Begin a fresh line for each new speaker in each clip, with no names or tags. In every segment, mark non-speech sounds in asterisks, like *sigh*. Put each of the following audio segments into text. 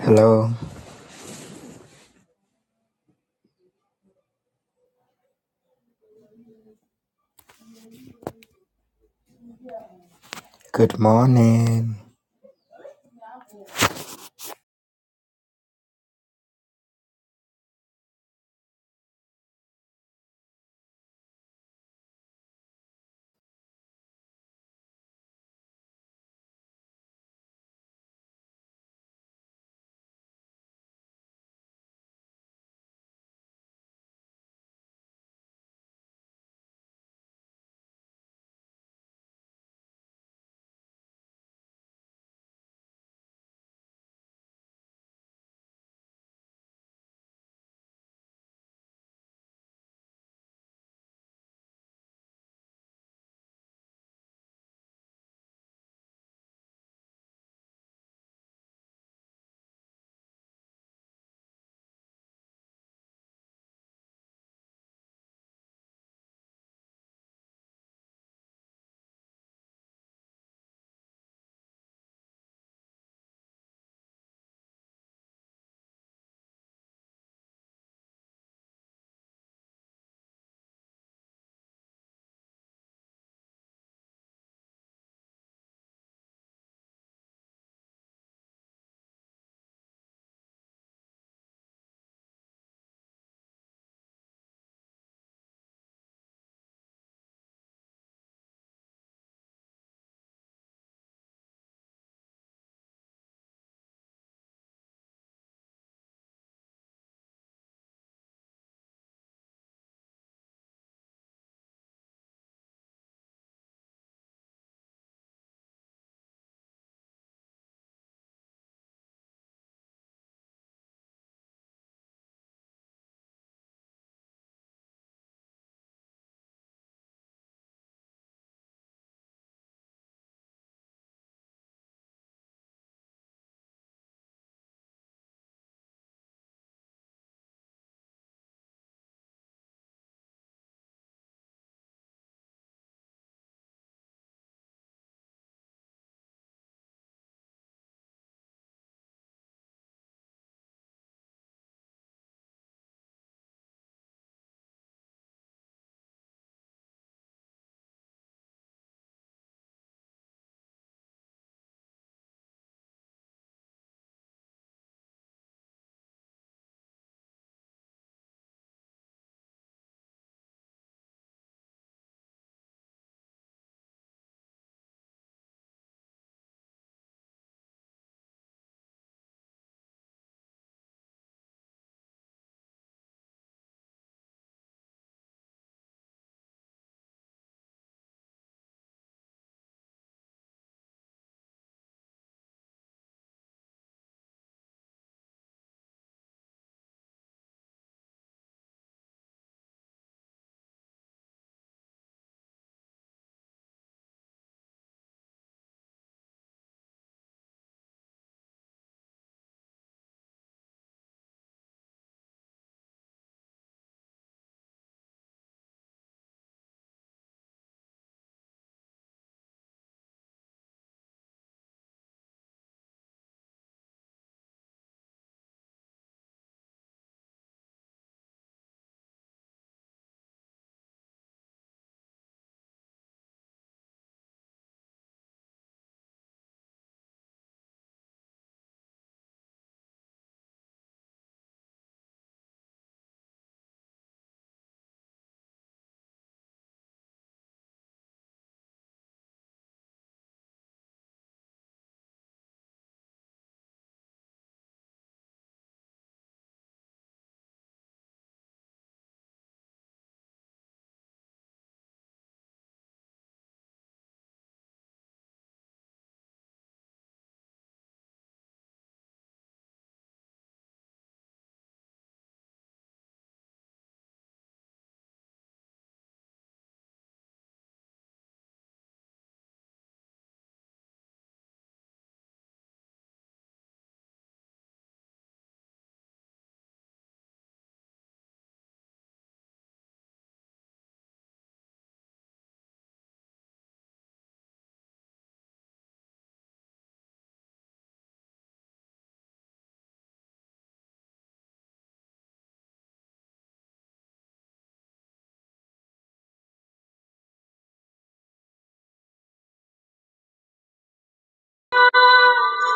Hello. Good morning.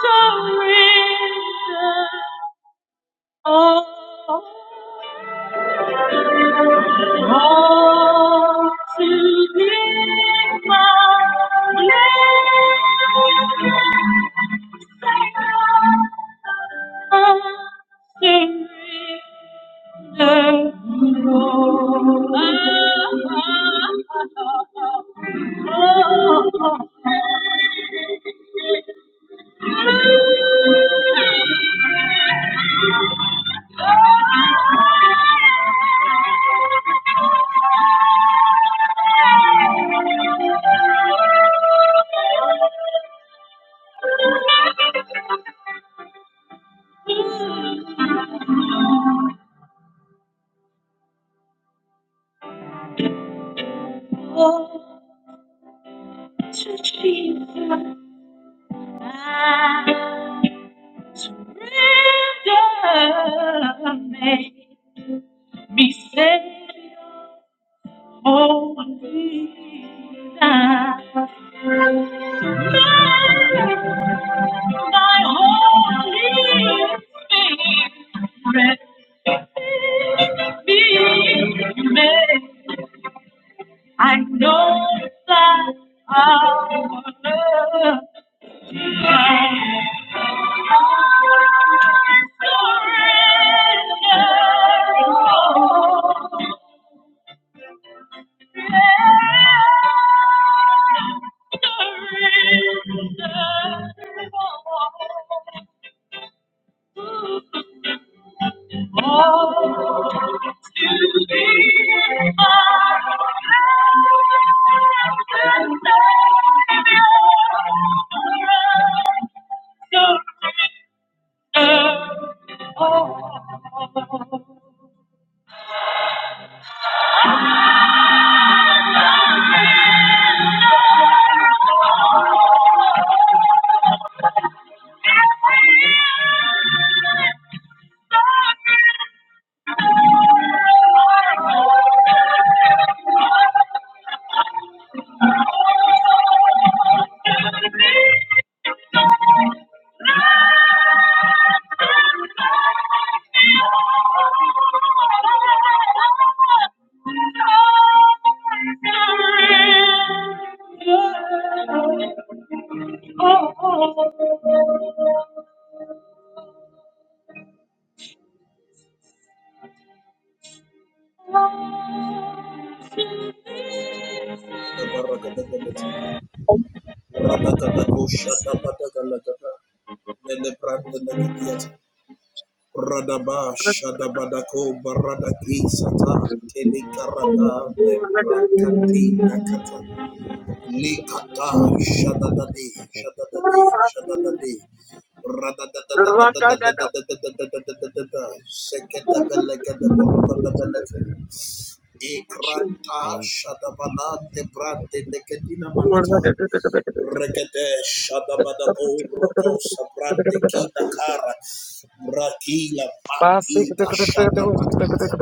surrender all, all to Thee, my living Savior. I Surrender all. Oh, to Jesus, I surrender. Make me Savior. Oh, Jesus. Thy Holy Spirit be me. I know that our love I surrender. Oh,
Barakadagalata, Radakadako Shadabadagalagada, Nelebranda Negadiata, Radaba Shadabadako Baradaki Sata, Telekarada Membrakati Nakata, Likata Shadadadi, Shadadadi, Shadadadi, Radadadadadadadadadadadadadadadadadadadadadada, Sekedabelegadaborogadabelete, Ikrata
Thank
Shadabana Debrante Nekadina Manata, Regede Shadabadabo Roto Sabrante Kita Kara Brakila Batika Shadabataya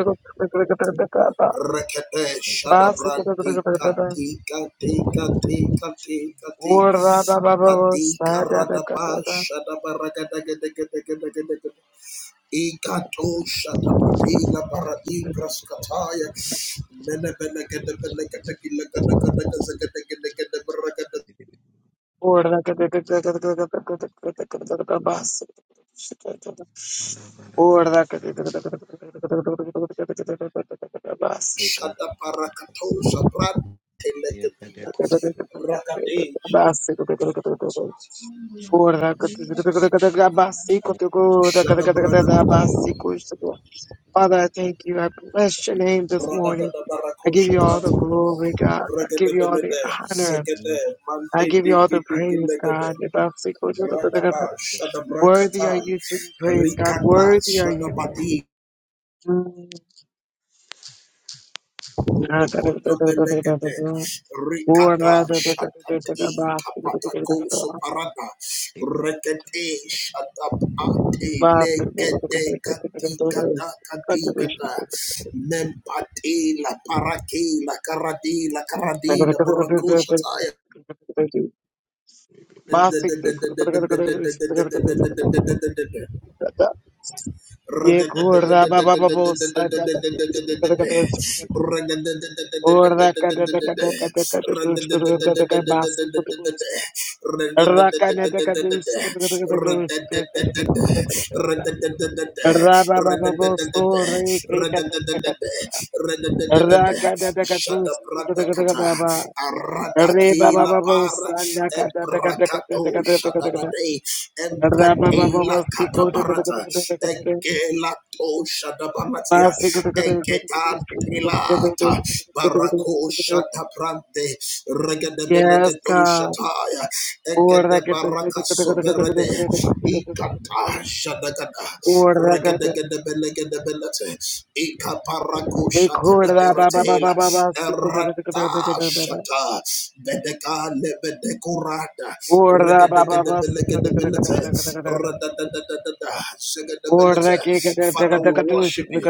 Rekete Shadabranti Katika Tika Tika Tika Tika Batika Radaba Shadabaragadagadagadagadagadagadagad Ikato Shadabatila Baradibras Kataya Menebelegedebelegedegilagadagadagazagadagadagadabaragadagadagad
you, God,
Shada parakato sabran
yeah, but there
telekedina
could
rakade shada brada brada brada brada barako
be a
shakat
flood
regede belede sekede mande
that you
diki
have
diki legede rada ba shada brakata rikata shada Badi Okotobelegede, Rikata, Shatati, Kapatako, Soparada, Rekete, Shatapate, Legete, Katikata, Katikata, Mempate, La Parake, La Karadi, La Karadi, La Burakoshataya. Shada brada kata arada kila para ebrakato shada Empatela katabarata. Egelato shadabaratia.
taken.
Egeta pilata. Barako shadabrante. Regadebelegedo shataya. Egedebaraka soberede. Ikata shadagada. Regadegedebelegedebelete. Ikaparako shadadaberatela. Erata shata. Bedeka lebede korada regedegedebelekedebelete radadadadadada zegedebelete Father we worship you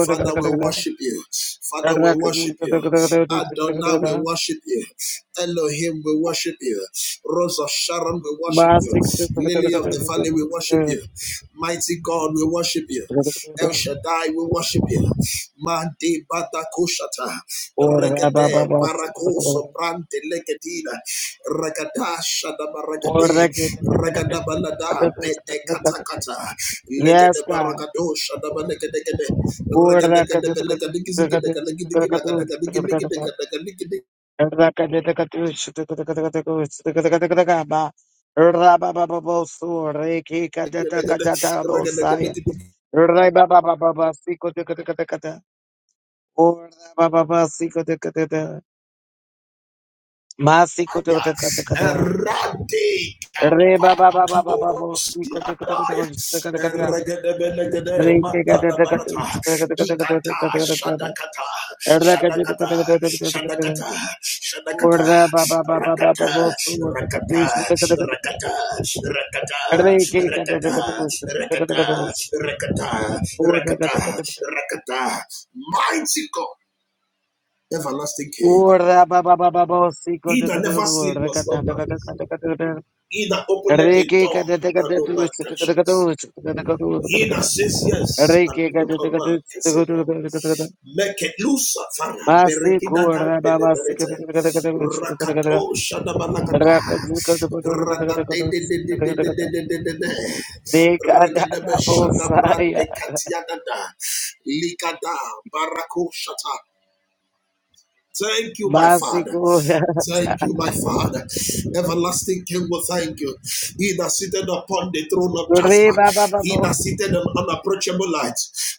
Father we worship you Father we worship you Adonai we worship you Elohim we worship you Rose of Sharon we worship you Lily of the Valley we worship you Mighty God we worship you El Shaddai we worship you Mandi Bata Kushata, Regade Barakoso Brante Legadina ragadasha da Baragade Regada Balada Bete Kata Kata Legade Baragado Shada Balegade Regadegade Belegadiki Lagadagadiki Lagadagadiki Lagadagadiki Lagadagadiki Lagadagadiki Errate capatos yadaya. Erregedebelekede matadabarata. Ikata shadakata shadakata shadakata shadakata rakata rakata rakata rakata rakata rakata rakata rakata mighty God everlasting King he that never sleep nor slumber He that openeth a door that no man can shut. He that says yes and no man can say no. Make it loose, Father. Berekida can deliberate. Rakato shadabalakata. Grada de de de de de de de de de de de. Regadebe shadabra de katiadada. Likada barako Thank you, my Father. Thank you, my Father. Everlasting King, we thank you. He that seated upon the throne of Jasper, he that seated on unapproachable light,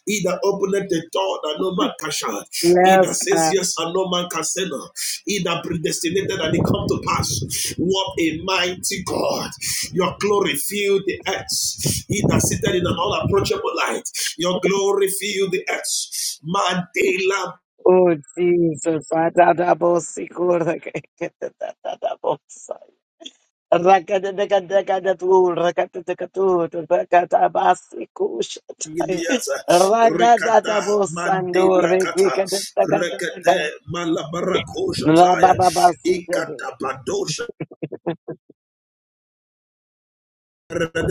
he that opened the door that no man can shut, he that says yes and no man can say no, he that predestinated and it come to pass. What a mighty God! Your glory filled the earth. He that seated in an unapproachable light, your glory filled the earth. Mandela Giliata, Ricada, Mandela Kata, Rekete, Malabarakosha Taya, Ikata Badosha Glory, honor,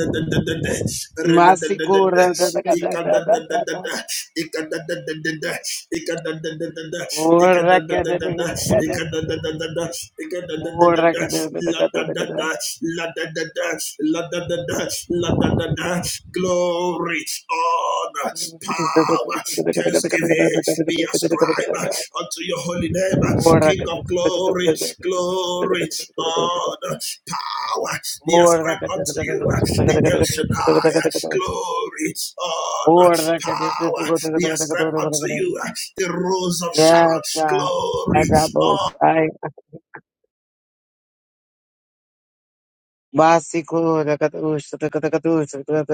power, thanksgiving be ascribed unto your holy name, King of glory, glory, honor power be ascribed unto you. uh, The El Shaddai, uh, glory, honor, power be ascribed unto you. uh, The Rose of Sharon, glory, honor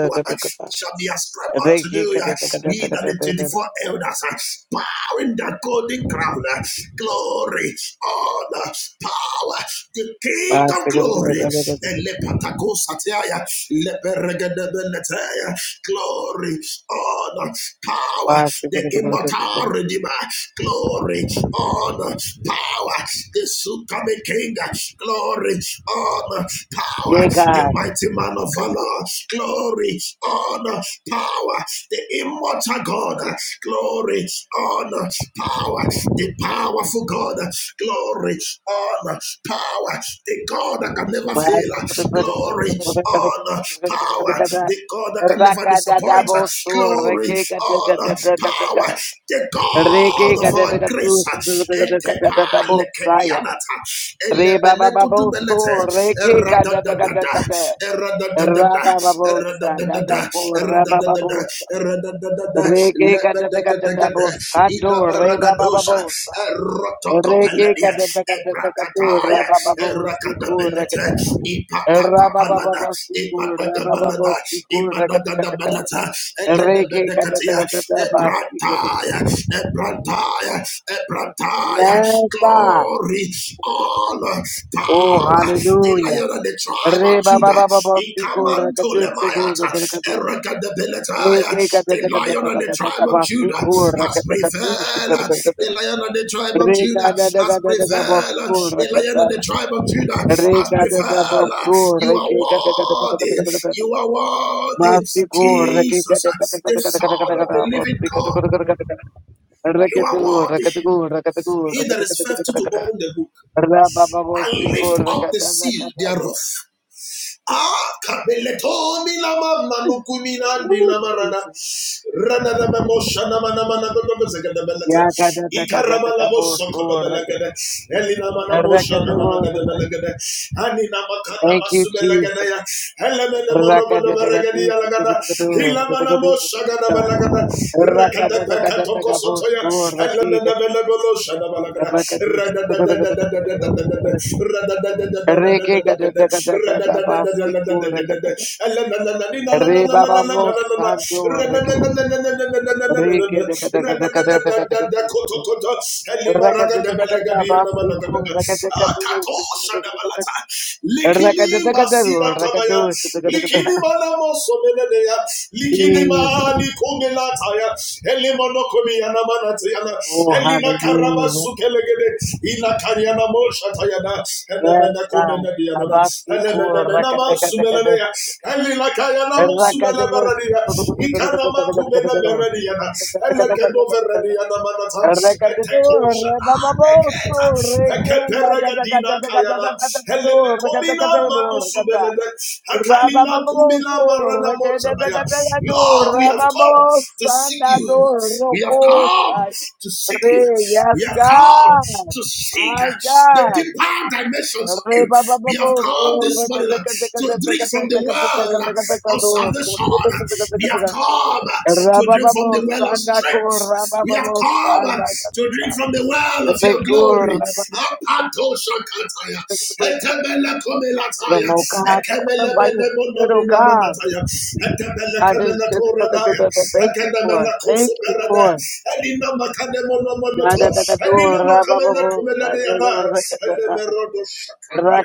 uh, shall be ascribed unto you. uh, Ye that the 24 elders bow in the golden crown, uh, glory, honor, power, the King of glory. Elepatakosatea, leperegedebeletea, Glory, honor, power, the immortal redeemer, glory, honor, power, the soon coming king, glory, honor, power, the mighty man of honor, glory, honor, power, the immortal God, glory, honor, power, the powerful God, glory, honor, power, the the God that can never fail. Glory, honor, power. The God that can never disappoint. Glory, honor, power. The God of our grace. Lebedegedegede, Igabaragadosa, Erotokopeladia, Ebrakataya, Erakadabelete, Ipatakabalada, Ipatakabalada, Ipatakabalata, Eledebedekatia, Ebrataya, Ebrataya, Ebrataya, glory, honor, power the lion and the tribe of Judah. Ikamanto lemayata, erakadabelataya. The lion and the tribe of Judah has prevailed. The lion and the tribe of Judah has prevailed. The lion and the tribe of Judah has prevailed. You are worthy. You are worthy. Jesus, the Son of the living God. You are worthy. He that is faithful to open the book and lift up the seal thereof. Ah, kabeleto mi lama manuku mi nandi lama rada. Rada da ba mosha na ma na ma na gogo gogo zega da belete. Ikaraba la bo soko da belegede. Eli na ma na mosha na ma na gada belegede. Ani na ma ka na ma su belegede ya. Ele me ne mo no godo beregedi ya la gada. Hila ma na mosha gada belegede. Rakadakatokosotoya, Elemenemeneboloshanabalagra, Radadadadadadadadadadada, Radadadadadadadadadadada, Radadadadadadadadadada, Elemenemenemenemenemenemenemenena, Radadadadadadadadadadada, Radadadadadadakotokoto, Elimaragadabalagadiyanamanagadada, Akatoshandabalata, Likilimbasinakamaya, Likilibana mosomenea, likilimani kumelataya, elimonokomiana manatiana, elina karaba sukelegede, ila kariana moshatayana, elemena komenediana, elemena menama sumelenea, elila kayana mosumeleberenia, ikanama kumenebereniana, elekedovereniana manata, etekoshana, Leketa, Kayana, Elemekomina Manusubelele, Akalila Kumila Marana Mozanaya. Lord, we have come to seek you. We have come to seek you. We have come to seek the deeper dimensions of you. We have come this morning to drink from the well of salvation. We have come to drink from the well of strength. We have come uh, to drink from the well of your glory.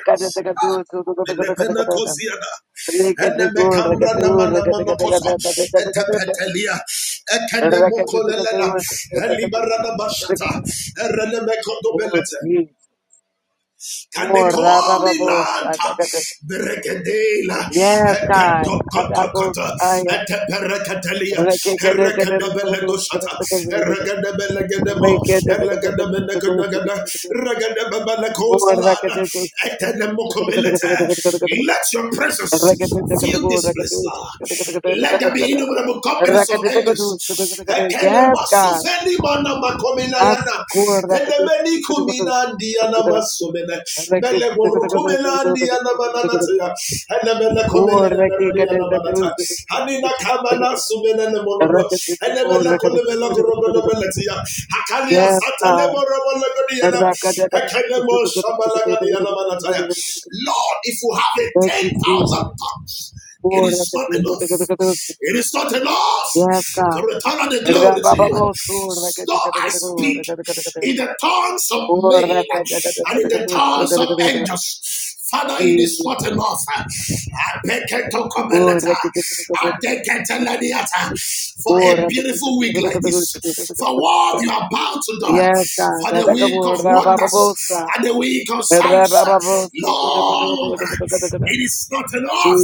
*laughs* Pelepena kosiana, ene Penepenakosiana. Enemekambra namanamonokoso. Etepetelia. Ekenemokolelena. Elibarana bashata. Erenemekondobelete. Can they call me Lanta? Berekadela, Hekatokotokota, Eteperekatelia, Herekadabelegosata, Eregadabelegedemo, Elegadabelegedagada, Regadababalakotalada, Etenemokomelete. Let your presence fill this place, Lord. Let there be innumerable companies of angels Ekele masufeni mana makomina yana. Edebeni kumina ndiyana masumene. Mele borukumela ndiyana mananatia. Elebele komele neberani yana manata. Hanina kamana sumene ne molodo. kolemela gorogodo beletia. Hakalia satane borobolo godiana. Ekele mo shabala godiana manataya. Lord, if you have a 10,000 tongues, it is not enough. It is not enough to return all the glory to you. So I speak in the tongues of men and in the tongues of angels. Father, it is not enough. I beg to come and let her. I beg to let her. For a beautiful week like this, for what you are about to do, for the week of wonders and the week of signs. Lord, it is not enough.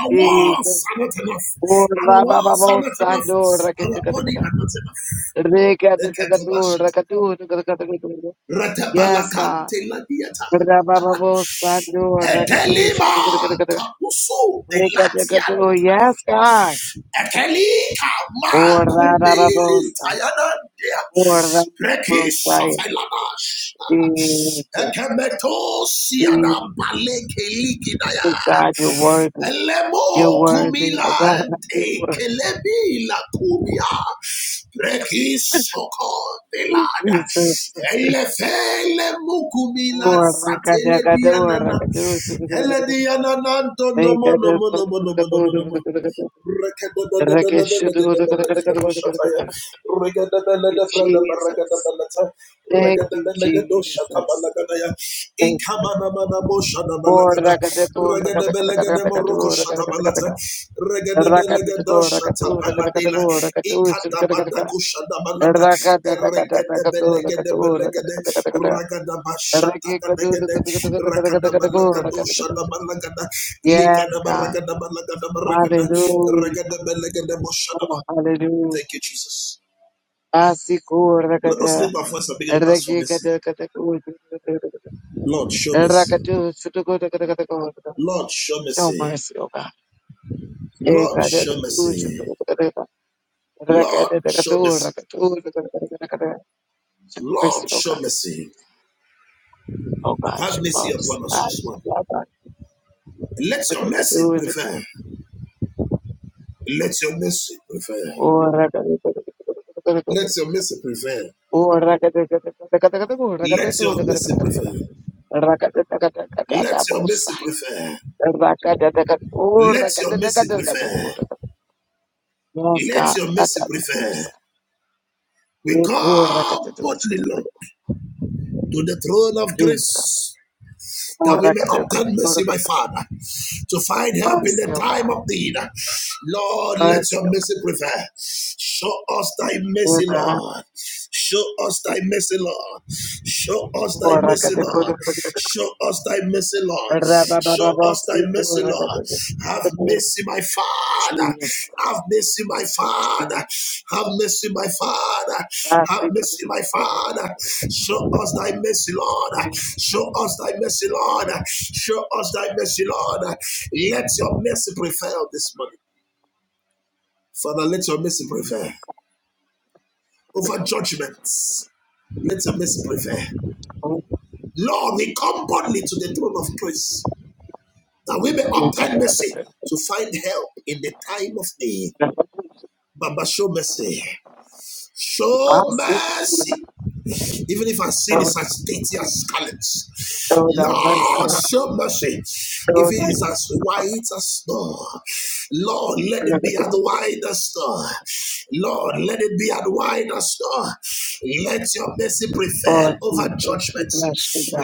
Our walls are not enough. Our walls are not enough. Our body are not enough. Eketobashata. Ratabalakante ladiata. Etelima kapusu de latian. Ekelika mankumelili tayana dea. Breki safelanash. Ekemeto siana baleke likidaya. Elemo kumila de kelebi la kumia. Breki soko belada. Elefele mukumila satele diana na, Ele diana nanto no to no nomo no nomo no nomo. Rakada Thank you, Jesus. Let us lift our voice and begin to ask for mercy. Lord, show mercy. Lord, show mercy. Lord, show mercy. Lord, show mercy. Lord, show mercy. Have mercy upon us this morning. Let your mercy prevail. Let your mercy prevail. Let your mercy prevail. Let your mercy prevail. Let your mercy prevail. Let your mercy prevail. Let your mercy prevail. We come boldly, Lord. to the throne of grace that we may obtain mercy, my Father, to find help in the time of need. Lord, let your mercy prevail. Show us thy mercy, Lord. Show us thy mercy, Lord. Show us thy mercy, Lord. Show us thy mercy, Lord. Show us thy mercy, Lord. Have mercy, my Father. Have mercy, my Father. Have mercy, my Father. Have mercy, my Father. Show us thy mercy, Lord. Show us thy mercy, Lord. Show us thy mercy, Lord. Let your mercy prevail this morning. Father, let your mercy prevail over judgments. Let your mercy prevail. Lord, we come boldly to the throne of grace that we may obtain mercy to find help in the time of need. Baba, show mercy. Show mercy. Even if our sin is as dirty as scarlet, Lord, show mercy. If it is as white as snow, Lord, let it be as white as snow. Lord, let it be as white as snow. Let your mercy prevail over judgment.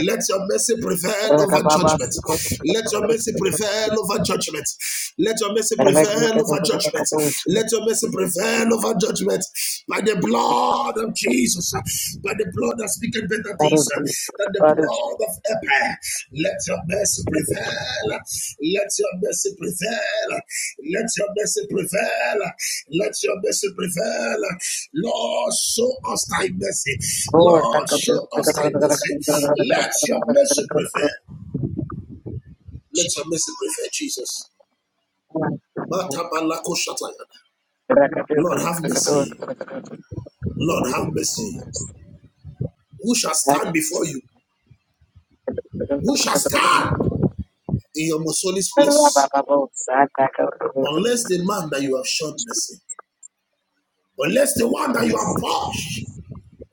Let your mercy prevail over judgment. Let your mercy prevail over judgment. Let your mercy prevail over judgment judgment. Let your mercy prevail over judgment by the blood of Jesus, by the blood that speaketh better things than the blood of Abel. Let your mercy prevail. Let your mercy prevail. Let your mercy prevail. Let your mercy prevail. Lord, show us thy mercy. Lord, show us thy mercy. Let your mercy prevail. Let your mercy prevail, Jesus. Lord, have mercy. Lord, have mercy. Who shall stand before you? Who shall stand in your most holy place? Unless the man that you have shown mercy, unless the one that you have purged,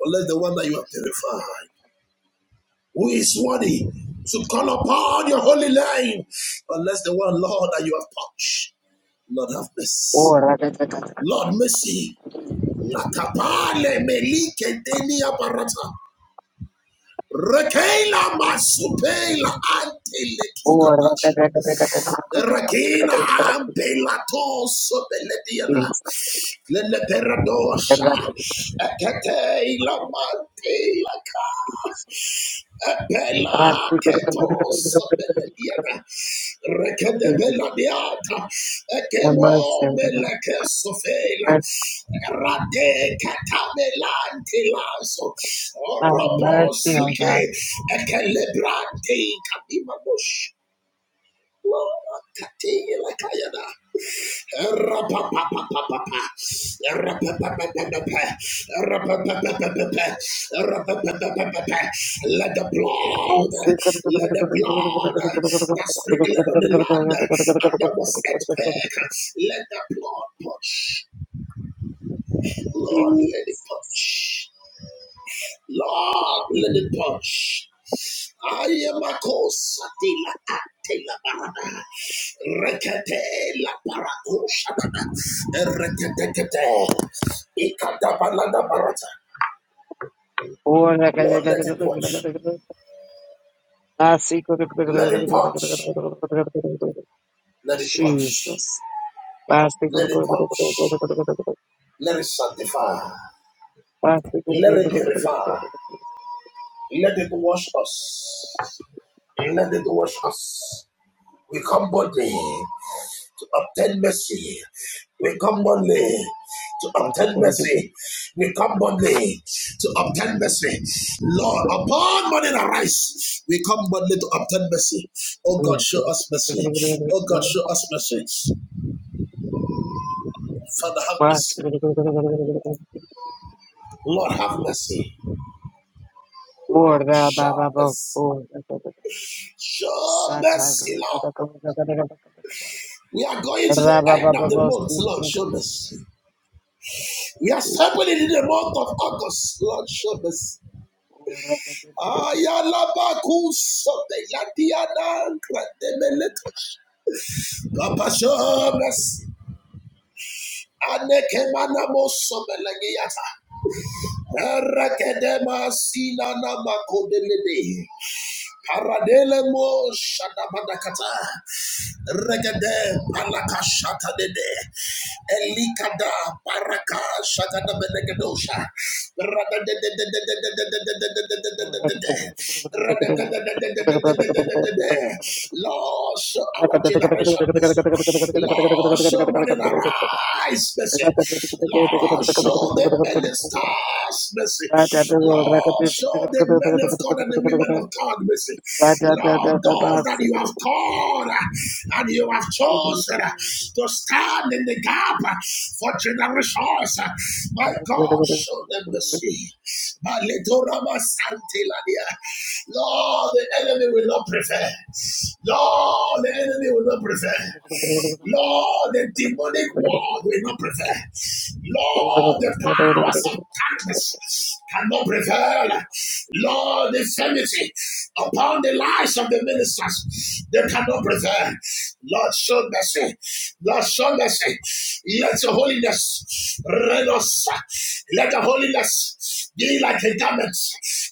unless the one that you have terrified, who is worthy to call upon your holy name, unless the one, Lord, that you have touched? Lord, have mercy. Lord, mercy. Nakapale melike deni aparata. Rekela masupela ante lekina dash. Rakina ampelato sobelediana. Lele peradosha. Ekete ilamante laka. Bella ketos belediana. Rekede beladiata. Ekemo meleke sofela. Rade katamelanti lazo. Orobo suke. Ekelebrante kadimamosh. Lord, Katila Kayada. Erapapapapapa. Erapapapapapa. Erapapapapapa. Erapapapapapa. Let the blood, let the blood that sprinkled on the land and there was earthquake, let the blood touch, blood, let it touch. Lord, let it punch. I am a cause de la ate la parada. Rekete la paracosha. Rekete. Ikata balada barata. Lord, let it punch. Let it punch. Let it punch. Let it punch. Let it sanctify. Let it purify. Let it wash us. Let it wash us. We come boldly. to obtain mercy. We come boldly to obtain mercy. We come boldly to obtain mercy. Lord, upon morning arise, we come boldly to obtain mercy. Oh God, show us mercy. Oh God, show us mercy. Father, have mercy. Lord, have mercy. Lord, show us. Show mercy, Lord. We are going to the end of the month, Lord, show mercy. We are stepping into the month of August, Lord, show mercy. Ayalabakuso de Yatiana Grademelekos. Kapashomes Anekemanamoso Belegiata. Erekedema Sinana Makodelede. Paradele Mo Shadabadakata. Regede Palaka Shakadede Elikada Paraka Shakada Benegadosha Radade Radade. Lord, show our generation mercy. Lord, show morning arise mercy. Lord, show the ministers mercy. Lord, show the men of God and the women of God mercy. Lord, those that you have called uh, and you have chosen uh, to stand in the gap uh, for generations. uh, My God, show them mercy. My little Rama Santilania. Lord, the enemy will not prevail. Lord, the enemy will not prevail. Lord, the demonic world will not prevail. Lord, the powers of darkness cannot prevail. Lord, the infirmity upon the lives of the ministers, they cannot prevail. Lord, show mercy. Lord, show mercy. Let your holiness reign us. Let the holiness be like a garment.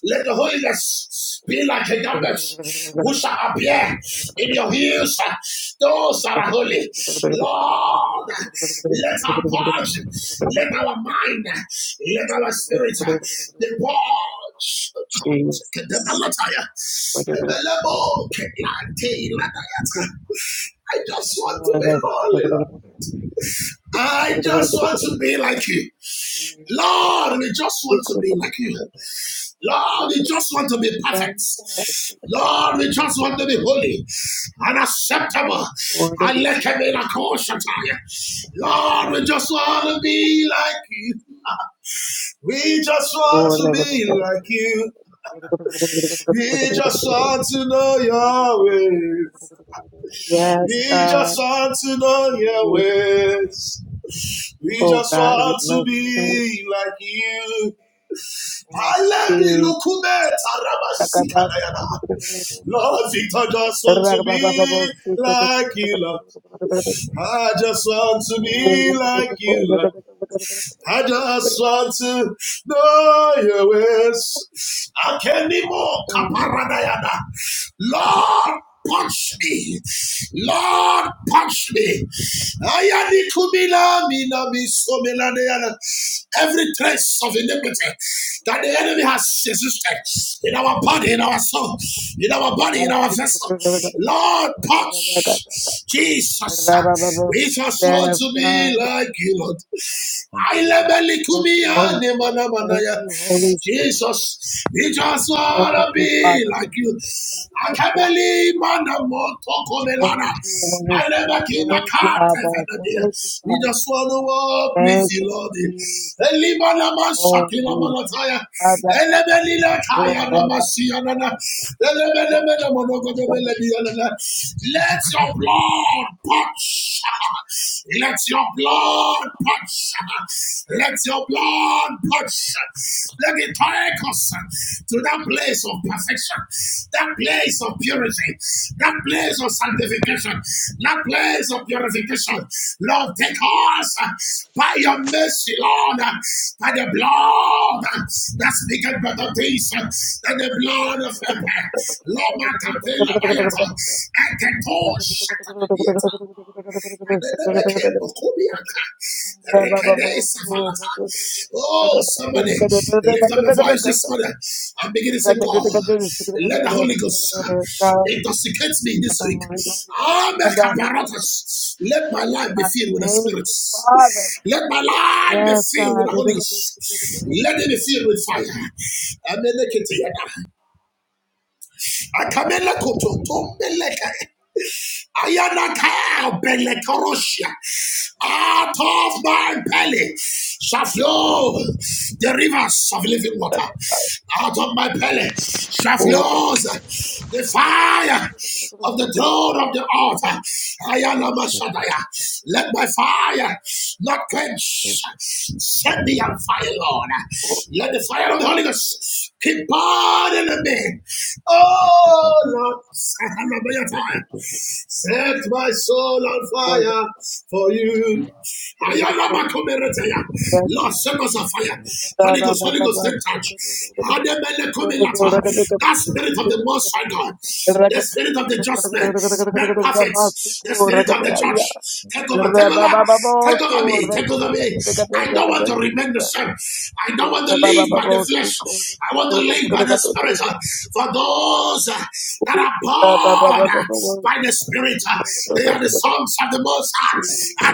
Let the Holy Ghost be like a garment who shall appear in your heels. Those that are holy. Lord, let our pulse, let our mind, let our spirit be purged. Kedebalataya. Ebelebo kelantelataya. I just want to be holy, Lord. I just want to be like you. Lord, we just want to be like you. Lord, we just want to be perfect. Lord, we just want to be holy and acceptable. And let him in a caution Lord, we just want to be like you. We just want to be like you. We just want to know your ways. We just want to know your ways. We just want to be like you. I let me Lord, I just want to be like you, Lord. I just want to be like you, Lord. I just want to know your ways. Akenimo kaparadayada. Lord, punch me. Lord, punch me. Ayani kumila mina misomela deyana. Every trace of iniquity that the enemy has existed in our body, in our soul, in our body, in our vessel. Lord, punch. Jesus, we just want to be like you, Lord. I love you, Kumia, Nemanamaya. Jesus, we just want to be like you. I can't believe man the motoko melana. I never can a car. We just want to walk with you, Lord. Elimana man malataya. Elemelila kaya na masiyanana. monogodo melediyanana. Let your blood punch. Let your blood punch. Let your blood push. Let it take us to that place of perfection, that place of purity, that place of sanctification, that place of purification. Lord, take us by your mercy, Lord, by the blood that speaketh better things than the blood of Abel. Lord, my Catela Bayata, and the Tosh. Oh, somebody, lift up your voice this morning and begin to say, God, let the Holy Ghost intoxicate me this week. Ah, make a apparatus. Let my life be filled with the spirits. Let my life be filled with the Holy Ghost. Let it be filled with fire. Amelekete yada. Akameleko to- to Ayanaka Belekorosia. Out of my belly shall flow the rivers of living water. Out of my belly shall flow the fire of the throne of the altar. Ayanama
Shut it
Shadaya.
up,
Let my fire not
yeah,
quench. Send me on fire, Lord. Let the fire of the Holy Ghost keep burning in me.
but I don't want
Oh
to
Lord,
be the people
set my soul on fire for you. Lord, set us on fire. Holy Ghost, Holy Ghost, take charge. That spirit of the Most High God, the spirit of the just man, man perfect, the spirit of the church. Take over, take over, take over me, take over me. I don't want to remain the same. I don't don't want to live by the flesh. I want to live by the spirit. For those uh, that are born uh, by the spirit, uh, they are the sons of the most high.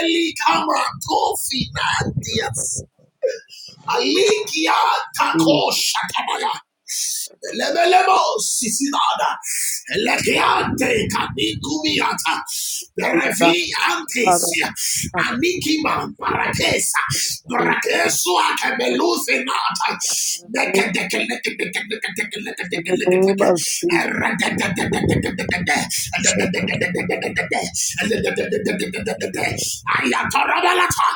Eli Kamra Tofi Nandias. Alikia tako shatabaya. Lebelebo sisinada. Lekiante kanikumiata. Berevi antesia. Anikiman parakesa. Brakesu akebeluze nata. Deke neke deke neke deke neke deke neke deke Erre deke deke deke deke deke. Erre
shut
de de de
it
de
up.
de Ayatarabalata.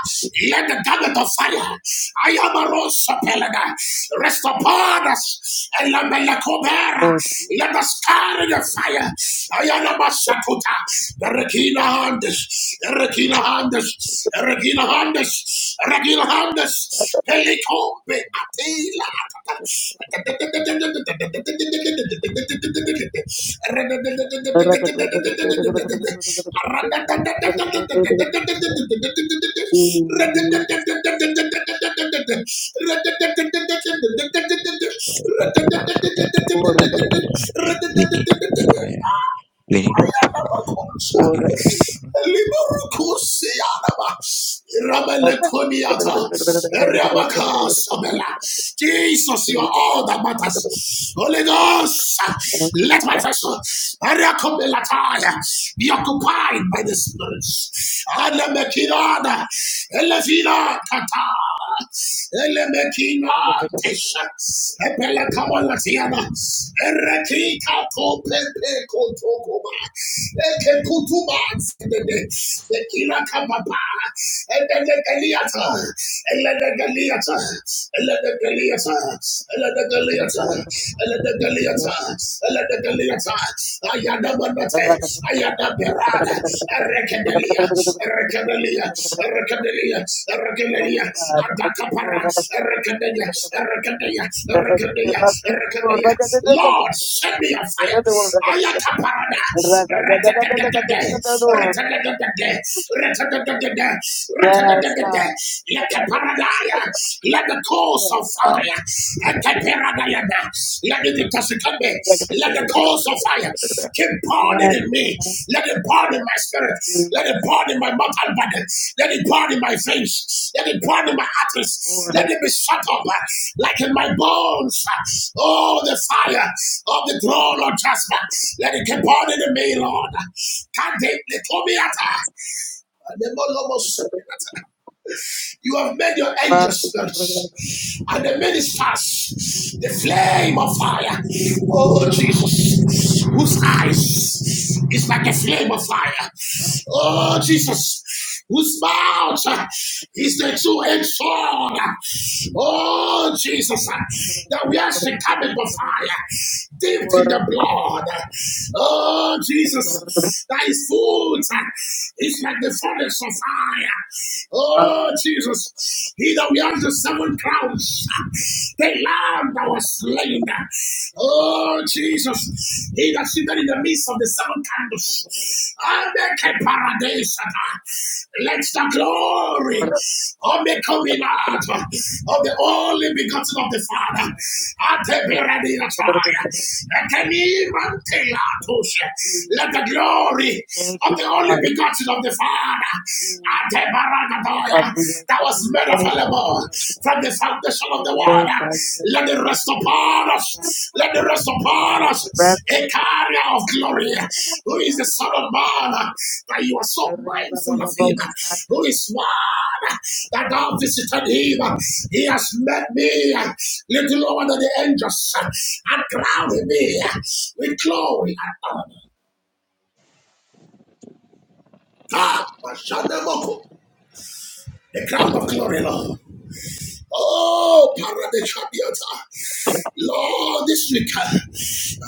Let the garment of fire I am a rose Ayamarosapelega, rest upon us. Elamelekobera. Let us carry the fire. Ayanamashakuta. The Regina Handes. The Regina Handes. The Regina Handes. the Regina Handes. Peliko atila
We need fire.
Rada
We need power.
Ayanamakosha.
We need understanding.
Liborukusiyanaba. Rabalekoniata. Eriamakasabela. Jesus, you are all that matters. Holy
Fuck.
Ghost, let my vessel Ariakobelataya, be occupied by the spirits. Anamekinada. Elefina kata. Elemekima tesha. Epele kamalatiana. Erekika kopepe kotokoma. Eke kutuba sedede. Ekila kapapa. Elegeliata. Elegeliata. Elegeliata. Elegeliata. Elegeliata. Elegeliata. Ayadabandate. Ayada Berada, Recadelia, Recadelia, Recadelia, Recadelia, Adakapara, Recadelia, Recadelia, Recadelia, Recadelia. Lord, send me your fire. Ayata Parada, Recadegade, Recadegade, Recadegade, Recadegade, Let the paradise, let the coals of fire. Ekeperadayada. Let it be toxicate. Let the coals of fire keep burning in me. Let it burn in my spirit. Let it burn in my mortal body. Let it burn in my veins. Let it burn in my arteries. Let it be shut up uh, like in my bones. Oh, the fire of the throne of judgment. Let it keep burning in me, Lord. Can't they, they told me at her. You have made your angels uh, and the ministers the flame of fire. Oh Jesus, whose eyes is like a flame of fire. Oh Jesus, whose mouth uh, is the two-edged sword. Oh Jesus, uh, that we are the coming of fire, dipped in the blood. Oh Jesus that is foot is like the furnace of fire. Oh, Jesus. He that wears the seven crowns, the lamb that was slain. Oh, Jesus. He that seated in the midst of the seven candles. And the Let the glory of the coming out of the only begotten of the Father. Ate beredi ataya. Ete ni mante la toshe. Let the glory of the only begotten of the Father, Atebaragatoya, that was made available from the foundation of the world, let it rest upon us. Let it rest upon us. A carrier of glory, who is the Son of Man, that you are so mindful of him, who is one that thou visited him. He has met me little lower than the angels and crowned me with glory and honor. Ah, Bashanemoko, the crown of glory, Lord. Oh, Paradeshadiata. Lord, this week,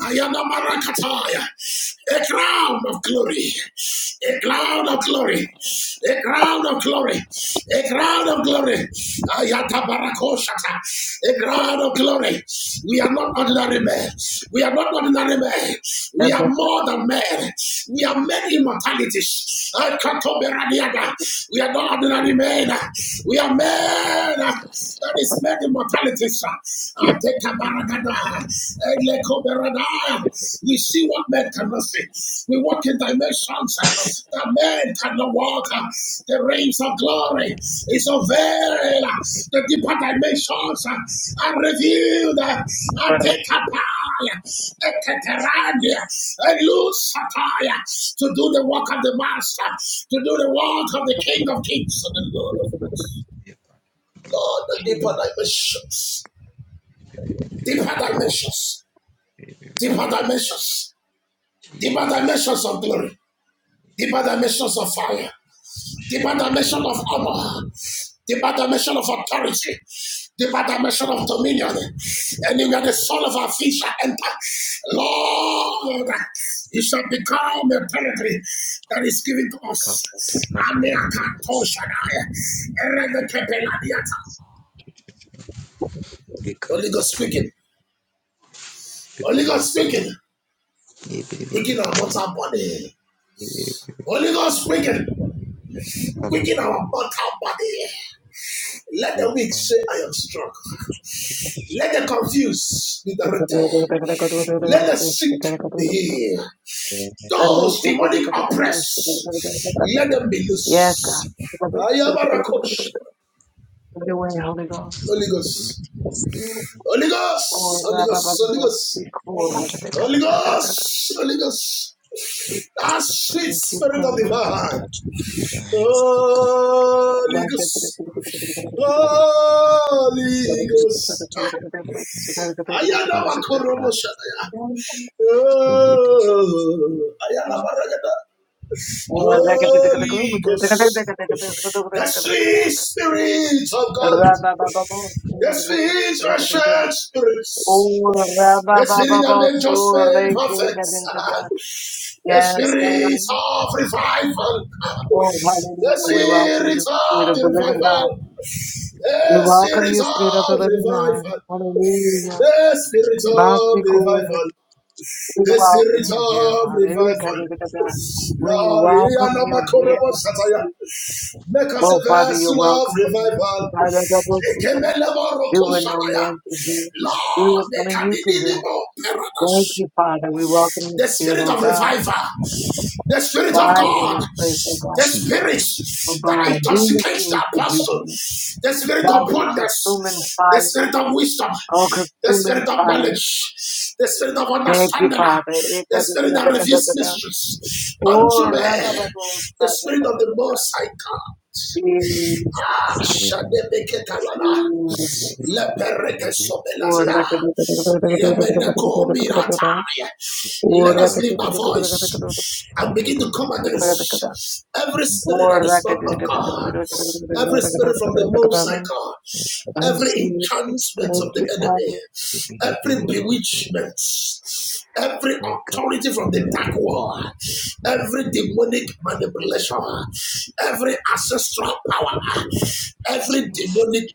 I am a marakataya, a crown of glory, a crown of glory, a crown of glory, a crown of glory. Ayata barakoshata, a crown of glory. We are not ordinary men. We are not ordinary men. We are more than men. We are men immortalities. Akatoberadiada. We are not ordinary men. We are men man uh, that is made immortality.
the cup of
We see what men cannot see. We walk in dimensions uh, that men cannot walk. uh. The realms of glory is unveiled. uh, The deeper dimensions uh, are revealed. uh. Atekapaya, eketeradia, elusataya. To do the work of the Master, to do the work of the King of Kings and the Lord of Lords. Lord, the deeper dimensions, deeper dimensions, deeper dimensions, deeper
Jesus.
dimensions of glory, deeper dimensions of fire, deeper dimension of honor, deeper dimension of authority, deeper dimension of dominion. Anywhere the soul of our feet shall enter, Lord, it shall become a territory that is given to
The cup of
us.
the
Ameakanto Shaddai, Erevetepeladiata. Holy Ghost speaking.
The
Holy
cup
Ghost speaking. quicken our mortal body. Holy Ghost, quicken, quicken our mortal body. Let the weak say, I am strong. Let the confused be directed. Let the sick be healed. Those demonic oppressed, let them be loose. I am a rakosh. Holy Ghost. Holy Ghost. Holy Ghost. Holy Ghost. Holy Ghost. Holy Ghost. That sweet spirit of the Father.
of your hands will come.
Holy Ghost. Holy
Touch the heart
Ghost.
of the people.
Ayana
Touch the
makorobo
heart
shataya.
of the
Oh, ayana maragada. Holy Ghost.
Jesus,
The sweet spirit of God. The sweet Russian spirits. The spirit of the just made prophets. *laughs* The spirit of revival. *laughs* The spirit of the revival. The spirit of revival. The spirit of revival, the spirit of revival. Lord, hear our makorebo sataya. make us a vessel of revival. Ekemele moroko sataya. Lord, make us a living paradise the spirit of revival, the spirit of God, the spirit that intoxicates the apostle, the spirit of boldness, the spirit of wisdom, the spirit of knowledge, the spirit of understanding, the spirit that reveals mysteries unto men, the spirit of the Most High God. Shadebeketalana. Let us lift our voice and begin to come against every spirit that is not of God, every spirit from the Most High God, every enchantment of the enemy, every bewitchment, every authority from the dark world every demonic manipulation, every ancestral power, every demonic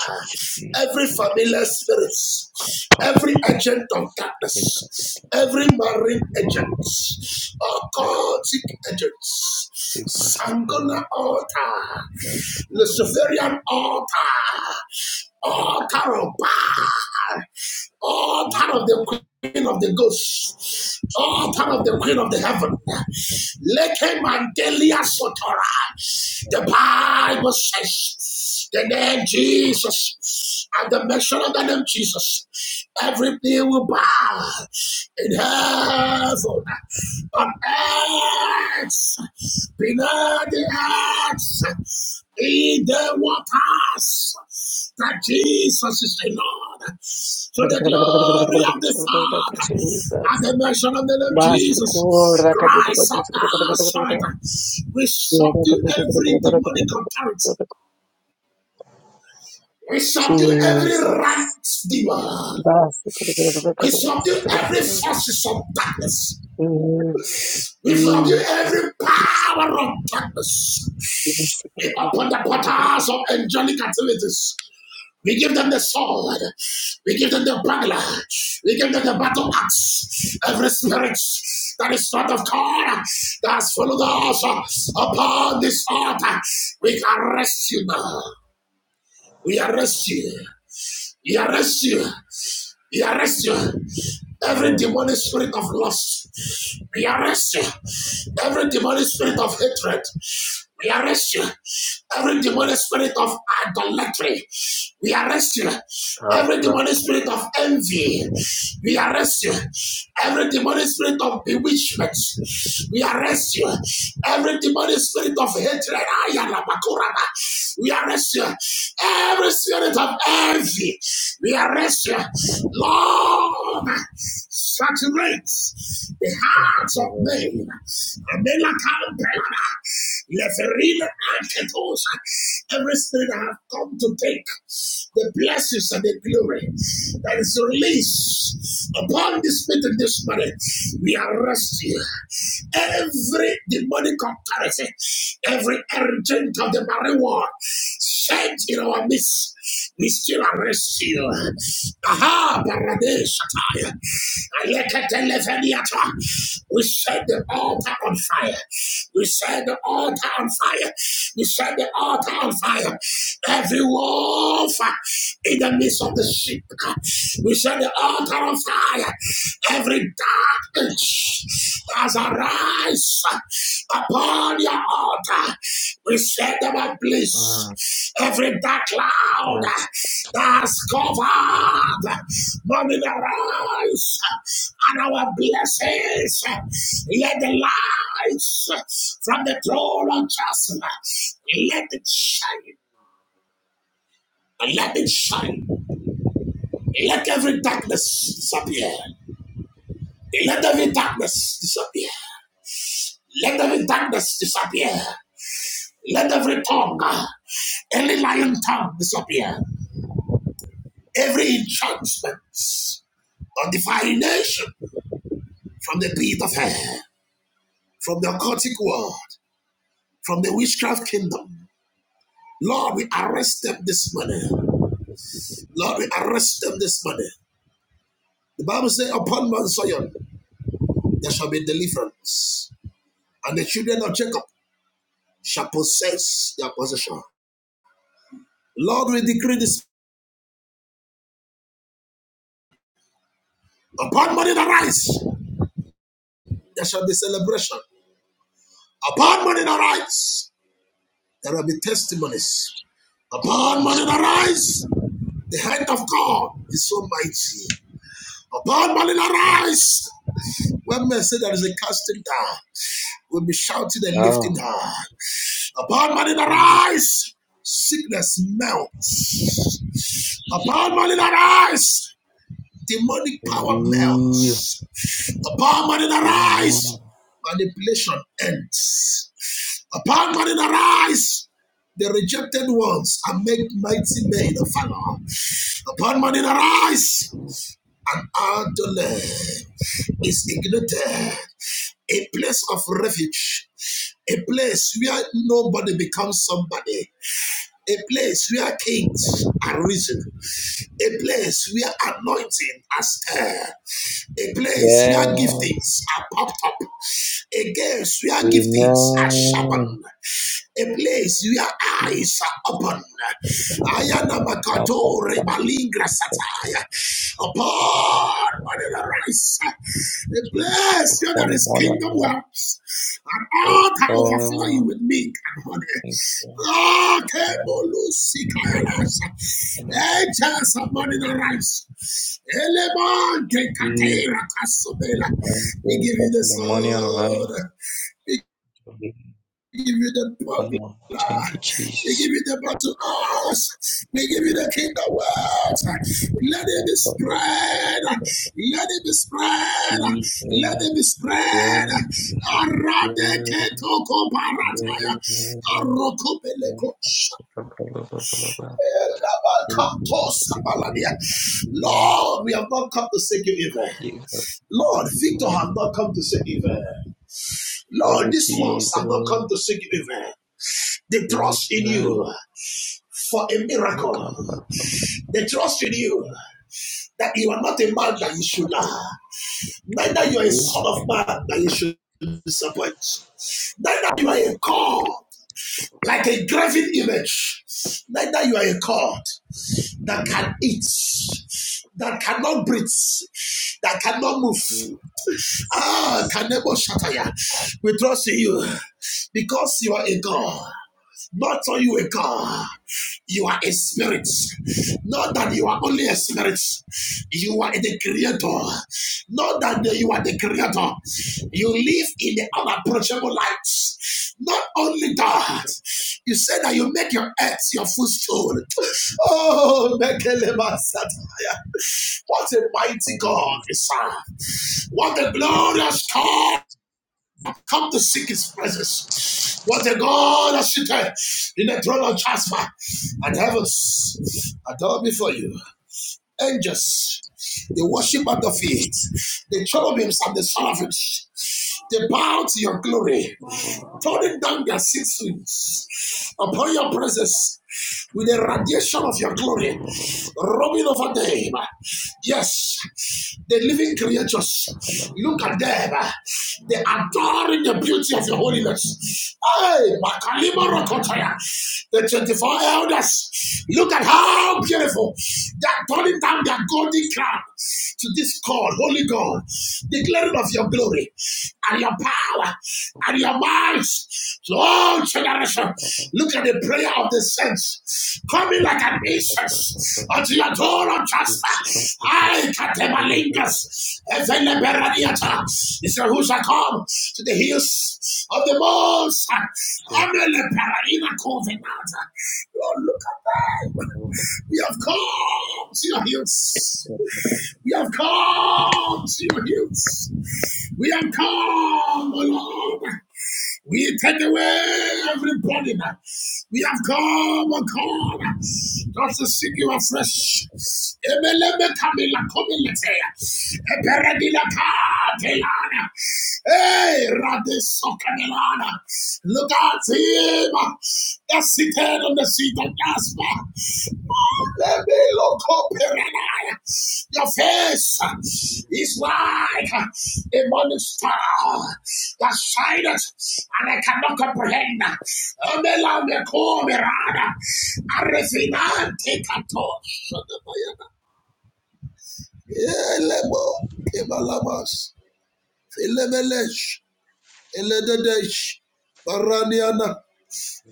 Jesus,
every
Jesus,
familiar spirit, every agent of darkness, every marine agent, occultic agents, Sangona altar, Luciferian altar, altar of power all part of the queen of the ghost, all part of the queen of the heaven. Leke Mandelia Sotora. The Bible says the name Jesus, and the mention of the name Jesus, everything will bow in heaven, on earth, below the earth in the waters that Jesus is the Lord. To the glory of the Father, at the mention of the Lord Jesus, Christ of Nazareth, we subdue every demonic authority. We subdue every right demon. We subdue every forces of darkness. We subdue every power of darkness. We open the portals of angelic activities. We give them the sword. We give them the bugler. We give them the battle axe. Every spirit that is not of God that has followed us upon this altar, we arrest you now. We arrest you. We arrest you. We arrest you. Every demonic spirit of lust, we arrest you. Every demonic spirit of hatred, we arrest you. Every demonic spirit of idolatry, we arrest you. Every demonic spirit of envy, we arrest you. Every demonic spirit of bewitchment, we arrest you. Every demonic spirit of hatred, ayala, we arrest you. Every spirit of envy. We arrest you. Lord, saturate the hearts of men. Amela Campelana. Leferina Anketosa. Every spirit that have come to take the blessings and the glory that is released upon this meeting this morning. We arrest you every demonic authority, every agent of the marine war sent in our midst, we still arrest you. Aha, Baradeshatai. Alekatelefeniata. We set the altar on fire. We set the altar on fire. We set the altar on fire. Every wolf in the midst of the sheep. We set the altar of fire. Every dark age that's arise upon your altar, we set them ablaze.
Mm,
Every dark cloud
yes,
that's covered, morning arise and our blessings. Let the lights from the throne of Jasper let it shine. Let it shine. Let every darkness disappear. Let every darkness disappear. Let every darkness disappear. Let every tongue, uh, any lion tongue disappear. Every enchantment or divination from the pit of hell, from the occultic world, from the witchcraft kingdom. Lord, we arrest them this morning. Lord, we arrest them this morning. The Bible says, Upon Mount Zion there shall be deliverance, and the children of Jacob shall possess their possession. Lord, we decree this Upon money that rise, there shall be celebration. Upon money that rise, there will be testimonies. Upon money that
Jesus.
rise, the hand of God is so mighty. Upon money that
Yes.
rise, when men say there is a casting down, we'll be shouting and lifting
Oh,
high. Upon money that
thank you,
rise, sickness melts.
Jesus.
Upon money that rise, Demonic power
Hallelujah.
melts. Upon man in
Amen.
arise, manipulation ends. Upon man in arise, the rejected ones are made mighty men of valor. Upon man in arise, an idol is ignited. A place of refuge, a place where nobody becomes somebody, a place where kings are risen, a place where anointing are stirred, a place where
Yes.
giftings are popped up, a place where giftings are
Amen.
sharpened, a place where
Jesus.
eyes are opened.
Oh, God,
Ayanabakato
God,
rebaligra
God,
sataya.
God, God,
Upon
God.
Manila Rise, a
Jesus.
place
So
where
for
there
the
is
morning, I
kingdom
have to
wealth, and all can overflow you
Oh,
with milk and
thank you.
honey. Okay.
Lord.
Bolosikas.
I know
Eh,
that.
tell us somebody that rise. Elemonte
He
Katera
and
We
those
give you
that
the
in the morning arise.
sword. We
Come
give you the popular.
on. Thank you,
We give
Jesus.
you the battle us. We give you the kingdom words. Let it
My
be
God.
spread. Let it be spread.
Jesus.
Let it be spread.
Yeah.
Arade
Oh,
ketoko barataya.
Jesus.
Arokobeleko Lord, we have not come to seek you evil. Lord, Victor have not come to seek evil. Lord, these ones have not come to seek you evil. They trust in
No.
you for a
You
miracle.
can't find somebody.
They trust in you that you are not a man that you should lie. Neither you are a son of man that you should disappoint. Neither you are a god like a graven image. Neither you are a god. that can eat, that cannot breathe, that cannot move. Ah, Kanebo Shataya, we trust in you because you are a God. Not so you a God. You are a spirit. Not that you are only a spirit. You are the creator. Not that you are the creator. You live in the unapproachable light. Not only that, you said that you make your earth your footstool. Oh, Mekelema What a mighty God we serve. What a glorious God come to seek his presence. What a God has seated in the throne of Jasper and heavens adore before you. Angels, they worship at the feet. The cherubims and the seraphims, they bow to your glory turning down their six rings upon your presence with the radiation of your glory, rubbing over them. Yes, the living creatures, look at them. They adore in the beauty of your holiness. Hey, Makalima Rokotaya, the 24 elders, look at how beautiful they're turning down their golden crown to this God, holy God, declaring of your glory and your power and your minds to all generations. Look at the prayer of the saints coming like an incense unto your door of justice. I catemalingus. Evelberadiata. He said, Who shall come to the hills of the most? Amele paradina covenanta. Lord, look at them. We have come to your hills. We have come to your hills. We have come, O Lord. We take away every burden. We have come, O God, just to seek you afresh. Emeleme kamila komilete. Eperedila katelana. Hey, Rade Sokamelana. Look at him. That's seated on the See the gospel. Let me look up Your face is like a morning star that shines and I cannot comprehend. Omela me komerada. Arrefinante kato. Shadabayana. Elebo kebalamas. Filemelesh. Elededesh. Baraniana.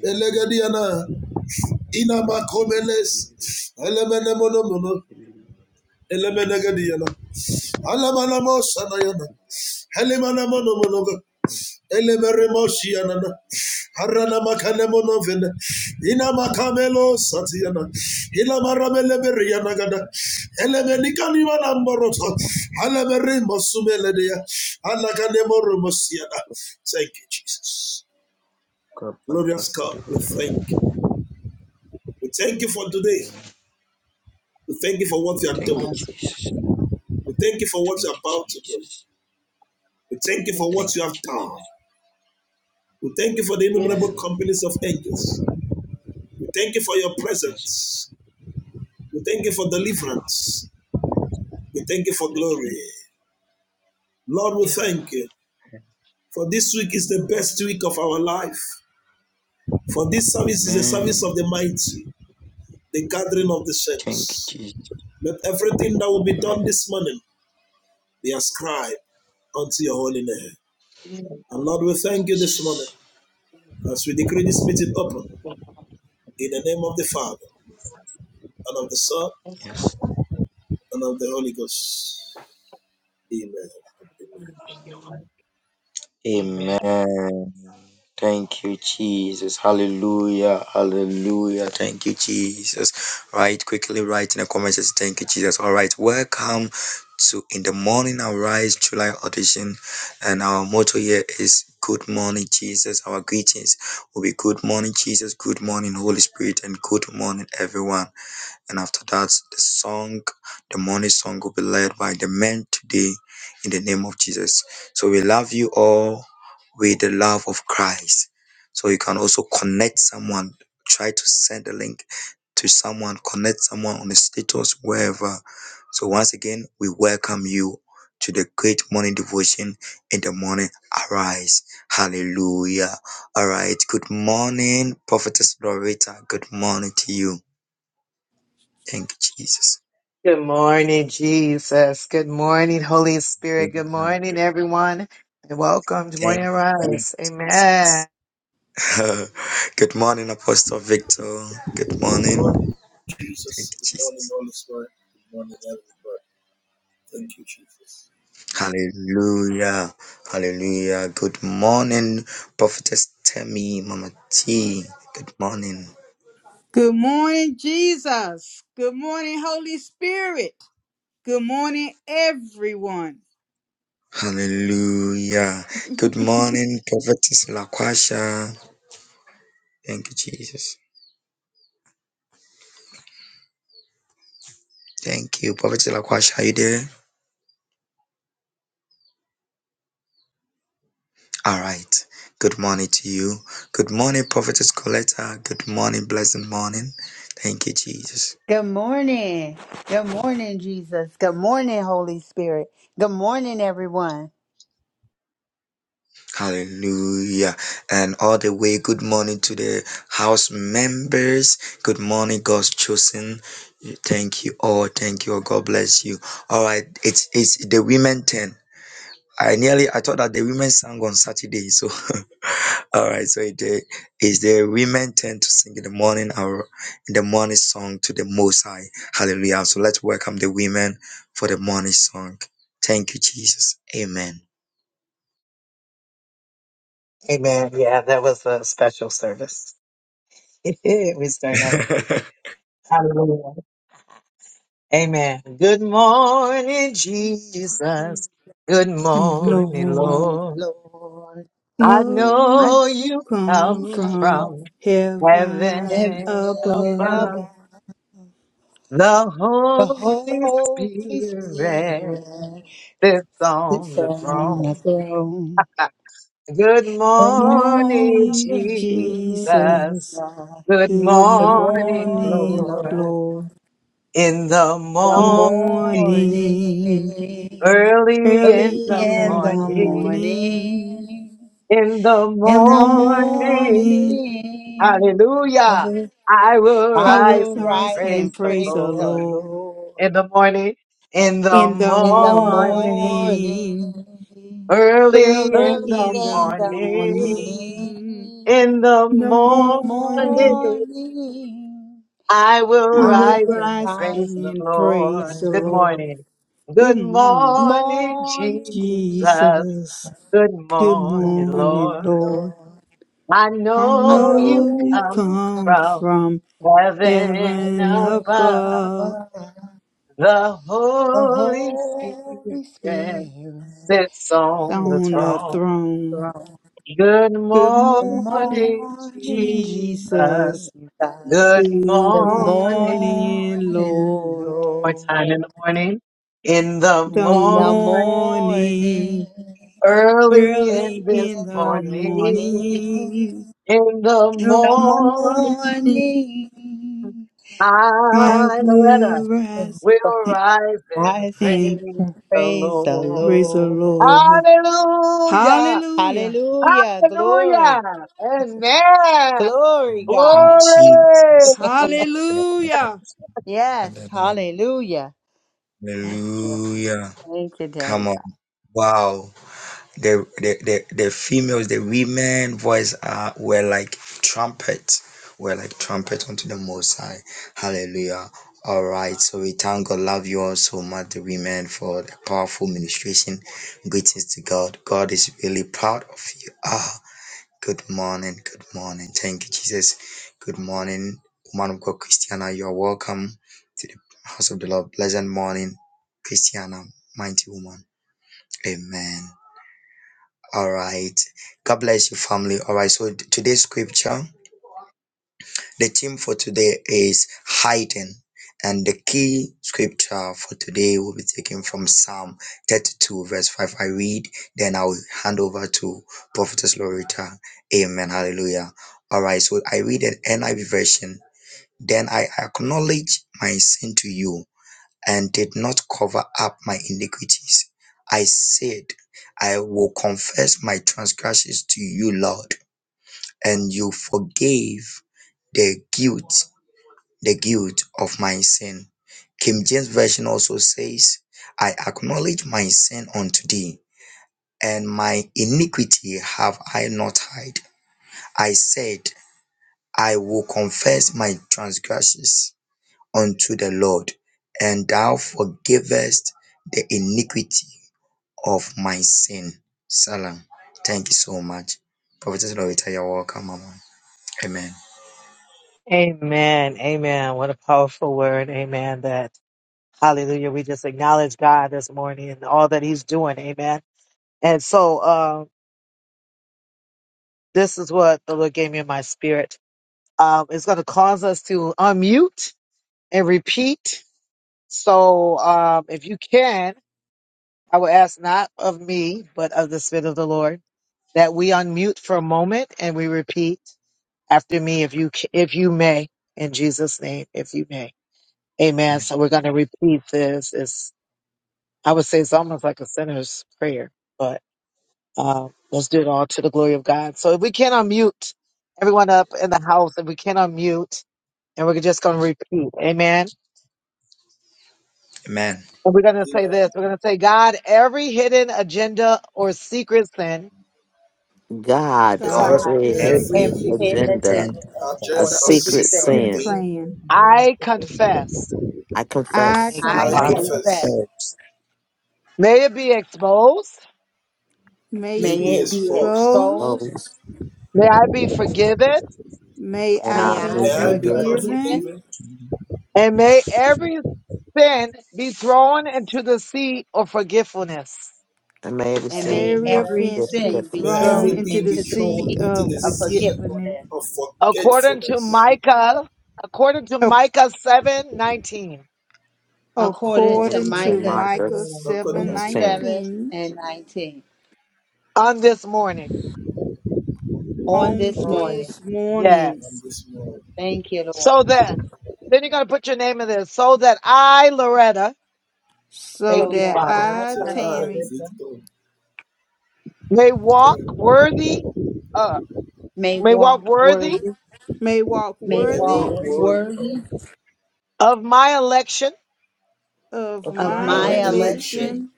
Elegadiana. Inamakomeles, Elemenemonomono, Elemenegadiana, Alamanamosanayana, Helemanamanomonova, Elemeremosiana, Haranamakanemonovin, Inamakamelo Satiana, Ilamaramelebriana Gada, Elemenikanimanamboroto, Alamerimosumeledia, Alakanemoromosiana. Thank you, Jesus. Glorious God, we thank you. We thank you for today. We thank you for what you are
Thank you,
doing.
Jesus.
We thank you for what you're
Thank you,
about to do.
Jesus.
We thank you for what
Thank
you have
you,
done. We thank you for the innumerable
Amen.
companies of angels. We thank you for your
Yes.
presence. We thank you for deliverance. We thank you for glory. Lord, we thank you for this week is the best week of our life. For this service is the service
Amen.
of the mighty, the gathering of the
Thank you,
saints.
Jesus.
Let everything that will be
Amen.
done this morning be ascribed unto your holy name. And Lord, we thank you this morning as we decree this meeting open In the name of the Father, and of the Son,
Yes.
and of the Holy Ghost. Amen. Amen.
Amen. Thank you, Jesus. Hallelujah. Hallelujah. Thank you, Jesus. Right, quickly write in the comments. Just Thank you, Jesus. All right. Welcome to In the Morning Arise July audition. And our motto here is Good morning, Jesus. Our greetings will be Good morning, Jesus. Good morning, Holy Spirit. And good morning, everyone. And after that, the song, the morning song will be led by the men today in the name of Jesus. So we love you all with the love of Christ. So you can also connect someone. Try to send the link to someone, connect someone on the status, wherever. So once again, we welcome you to the great morning devotion in the morning. Arise. Hallelujah. All right. Good morning, Prophetess Loretta. Good morning to you. Thank you, Jesus. Thank you. *laughs* Good morning, Apostle Victor. Good morning. Thank
Jesus,
you,
good morning,
Jesus.
Holy Spirit. Good morning, everybody. Thank you, Jesus.
Hallelujah. Hallelujah. Good morning, Prophetess Temi, Mama T. Good morning.
Good morning, Jesus. Good morning, Holy Spirit. Good morning, everyone.
Hallelujah. Good morning, Prophetess Laquasha. Thank you, Jesus. Thank you, Prophetess Laquasha. Are you there? All right. Good morning to you. Good morning, Prophetess Coletta. Good morning, blessed morning. Thank you, Jesus.
Good morning. Good morning, Jesus. Good morning, Holy Spirit. Good morning, everyone.
Hallelujah. And all the way, good morning to the house members. Good morning, God's chosen. Thank you all. Thank you all. God bless you. All right. It's, it's the women turn. I nearly, I thought that the women sang on Saturday. So, *laughs* all right. So it uh, is the women turn to sing in the morning hour, in the morning song to the Most High. Hallelujah. So let's welcome the women for the morning song. Thank you, Jesus. Amen.
The
Good
Lord
morning, Lord.
know
I
you
know
come
you come
from
from
heaven
heaven above.
above.
The Holy Spirit sits on the throne. Good
Morning,
morning, Jesus.
Jesus. Good
Good morning,
morning,
Lord.
Lord.
The morning,
Morning. Early
early
in
in
the
the
morning.
morning,
The
in the
morning.
morning, I will, I
I will
will
rise
rise
and
and
praise
praise
the
the
Lord.
Lord.
in the
In the
morning,
morning,
early
early
in the
in the
morning,
morning,
in the morning,
morning,
I
I
will
will
rise
rise and praise the
and praise the
Lord.
Lord. Good morning,
Morning, Jesus,
Jesus. Good
morning.
morning, Lord.
Lord.
I
I
know you
know you
come
come
from
whenever
heaven above
the Holy Spirit sits
on the
on the
throne.
throne.
Good
The
morning,
morning, Jesus,
Jesus. Good
the
morning,
morning,
Lord.
Lord,
The
in the morning,
morning,
early
early in
in
the
the
morning,
morning,
the
the morning.
morning,
I
I will rise and
rise,
and
praise the
praise the
Lord.
Lord. Hallelujah!
Hallelujah. Glory. Glory, God.
*laughs* Jesus.
Hallelujah!
Yes. Hallelujah. Yes.
Hallelujah.
Thank you, Daddy
Come on.
God.
Wow. The, the, the, the females, the women voice are were like trumpets. Were like trumpets unto the most high. Hallelujah. All right. So we thank God. Love you all so much, the women, for the powerful ministration. Greetings to God. God is really proud of you. Ah. Good morning. Good morning. Thank you, Jesus. Good morning, woman of God, Christiana. You are welcome to the house of the Lord. Pleasant morning, Christiana, mighty woman. Amen. All right. God bless you, family. All right. So today's scripture. The theme for today is hiding, and the key scripture for today will be taken from Psalm 32, verse 5. I read, then I will hand over to Prophetess Loretta. Amen. Hallelujah. All right, so I read an NIV version. Then I acknowledge my sin to you and did not cover up my iniquities. I said, I will confess my transgressions to you, Lord, and you forgave the guilt the guilt of my sin. King James Version also says, I acknowledge my sin unto thee, and my iniquity have I not hid. I said, I will confess my transgressions unto the Lord, and thou forgivest the iniquity of my sin. Salam. Thank you so much. Prophetess Loretta, you're welcome, Mama. Amen. Amen. Amen.
Amen.
God,
God,
God,
has
God,
God,
a
every
every
every
hidden
hidden
every
hidden
hidden
secret
hidden
agenda,
agenda
agenda of
a
or
agenda or
secret
secret
secret
sin,
secret
sin
sin,
thing,
creating
plan
the whole of the system.
I
I
confess.
I
I
I
I
confess
have
confess
confess.
confess.
felt
may
May
May
be
it be
post,
exposed.
Oh,
exposed.
you
May
may
I
May
that
I
I
I
may
be
be
have
I
near.
be
become
forgiven,
forgiven.
forgiven.
forgiven.
and may every
And
sin be
may
and
Area
let
every
fence be
forgiven
sin
everything
be
May
be
forgiveness.
thrown
every
thrown
thoroughly
into the
into the
fulfilled
sea
throne
sea
for
into
this
of
the
of
time.
sea
forgetfulness.
forgetfulness,
of forgetfulness,
Ac-
according
According
to
According
to
According
to
to
American
Micah
Micah
Micah
prevailing
seven
according
thing
to
17.
7
nineteen,
and 19. On
this
on
this morning.
morning,
this morning,
and this morning.
Thank you, Lord.
so
so
that
that
so that
I
I,
I,
So
Coletta,
I,
Tammy,
Rebecca,
Victor, 10,
may walk
may
worthy,
may walk
may
may
may
walk
worthy
walk
work world.
worthy
worthy
of,
of
of
of
of
my
my
my
my
election,
election,
election,
election,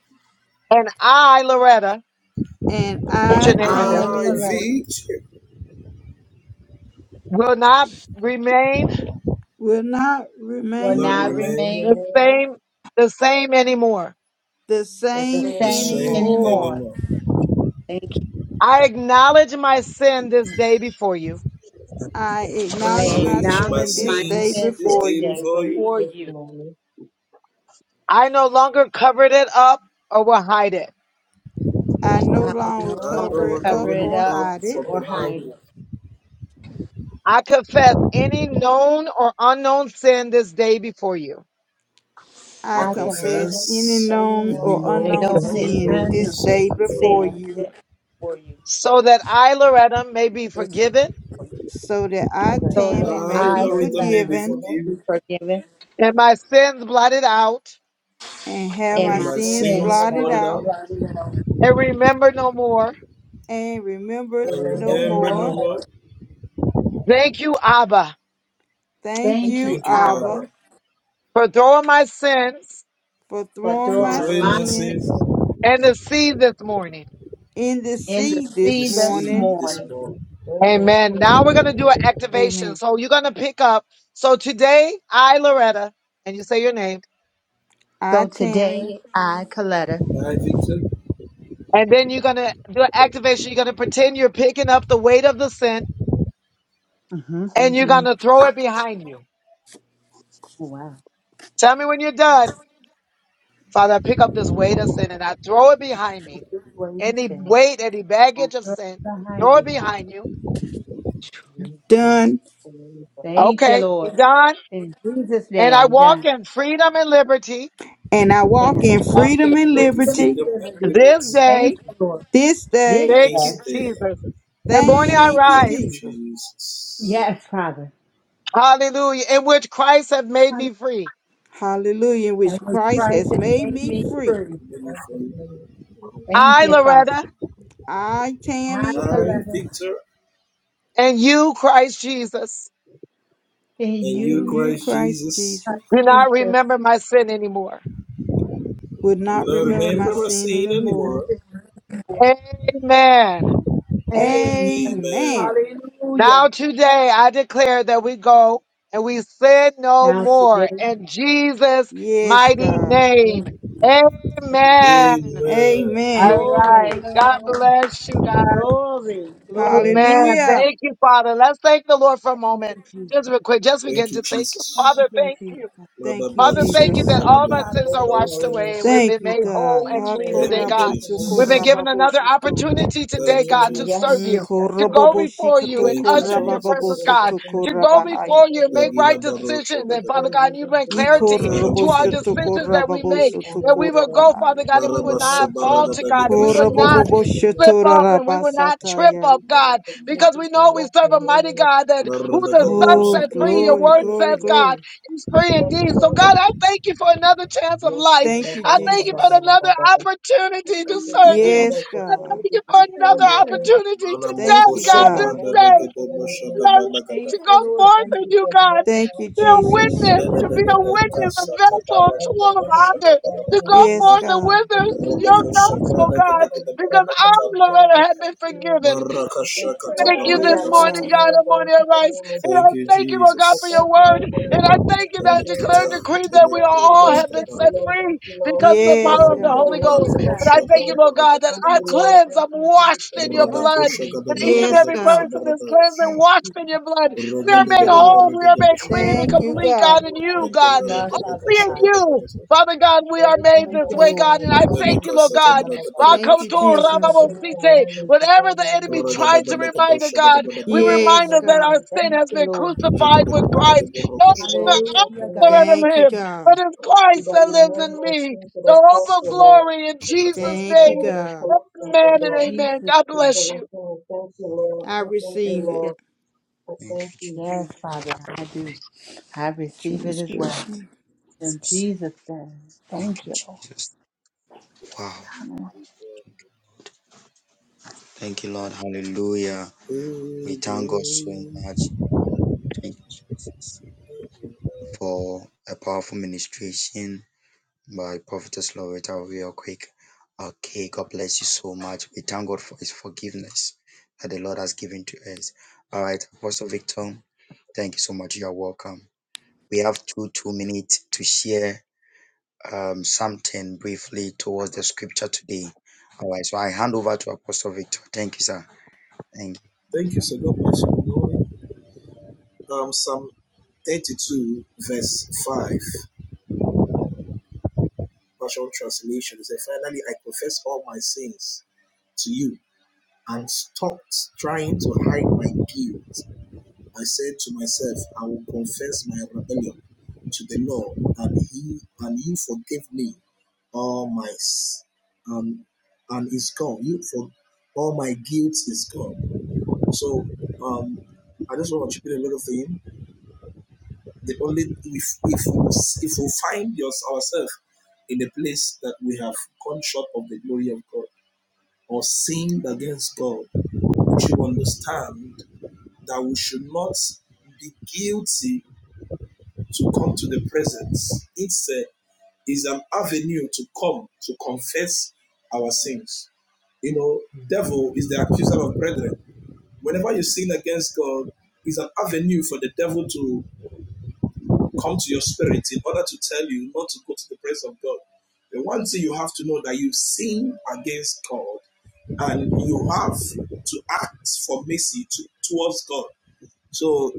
and
and
I,
and I,
I
I
Tammy,
Rebecca,
Coletta,
will not
will
will
not
remain
will
not
not
remain
remain
remain
the
the
the
same
same
the
same
same
anymore.
anymore.
anymore.
anymore.
Thank you.
I
I
I
acknowledge my
Acknowledge my
acknowledge
acknowledge
sin
my
this
my
sin
day
sins
sin
this
this
before
before
day
you
day
you
before you.
before
this
you.
morning.
I no
I will
I'm
longer
no
no
I
longer
cover
longer
it
will
cover
up
cover
it
that
it
or
up
up
hide
I
it.
from
or
will
the
hide
hide
it.
hand.
it.
I
I
I confess
confess
Okay.
any
confess
of
Daily
known
any
known
or
and
no
unknown
unknown
known
or
and
sinners
sin
no
this
unknown
this
day
sin
day
before
before.
before
you,
sin
you,
that- for you,
so that
so
I,
that
so
I,
Tammy,
that
for
may
I,
this
be
I
I will
Lorita,
be
may
Coletta,
be
forgiven
forgiven,
be
forgiven
forgiven
and have
and
and
my
my
and
my
my
sins
sins
sin
sins
blotted
blotted
blotted
out,
out.
out
bloody well,
and remembered
I
and
no
remembered
remember
no
remember
no
more.
no
more.
more.
more.
Thank
Thank
you,
you,
Thank
Thank
you,
you,
Abba,
Abba,
Abba,
Abba,
for
for
throwing
for
for
my
throwing
throwing
doing
my
my
my
sin
sins
sins
sin,
in the
in the
sea
and
this
the
sea
for
this
doing my
sea
morning.
this
morning.
sin, for
morning.
doing my sin to your previous man,
Amen. I,
So
Tammy,
today, I, Coletta,
My victor
hmm
mhm,
oh, wow, I just what it says. I throw it behind me, Father.
and my sin
done,
to you for the
Thank you, Lord. In Jesus' name, done.
and I
And
walk
I
in
walk in
freedom and
Walk
freedom
in
and
liberty
freedom and
liberty.
limits
and the
Thank you, Lord.
this
sixth
day
This day,
this
day.
day.
Thank
Thank
you,
you,
Thank you,
Jesus.
Jesus.
Jesus.
yes, Father.
Hallelujah, in
And
which
with
Christ
Christ
has
has
made
made
me
me
free.
free.
Meaningful.
Amen.
Thank you, Father.
I,
I,
Tammy,
I,
Coletta,
Victor,
and
and you,
and
you.
you,
Christ
Christ
Jesus,
Christ
Jesus,
Jesus.
would
will
not
not
Now
remember my
remember my
sin
sin anymore.
anymore.
this is Amen.
Amen.
Amen.
Hallelujah. Now today,
Yes, God.
glory,
Amen.
Amen.
glory,
God bless
glory. Thank,
you.
Hallelujah.
thank you, Jesus.
Thank you, Jesus.
Thank you, Jesus.
Father,
Thank you, Jesus.
Father, we
Bless my way,
thank
my
you.
sin.
Thank you, God. Ha,
Thank you,
Lord,
Thank
for
you,
Lord.
blessing
korabosho,
away my
Jesus.
iniquity
korababosho, to.
in the
Thank you,
name of
Yes,
Mm,
Jesus.
Jesus.
Jesus.
Thank you, Lord,
korabobosho,
Thank
kato,
you,
Thank you,
for all
Lord.
the
korababoboso,
Jesus.
to,
opportunity to be
korabahaya.
connected worthy before you this day
Ki
in the name of
Father, we
Jesus.
thank
koroboshoto
you.
I thank you today and
korababosoto
also that
korabahaya.
my life
Marabaso
will be
baragada
different
leke
and forward in
shakata.
the name of
Koroboboboshoto
Jesus. I thank
rarabasataya.
you for the opportunity to walk in holiness in the
Maradakada
name of
Oh,
kuso bradada
Jesus.
glory,
kada.
Thank you,
glory,
Lord.
glory.
Thank you, Abba. Yes,
Thank
Lord.
you,
Bada, bada, bada,
Jesus.
bada, bada. I thank you for another
Yes, God.
opportunity to be called
Thank
your
you,
own.
God.
To
Thank you,
walk in
God.
sobrada
holiness in
negede
the name of
mashada
Jesus.
banagada.
Thank you,
I
Lord
thank
Jesus.
you for blessing
Thank
out
you,
prayer to
Thank
Jesus.
you,
meet
Nene
Lord.
every
nene ne
transgression,
kasa
every weight of God
baragada.
in the name
Yes,
of
God.
Jesus,
Rodoko
every weight
sobrada
of God of
negede
the
brada
forgiveness of God. I thank you, Lord. I thank you,
Oh,
Marakashakata
Lord,
God,
for
Yes,
baragada sata.
realigning
God.
hallelujah.
me,
God.
O God, in the name of
Thank you,
Jesus. I
Jesus.
thank you, Lord, for the opportunity again, Lord.
Elekata
Thank you,
telekrotos
Lord.
Thank you,
Thank you, Lord.
kabaragada.
Thank you, Lord. Now
Yes,
my soul
God.
will not be
Mano
lost,
God.
O
shagada
God.
baragada
Thank you,
banat.
Lord. Thank you, Jesus. Thank
Yes,
Radako
you, Jesus. Thank
Yes,
baragada kusa
God.
baragada. Kosa Baradash.
yes.
Thank you, Father. Thank
Thank
you,
Thank
you,
you,
Jesus.
sir.
Lord.
Thank you, Jesus.
Thank you,
Thank you,
God.
Jesus.
Yes,
Thank
we
you,
are, Father
Jesus. Thank
God.
you, Jesus. For this
Thank you,
freedom and
Lord.
love, we are thankful for the Lord.
Thank you,
Thank you for
Jesus.
Thank
the
you,
new
Lord.
alignment to God in the name of Jesus. Thank you in
Yes,
the name
God.
of
Thank you,
Jesus.
Lord.
You Lord,
Hallelujah,
thank you,
God.
Lord.
Thank you, God.
Thank you that you nailed my sin to the cross, O Lord. According to
Thank you,
your word and
God.
Colossians, O
In
God.
Jesus'
We thank
name,
you, Lord.
I
We thank you,
receive
thank
it.
you.
Lord. I
Thank
thank
you,
you,
Yes,
Jesus.
Father, I do. I receive it as well.
transgression.
In
Jesus.
Jesus' name,
Thank
thank
you,
you, Lord.
Jesus. Wow. Thank you, Lord. Hallelujah. We thank God so much. Thank you, Jesus, for a powerful ministration by Prophetess Loretta, real quick. Okay, God bless you so much. We thank God for His forgiveness that the Lord has given to us. All right, Apostle Victor, thank you so much. You are welcome. we have two two minutes to share um, something briefly towards the scripture today. All right, so I hand over to Apostle Victor. Thank you, sir. Thank you.
God bless you. Um, Psalm 32, verse 5, partial translation. It says, Finally, I confess all my sins to you and stopped trying to hide my guilt. I said to myself, I will confess my rebellion to the Lord, and He and You forgive me all my um and is gone. You for all my guilt is gone. So um, I just want to repeat a little thing. The only if if we if we find us, ourselves in a place that we have gone short of the glory of God or sinned against God, we should understand that we should not be guilty to come to the presence. It's a, is an avenue to come to confess our sins. You know, devil is the accuser of brethren. Whenever you sin against God, it's an avenue for the devil to come to your spirit in order to tell you not to go to the presence of God. The one thing you have to know that you sin against God and you have to act for mercy to, towards God. So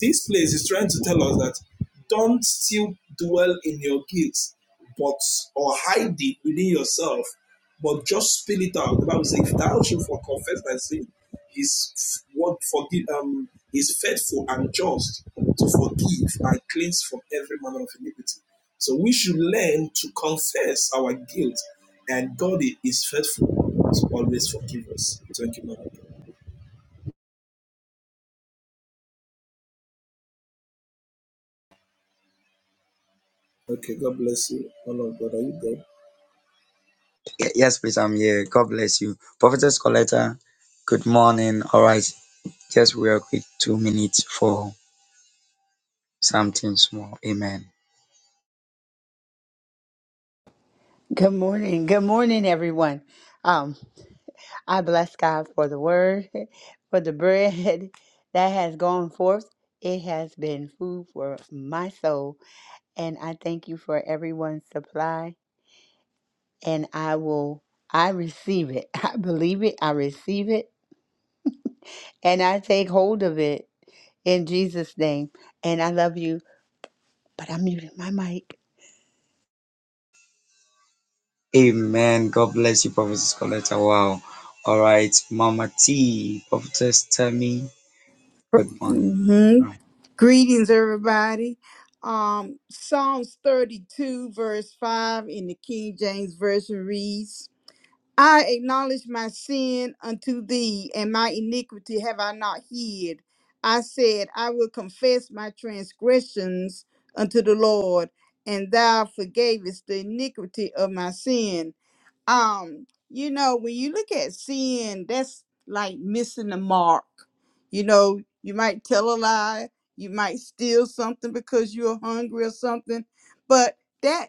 this place is trying to tell us that don't still dwell in your guilt, but or hide it within yourself, but just spill it out. The Bible says, "If thou shalt for confess thy sin, His word forgive um is faithful and just to forgive and cleanse from every manner of iniquity." So we should learn to confess our guilt, and God is faithful to always forgive us. Thank you, Mother. Okay, God bless you. Honor of God, are you God?
Ye- Yes, please, I'm here. God bless you. Prophetess Coletta, good morning. All right, just real quick, two minutes for something small. Amen.
Good morning. Good morning, everyone. Um, I bless God for the word, *laughs* for the bread *laughs* that has gone forth. It has been food for my soul, and I thank you for everyone's supply. And I will, I receive it. *laughs* I believe it. I receive it, and I take hold of it in Jesus' name. And I love you, but I'm muting my mic.
Amen. God bless you, Prophetess Coletta. Wow. All right, Mama T, Prophetess Tammy, good morning.
hmm
All right.
Greetings, everybody. Um, Psalms 32, verse 5 in the King James Version reads, I acknowledge my sin unto thee, and my iniquity have I not hid. I said, I will confess my transgressions unto the Lord, and thou forgavest the iniquity of my sin. um you know when you look at sin that's like missing the mark you know you might tell a lie you might steal something because you're hungry or something but that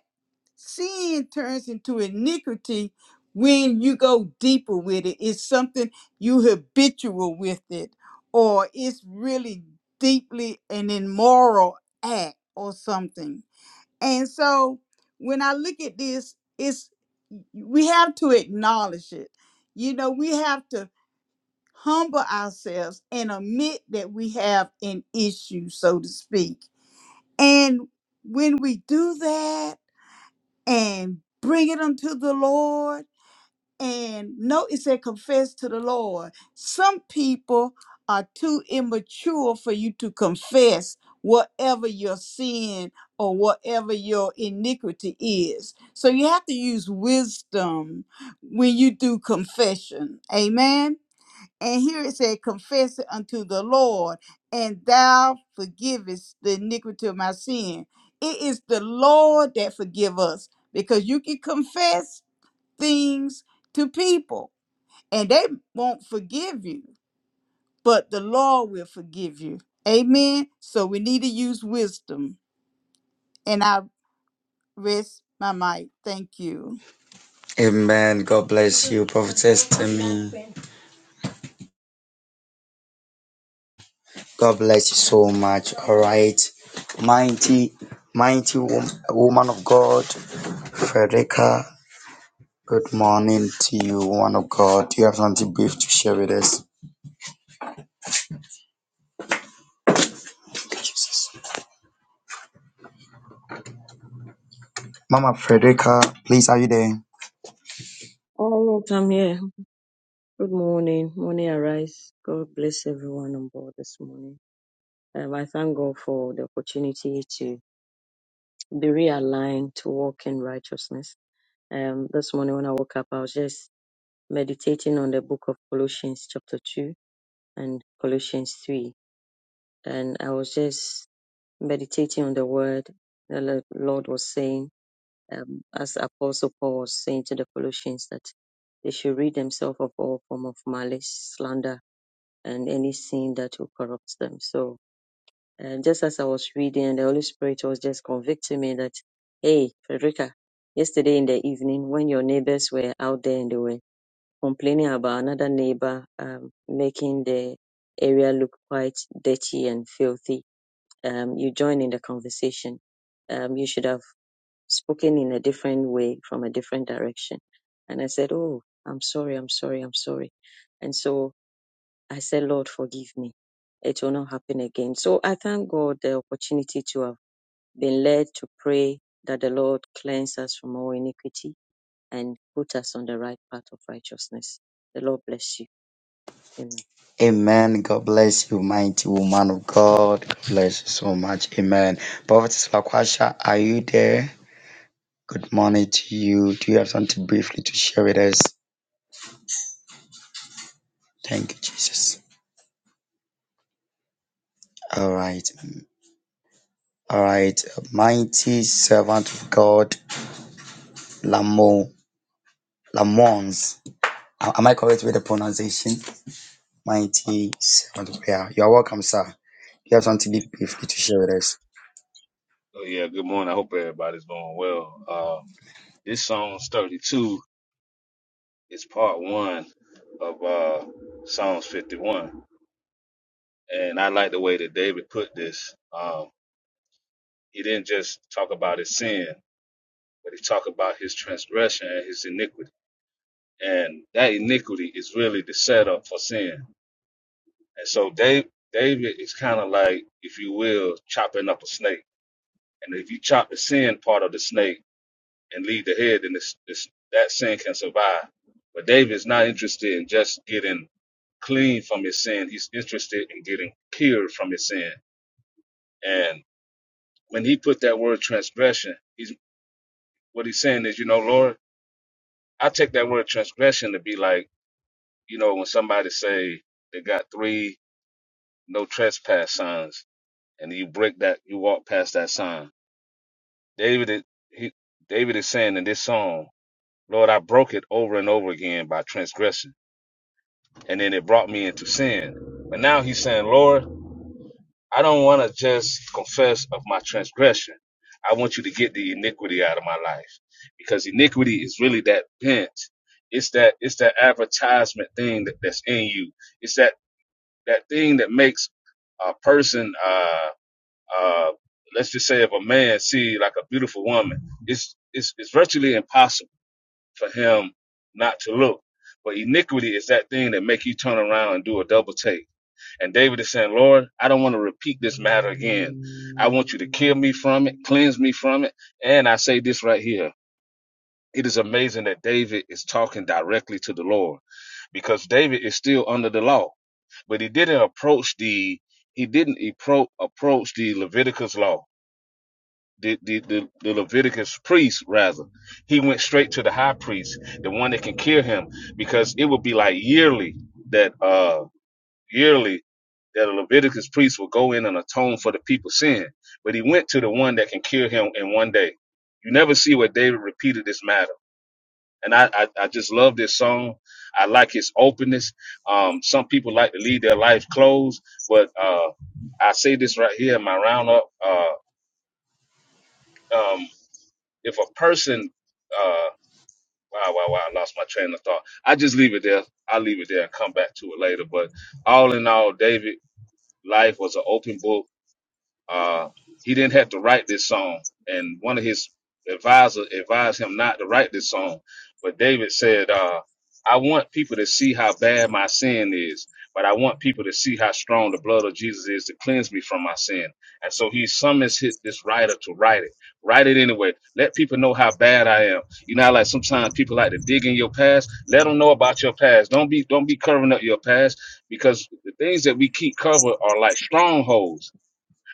sin turns into iniquity when you go deeper with it it's something you habitual with it or it's really deeply an immoral act or something and so when I look at this, it's we have to acknowledge it. You know, we have to humble ourselves and admit that we have an issue, so to speak. And when we do that and bring it unto the Lord, and note it said confess to the Lord. Some people are too immature for you to confess whatever your sin or whatever your iniquity is. So you have to use wisdom when you do confession. Amen. And here it said, confess it unto the Lord, and thou forgivest the iniquity of my sin. It is the Lord that forgive us because you can confess things to people and they won't forgive you, but the Lord will forgive you. Amen. So we need to use wisdom. And I rest my mic. Thank you.
Amen. God bless you, Prophetess Tammy. God bless you so much. All right. Mighty, mighty wom- woman of God, Frederica. Good morning to you, woman of God. Do you have something brief to share with us? Mama Frederica, please, are you there?
Oh, Lord, come here. Good morning. Morning arise. God bless everyone on board this morning. Um, I thank God for the opportunity to be realigned to walk in righteousness. Um, this morning when I woke up, I was just meditating on the book of Colossians chapter 2 and Colossians 3. And I was just meditating on the word the Lo- Lord was saying, um, as Apostle Paul was saying to the Colossians that they should rid themselves of all form of malice, slander, and any sin that will corrupt them. So, and just as I was reading, the Holy Spirit was just convicting me that, hey, Frederica, yesterday in the evening when your neighbors were out there and they were complaining about another neighbor um, making the area look quite dirty and filthy, um, you joined in the conversation. Um, you should have spoken in a different way from a different direction. And I said, oh, I'm sorry, I'm sorry, I'm sorry. And so I said, Lord, forgive me. It will not happen again. So I thank God the opportunity to have been led to pray that the Lord cleanse us from all iniquity and put us on the right path of righteousness. The Lord bless you. Amen.
Amen. God bless you, mighty woman of God. God bless you so much. Amen. Prophetess Lakwasha, are you there? Good morning to you. Do you have something briefly to share with us? Thank you, Jesus. All right. All right, mighty servant of God, Lamont, Lamons. A- Am I correct with the pronunciation? Mighty servant of God. You are welcome, sir. You have something big briefly to share with us.
Oh yeah, good morning. I hope everybody's going well. Um, this song 32 is part one of uh, Psalms 51, and I like the way that David put this. Um, he didn't just talk about his sin, but he talked about his transgression and his iniquity, and that iniquity is really the setup for sin. And so Dave, David is kind of like, if you will, chopping up a snake, and if you chop the sin part of the snake and lead the head, then it's, it's, that sin can survive. But David is not interested in just getting clean from his sin. He's interested in getting cured from his sin. And when he put that word transgression, he's what he's saying is, you know, Lord, I take that word transgression to be like, you know, when somebody say they got three no trespass signs, and you break that, you walk past that sign. David, is- he, David is saying in this song, Lord, I broke it over and over again by transgression. and then it brought me into sin. But now he's saying, Lord, I don't want to just confess of my transgression. I want you to get the iniquity out of my life because iniquity is really that bent. It's that it's that advertisement thing that, that's in you. It's that that thing that makes a person, uh, uh, let's just say, if a man see like a beautiful woman, it's it's it's virtually impossible for him not to look. But iniquity is that thing that make you turn around and do a double take and David is saying, Lord, I don't want to repeat this matter again. I want you to kill me from it, cleanse me from it. And I say this right here. It is amazing that David is talking directly to the Lord because David is still under the law, but he didn't approach the, he didn't appro- approach the Leviticus law, the, the, the, the Leviticus priest rather. He went straight to the high priest, the one that can kill him because it would be like yearly that, uh yearly that a Leviticus priest will go in and atone for the people's sin. But he went to the one that can cure him in one day. You never see where David repeated this matter. And I, I, I just love this song. I like his openness. Um, some people like to leave their life closed, but uh, I say this right here in my roundup. Uh, um, if a person, uh, wow, wow, wow, I lost my train of thought. I just leave it there. I'll leave it there and come back to it later. But all in all, David, life was an open book Uh, he didn't have to write this song, and one of his advisors advised him not to write this song. But David said, uh, "I want people to see how bad my sin is, but I want people to see how strong the blood of Jesus is to cleanse me from my sin." And so he summons hit this writer to write it. Write it anyway. Let people know how bad I am. You know, how, like sometimes people like to dig in your past. Let them know about your past. Don't be don't be covering up your past because the things that we keep covered are like strongholds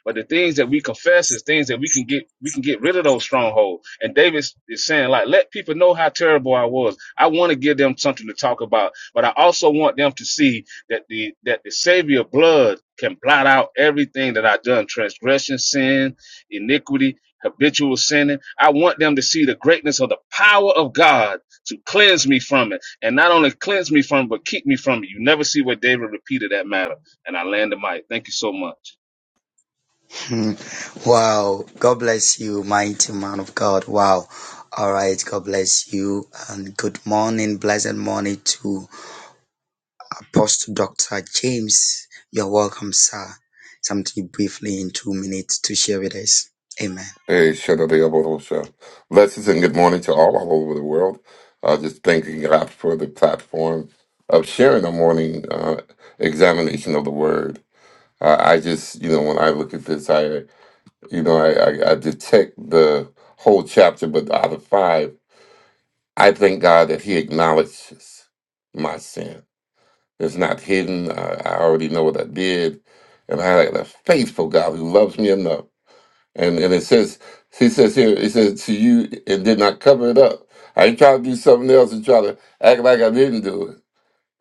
but the things that we confess is things that we can get we can get rid of those strongholds. And David is saying, like, let people know how terrible I was. I want to give them something to talk about, but I also want them to see that the that the Savior blood can blot out everything that I've done, transgression, sin, iniquity, habitual sinning. I want them to see the greatness of the power of God to cleanse me from it. And not only cleanse me from it, but keep me from it. You never see where David repeated that matter. And I land the mic. Thank you so much.
Hmm. wow. God bless you, mighty man of God. Wow. All right. God bless you. And good morning, blessed morning to Apostle Dr. James. You're welcome, sir. Something briefly in two minutes to share with us. Amen.
Hey, Shadadayabodosha. Blessings and good morning to all all over the world. Uh, just thanking God for the platform of sharing a morning uh, examination of the Word. I, I just, you know, when I look at this, I, you know, I, I, I detect the whole chapter, but out of five, I thank God that He acknowledges my sin. It's not hidden. I, I already know what I did, and I have a faithful God who loves me enough and and it says he says here, he says to you and did not cover it up. I ain't trying to do something else and try to act like I didn't do it.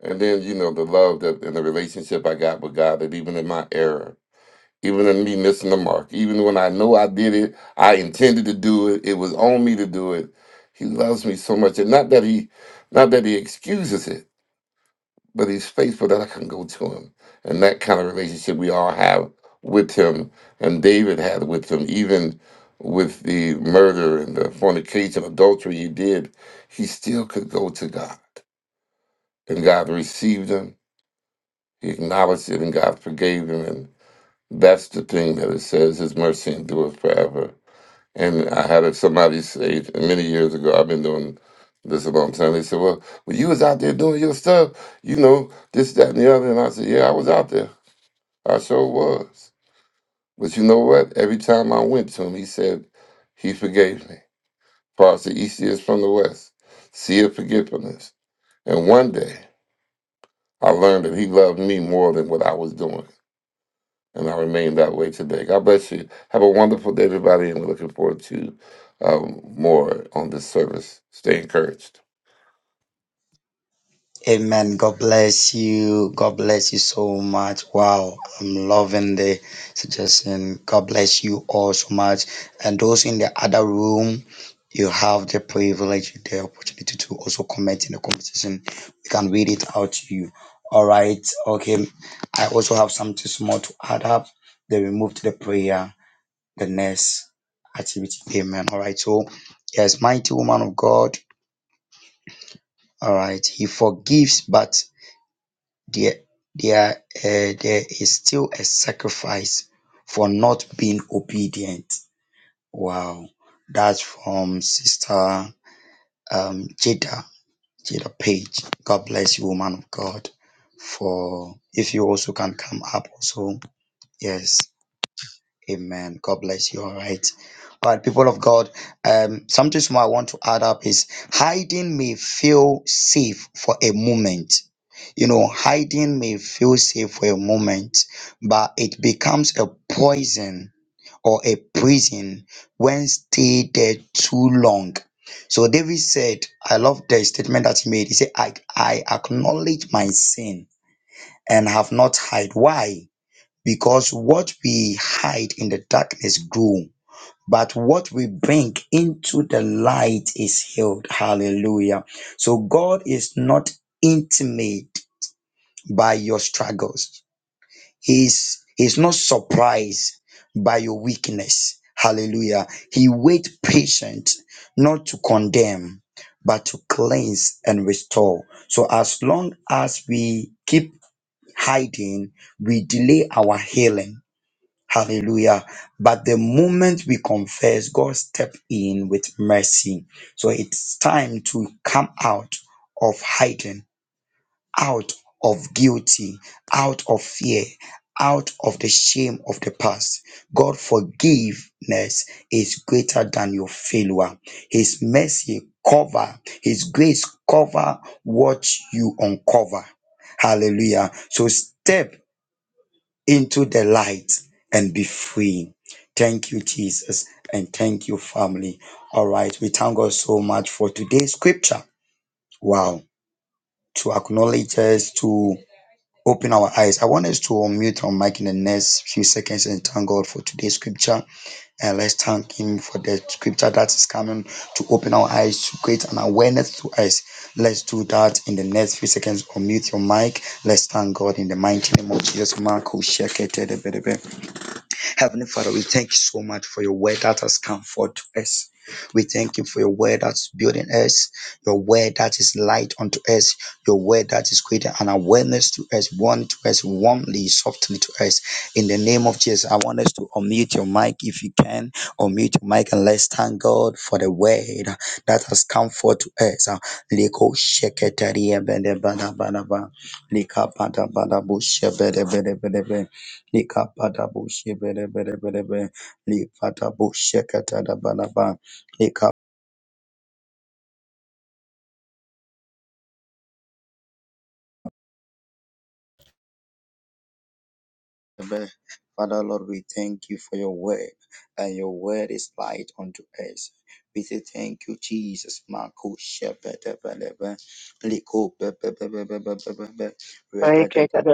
And then, you know, the love that and the relationship I got with God that even in my error, even in me missing the mark, even when I know I did it, I intended to do it, it was on me to do it. He loves me so much. And not that he not that he excuses it but he's faithful that I can go to him. And that kind of relationship we all have with him and David had with him, even with the murder and the fornication, adultery he did, he still could go to God. And God received him, he acknowledged it, and God forgave him. And that's the thing that it says his mercy endureth forever and I had somebody say many years ago, I've been doing this a long time. They said, Well, when you was out there doing your stuff, you know, this, that, and the other. And I said, Yeah, I was out there. I sure was. But you know what? Every time I went to him, he said, He forgave me. For as the East is from the West, see of forgiveness. And one day I learned that he loved me more than what I was doing. and I remain that way today. God bless you. Have a wonderful day, everybody, and we're looking forward to um, more on this service. Stay encouraged.
Amen. God bless you. God bless you so much. Wow. I'm loving the suggestion. God bless you all so much. And those in the other room, you have the privilege, the opportunity to also comment in the conversation. We can read it out to you. All right. Okay. I also have something small to add up. Then we move to the prayer, the next activity. Amen. All right. So, yes, mighty woman of God. All right. He forgives, but there there uh, there is still a sacrifice for not being obedient. Wow, that's from Sister um, Jada Jada Page. God bless you, woman of God. For if you also can come up, also yes, Amen. God bless you. All right, all right, people of God. Um, something small I want to add up is hiding may feel safe for a moment you know, hiding may feel safe for a moment, but it becomes a poison or a prison when stayed there too long. So David said, I love the statement that he made. He said, I, I acknowledge my sin and have not hide. Why? Because what we hide in the darkness grew, but what we bring into the light is healed. Hallelujah. So God is not intimate by your struggles. He's he's not surprised by your weakness. Hallelujah. He wait patient, not to condemn, but to cleanse and restore. So as long as we keep hiding, we delay our healing. Hallelujah. But the moment we confess, God step in with mercy. So it's time to come out of hiding out of guilty, out of fear, out of the shame of the past. God forgiveness is greater than your failure. His mercy cover, his grace cover what you uncover. Hallelujah. So step into the light and be free. Thank you, Jesus, and thank you, family. All right, we thank God so much for today's scripture. Wow, to acknowledge us, to open our eyes. I want us to unmute our mic in the next few seconds and thank God for today's scripture. And let's thank Him for the scripture that is coming to open our eyes, to create an awareness to us. Let's do that in the next few seconds. Unmute your mic. Let's thank God in the mighty name of Jesus. Marco Shekete de Bedebe. Heavenly Father, we thank you so much for your word that has come forth to us. We thank you for your word that's building us, your word that is light unto us, your word that is creating an awareness to us, one to us, warmly, softly to us. In the name of Jesus, I want us to unmute your mic if you can, unmute your mic and let's thank God for the word that has come forth to us. Uh, Leko sheketaria bede bada bada ba. Lika bada bada bu shebede bede bede be. Likapadabu shibere bere bere bere. Lipadabu Likabe. Father Lord, we thank you for your word, and your word is light unto us. We say thank you, Jesus. Marco shepherd, Liko bebe bebe bebe bebe, repetible.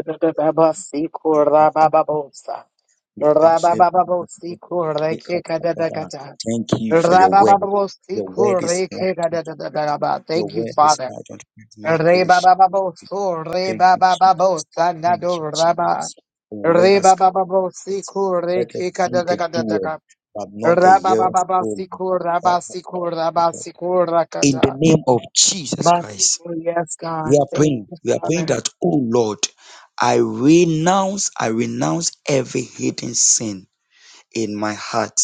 Thank you for your word. Your word is light. Your word is light unto us. Marco Thank you, Jesus. Thank you, Jesus. For where has come it. Let us be the doer, but not the hearers only. In the name of Jesus Christ, we are praying. We are praying that, oh Lord, I renounce, I renounce every hidden sin in my heart.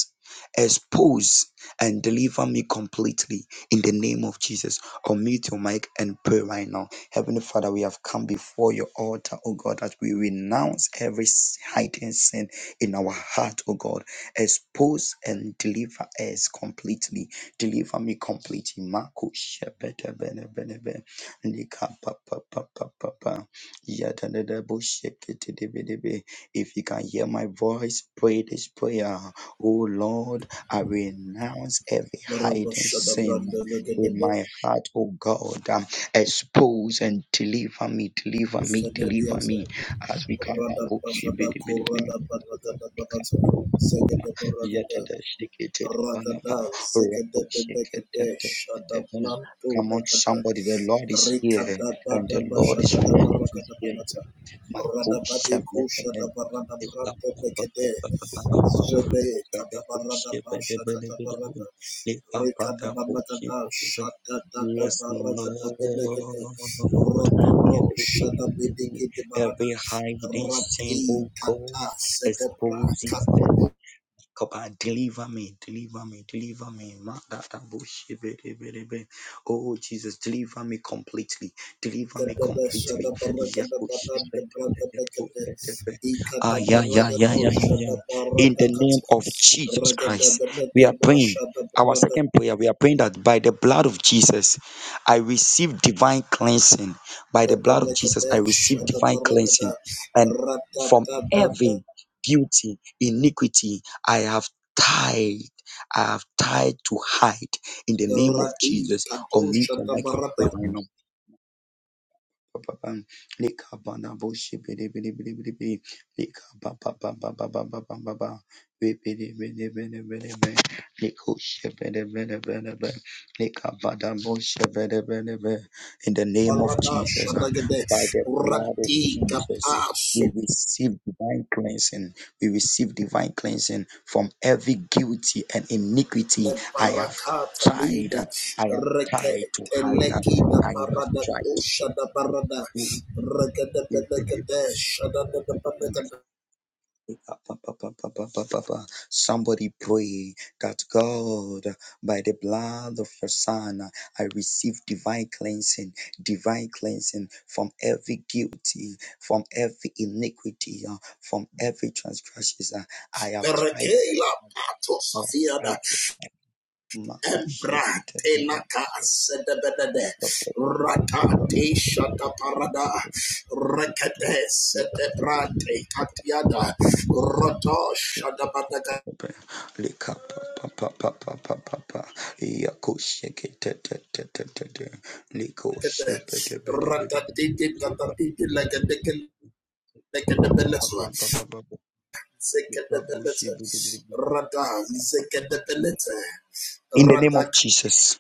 Expose and deliver me completely in the name of Jesus. Unmute your mic and pray right now. Heavenly Father, we have come before your altar, oh God, as we renounce every s- hidden sin in our heart, oh God. Expose and deliver us completely. Deliver me completely. Marco Shepete Bene Bene Bene. Nika Pa Pa Pa Pa Pa Pa. Yadadada Bo Shekete Debe Debe. If you can hear my voice, pray this prayer. Oh Lord, I renounce every hiding
Barabashada
sin
Branda
in
Legade
my heart, oh God. Um, expose and deliver me, deliver me, deliver
Fenediata
me. As we come up,
Rada
oh,
Bashada
shibidi bidi bidi,
Korada Banagada Banata
ekababa,
Zegade Baragada
yetede shikitede
Ragada
banaba,
Zegade
rabo shikitede
Benegade Shada
bedebe.
Blanto
Come on,
Ragada
somebody, the Lord is here
Rikada
and
Bada
the Lord
Bashada
is ready to
Baragada
hear
Banata
my
Rada
coach.
Bade Kushada Barada
Yes,
Branda
Lord.
Legade Zede Katabarada Basha Katabarada Rekada Banakada, Shada Dada Barakada Benekada, Rototo, Shada Bediki de Barada,
Every hiding
Rati
sin, oh
Kata,
God,
Sedebra,
exposes
Kato,
Kopa, deliver me, deliver me, deliver me. Ma da da bo she be de be de be. Oh Jesus, deliver me completely, deliver me
Kada
completely.
Shada
Yes,
Barakada
bo she
Banan
be
de
de be
Brada
de bo
Nakada,
de de be. Ah,
Ikada
yeah, yeah, yeah,
Barakado,
yeah, yeah, yeah.
Shada
In
Barada
the name
Kata,
of Jesus
Ragada
Christ, we
Benade,
are praying.
Mashada
Our
Brada
second prayer, we are praying that by the blood of Jesus, I receive divine cleansing. By
de
the blood of Jesus,
Benekada,
I receive
Shada
divine cleansing
Barakada,
and
Rata
from
Tata.
every guilty, iniquity, I have tied. I have tied to hide in the name of
Rati
Jesus.
Kato
Unmute your I can
Shata
pray right now. Ba-ba-bam. Lika-ba-na-bo-shi, bidi bidi Lika-ba-ba-ba-ba-ba-ba-ba-ba-ba. Bidi-bidi-bidi-bidi-bidi. Liku-shi, bidi-bidi-bidi-bidi. Lika-ba-da-bo-shi, bidi-bidi-bidi. In the name of
Parada
Jesus, uh,
Shadagade
by the blood of
Rati
Jesus,
Gata
we receive divine cleansing. We receive divine cleansing from every guilty and iniquity I have tried. uh, I have tried to hide. uh, I have tried Somebody pray that God, by the blood of your Son, I receive divine cleansing, divine cleansing from every guilty, from every iniquity, uh, from every transgression. uh, I have tried,
Superkela
I have
Tosafiada Bratela Sedebede Rata
tried
De Shata Parada Rekete Setebrate Katiada Rata
to.
Badagade
Lika pa pa pa pa pa pa pa. Yako shake it te te te te te te. Liko shake it te te te te
Rata
te.
Titi
Super.
Gata Titi Legadekil
Pa
Legadebeleswa
pa pa pa pa pa. Lika bushi
Zekadebeleswa
te te te te.
Rata
Pa pa pa.
zekadabeleza,
In the name of
Rata
Jesus.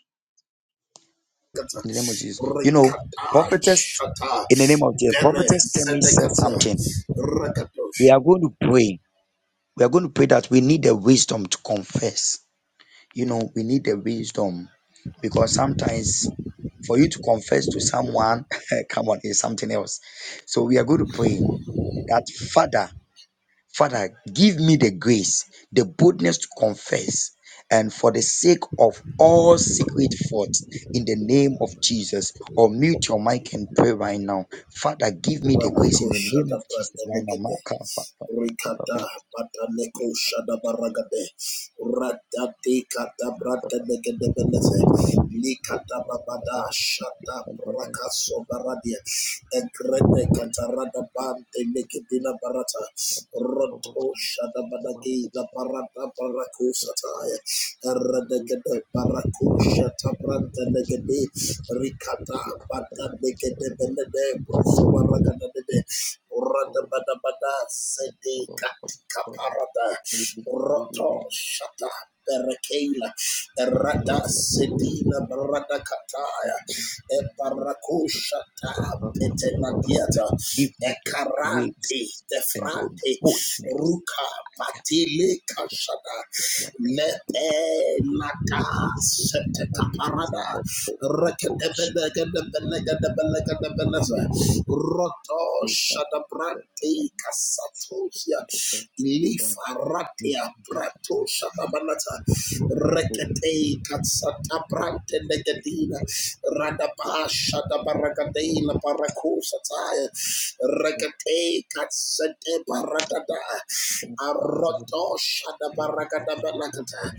Kata,
In the name of Jesus. You know,
Rikata,
prophetess.
Shata,
In the name of the
Dere,
prophetess, Temi said
Zedekatia,
something.
Rakatosh,
We are going to pray. We are going to pray that we need the wisdom to confess. You know, we need the wisdom because sometimes For you to confess to someone, *laughs* come on, is something else. So we are going to pray that Father, Father, give me the grace, the boldness to confess, and for the sake of all secret faults, in the name of Jesus. Or mute your mic and pray right now. Father, give me the grace
Manako,
in the name
Shata,
of Jesus
Branda,
right now. *laughs*
Legede, Rikata Bataneko Shadabaragade Ratati Kata Brata Negedebeleze Likata Babada Shata
Maka
Brakaso Baradia Egrete Katarada Bante Nekedina Barata Roto Shadabadaki La Barata Barako Sataya Eradegede Barako Shata Branta Negede Rikata Bata Negedebelede Brosobaragade
pa
Radabadabada
pa
sede
pa pa
katika
pa.
parada.
Give me the
Roto shata berekela. Rada sedina barada kataya. E barakushata petenadiata. E
grace
karante
and the
defrante.
boldness.
Ruka patile kashada.
Yeah, yeah, yeah.
Lepe lata
This is
sete
kind of the sum
kaparada.
of the
Rekete
books. Give
Roto
me that,
Shadabrante
So,
Casatosia Lifaratia Prato Shadabanata
So,
Rekete Katsatabrante Negatina Radaba Shadabaragadeila Baracosataya Rekete Katsate Baradada Aroto Shadabaragada Balagata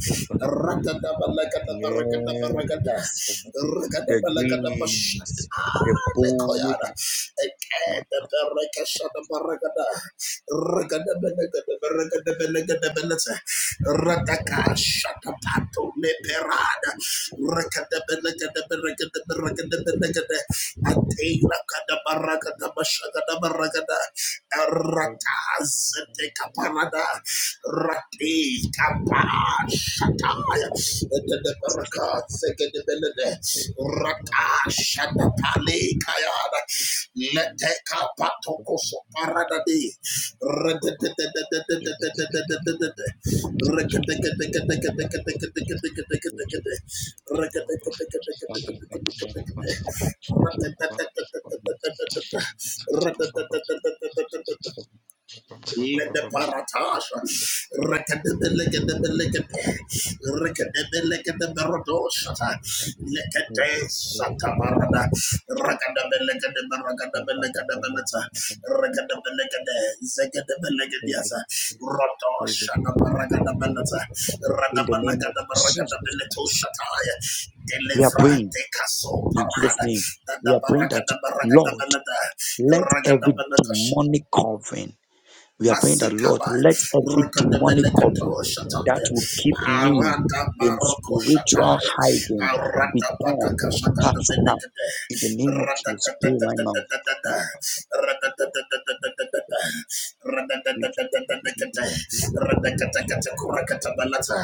Radada Balagada baragada Shadabaragadabalakata Radadabalakadabaragadabaragada
Yes. the
Ragadabalagadabashat
grace, the
lekoyana
boldness.
ekede berekeshana baragada regada benegada beregada benegada benete radaka shata pato leperada regada benegada beregada beregada benegada atela kada baragada bashagada baragada rataz teka parada rati kapar Rataya, Etedeberaka, Sekedebelede, Rata, Shatatale, Kayada, Leteka, Patokoso, Paradade, Rededededededededededededede, let the paratage. Rekadebelekedebelekede. Rekedebelekedeberodosata. Lekete satabarada. Rakadabelekedebaragadabelekedebeleta. Rakadabelekede. Zekedebelekediasa. Rotoshanabaragadabalata.
In the name of Jesus Christ.
Radabalakadabaragadabeletoshataya.
We are praying
Deliverate caso
in Jesus'
parada.
name. We are praying that, Lord, let every
Dadabaragadabaragadabalata.
demonic covering, we are praying that, Lord,
Masikabai,
let every demonic
Rukadabelekato
covering that
Shatai,
will keep me
Aranda
in
Baroko
spiritual
Shatai,
hiding be
Arada
torn
Bataka
apart now.
Shakadabelekade,
In the name of Jesus, pray right
Radadadadadadadada, Radadadadadadadada, Radadadadadadadadada, Radakatakatakurakantabalata,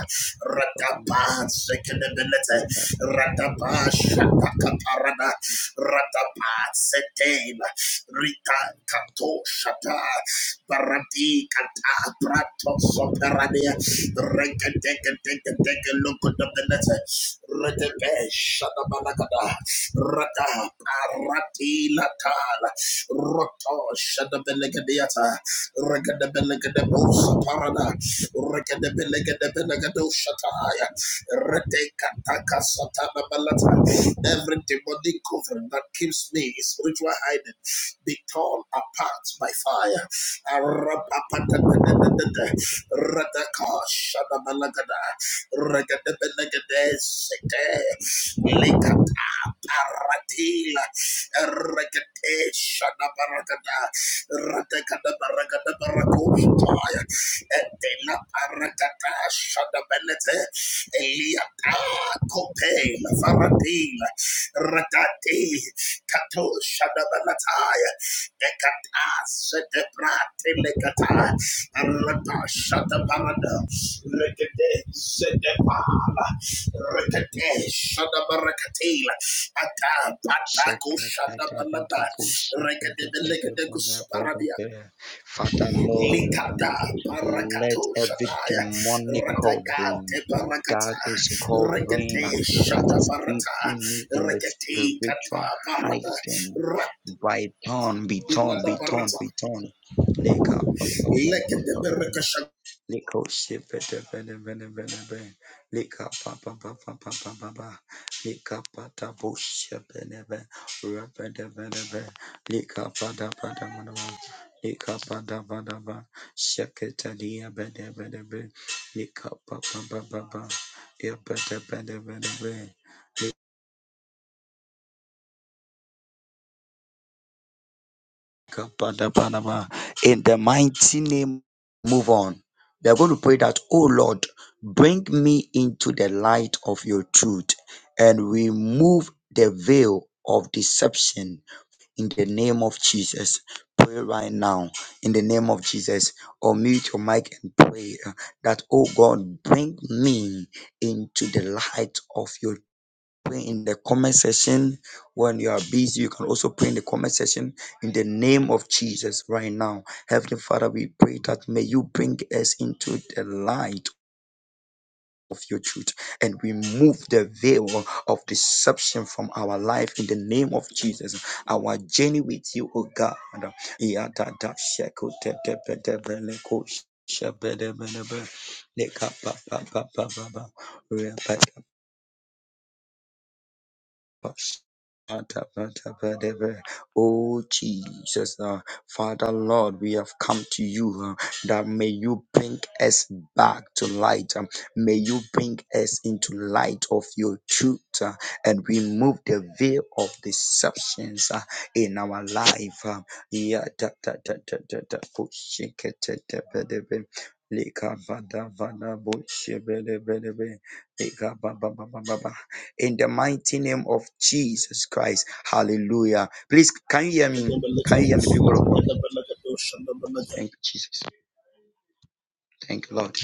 Radapa Sekadabelete,
now.
Radapa Shatakaparada, Radapa Setema, Rita Kato Shata, Barati kata prato soperania. Reke teke teke teke look at the letter. Retebe shadabalagada. Rata parati latal. Roto shadabelegadiata. Regadebelegadabosa parada. Regadebelegadabelegado shataya. Retekataka satana balata. Every demonic cover that keeps me in spiritual hiding be torn apart by fire. Arapapatatatatata. Rataka shadabalagada. Ragadabalagada sete. Lekata paratila. Ragate shadabaragada. Ratakadabaragadabarakopaya. Etela parakata shadabelete. Eliata kopela faratila. Ratate kato shadabalataya. Ekata setebra telekata arata shata parada rekete setepala rekete shata barakatela ata patako shata balada rekete belekete kusaparadia
Father Lord,
likata
let
barakato
every
shataya
demonic
ratakate
covering
barakata
that is covering,
rekete
that
shata
is
barata
keeping me in the
rekete kata
spiritual
barata
hiding,
Rat-
by turn, be torn,
Bilada
be torn,
parata,
be torn.
Like the Bereka Shak
Liko shipete bene bene bene bene. Lika pa pa pa pa pa pa pa pa. Lika pa ta busha bene bene. Rapete bene bene. Lika pa da pa da pa da pa. Lika pa da pa da pa. Shekete liya bene bene bene. Lika pa pa pa pa pa. Yapete bene bene bene. Kapadabadaba. In the mighty name, move on. We are going to pray that, oh Lord, bring me into the light of your truth and remove the veil of deception in the name of Jesus. Pray right now in the name of Jesus or mute your mic and pray uh, that, oh God, bring me into the light of your pray in the comment section. When you are busy, you can also pray in the comment section in the name of Jesus right now. Heavenly Father, we pray that may you bring us into the light of your truth and remove the veil of deception from our life in the name of Jesus. Our journey with you, O God. Yadada sheko te- te- te- te- bele ko shebede- bede- be- leka pa- pa- pa- pa- pa- pa. re- pa- us. Oh Jesus, uh, Father Lord, we have come to you uh, that may you bring us back to light. um, may you bring us into light of your truth uh, and remove the veil of deceptions uh, in our life. um. Yeah, da, da, da, da, da, da, oh, shake it, da, da, ba, da, ba. Lika, ba, da, ba, da, bo, she, ba, da, ba, da, ba. Lika, ba, ba, ba, ba, ba, ba in the mighty name of Jesus Christ. Hallelujah. Please, can you hear
the
me?
Belletin,
Can you
and
hear me, people of God?
the Belagadosh and the
Thank
Belletin,
you, Jesus. Thank you, Lord.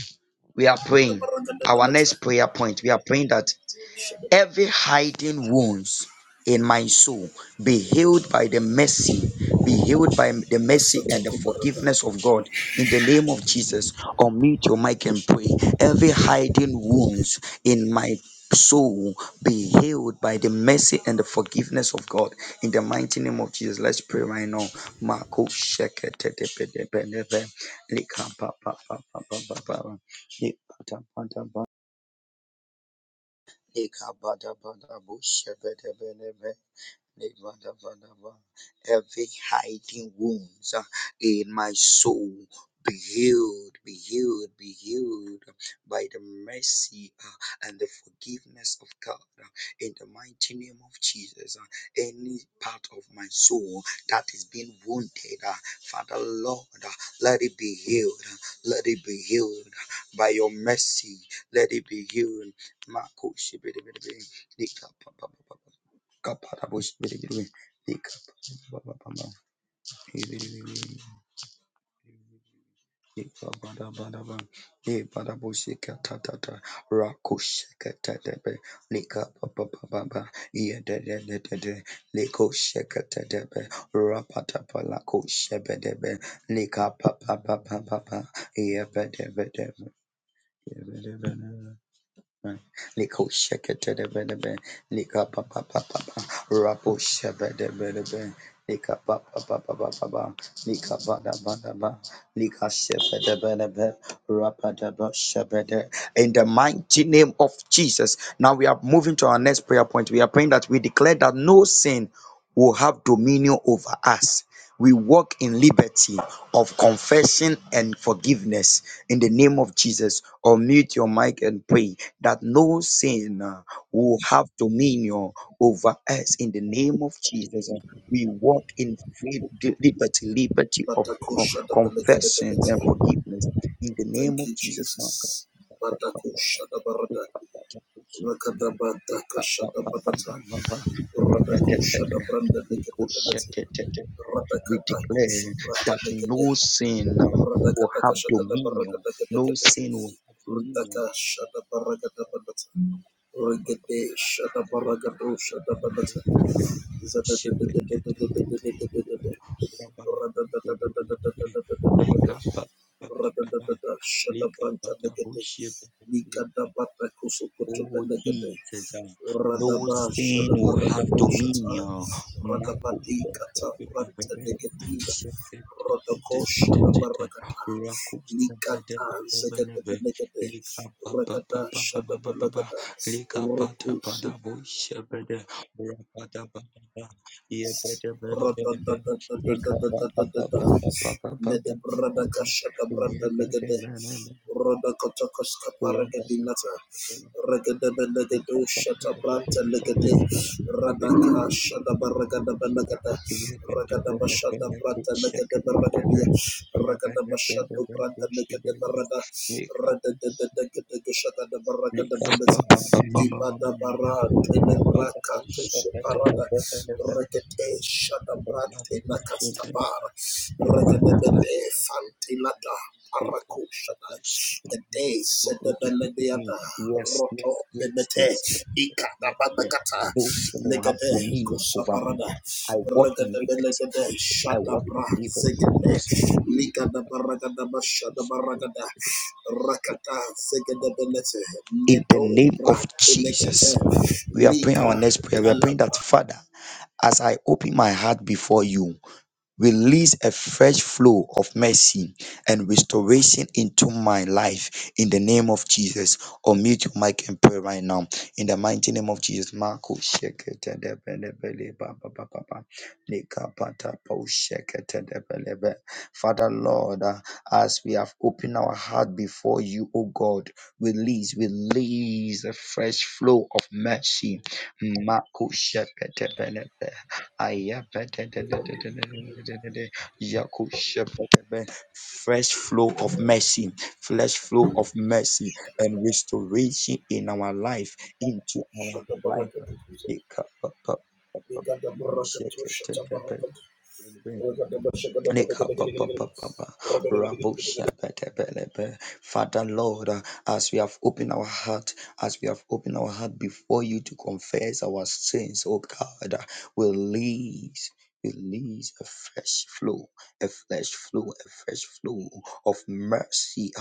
We are
the
praying.
Baraka de
Our next
Belletin,
prayer point, we are praying that
Shadow,
every hiding wounds in my soul be healed by the mercy be healed by the
the
mercy and the
Satoko Barada,
forgiveness of god in the name of jesus unmute your mic and pray every hiding wounds in my soul be healed by the mercy and the forgiveness of god in the mighty name of jesus let's pray right now Mako sheketetepetepetepe, Eka bada bada busha bede bede be. Every hiding wounds uh, in my soul be healed, be healed, be healed by the mercy uh, and the forgiveness of God. uh, In the mighty name of Jesus, uh, any part of my soul that is being wounded, uh, Father Lord, uh, let it be healed. uh, Let it be healed by your mercy. Let it be healed. Marco, kapara bush biri biri dik baba baba biri biri dik baba baba baba e para bush ka ta ta ta. rakush ka ta ta be lik baba baba baba e de de de de lik ush ka ta. Rakush, Kaparabush biribiri ikapababababa ibiribiri ikabadabadaba ibarabushikatatata rakushikatatebe likapapababa iyadededede likushikatadebe rapatapalakushebedebe likapapabababa iyebedebedebe Liko shekete de bene be, lika pa pa rapo shebe de bene lika pa pa pa lika ba da ba lika shebe de bene rapa da ba shebe de. In the mighty name of Jesus. Now we are moving to our next prayer point. We are praying that we declare that no sin will have dominion over us. We walk in liberty of confession and forgiveness in the name of Jesus. Or mute your mic and pray that no sin uh, will have dominion over us in the name of Jesus. And we walk in freedom, di- liberty, liberty of co-
Batakosha the
confessions and
Lekedeberekesha- Masatokobarada.
forgiveness in the
Batakoshadabelegedebelete. Thank
name of
you,
Jesus. my
Jesus.
God.
Batakoshadabarada. Rakadabatakashadabadata. Radakoshabrandalegedebelete.
We declare that
Radakatakosobrandalegede.
no sin uh, will have dominion. No
Radakatakashakadabarakadakadakade.
sin will have dominion
Radakashadabarakadabadata. Regede shada baragado shada banata. Zada da da da da da da da da da da da da. Rada da da da da da da da da da da da da. Rada da da
Lika
da shada branta negede. Nika da bata kusukutu
Oh
benegede.
Jesus,
Rada
no
ba
sin
shada
will have
baragado shata.
dominion.
Rada ba di kata branta negedina. Rada ko shada baragada. Nikata zegede benegede. Rakata Shadabalakata Raku Lede brada kashada brada legede. Roda kotokos kaparagadi lata. Regede
Lick
belegede
lick
ushata branta
up,
legede. Rada
wake up,
kashada baragada belegede.
dear Benjamin,
Ragada bashada
Benjamin, cook,
branta
shake,
legede baragadia.
Benjamin, we are
Ragada
Benjamin,
bashada
Benjamin,
branta
go, she,
legede
Benjamin,
barada.
lick up,
Rada de de de de de shada
lick
baragada belete. Ibada bara tele brakato separada. Rekete shadabrante nakastabar. Rekete fantilata parakushada.
up,
Ede sedebelediada.
Yes,
Roto
yes, yes,
bebete.
yes, yes, yes, yes, yes.
Ikatababakata.
Those things will have
Legede
dominion over me.
kusabarada.
I walk in
Rekete
liberty.
belegede
I walk in
shadabra
liberty,
zegede.
confessing
Likada baragada bashada baragada. Rakata zegede belete.
in the
Neto
name of
brate legete.
Jesus. We are praying our
Lika
next prayer. We are praying
Talapa
that, Father, as I open my heart before you, Release a fresh flow of mercy and restoration into my life in the name of Jesus. Unmute your mic and pray right now in the mighty name of Jesus. Marco shekete de bele bele ba ba ba ba ba. Nika pata po shekete de bele be. Father Lord, uh, as we have opened our heart before you, O God, release, release a fresh flow of mercy. Marco shekete bele bele. Ayabadadadadadadadadadada. Yakushebedebe. Fresh flow of mercy, fresh flow of mercy and restoration in our life, into our life.
Shatabarakatukuza.
Ikapapapapa.
Nigadabarakatu,
Sheketedebe.
shatabarakatu. Ragadaba, shagadabagadagadagadagada.
Nekapapapapa.
Ragadagadagadagada.
Raboshabatabalaba. Father Lord, uh, as we have opened our heart, as we have opened our heart before you to confess our sins, oh God, uh, release, release a fresh flow, a fresh flow, a fresh flow of mercy.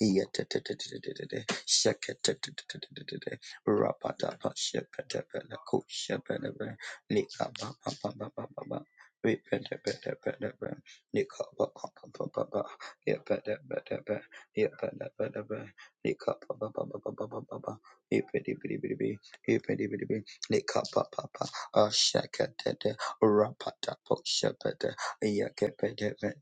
Yetetetetetetete. Sheketetetetetetete. Rapatapa shepetepele kushepelebe. Likababababababa. Repetepetepelebe. Likabababababa. Yepetepetepe. Yepetepetebe. Likababababababa. Epetibidibidibi. Epetibidibi. Likapapapa. Asheketete. Rapatapo shepete. Yakepetepete.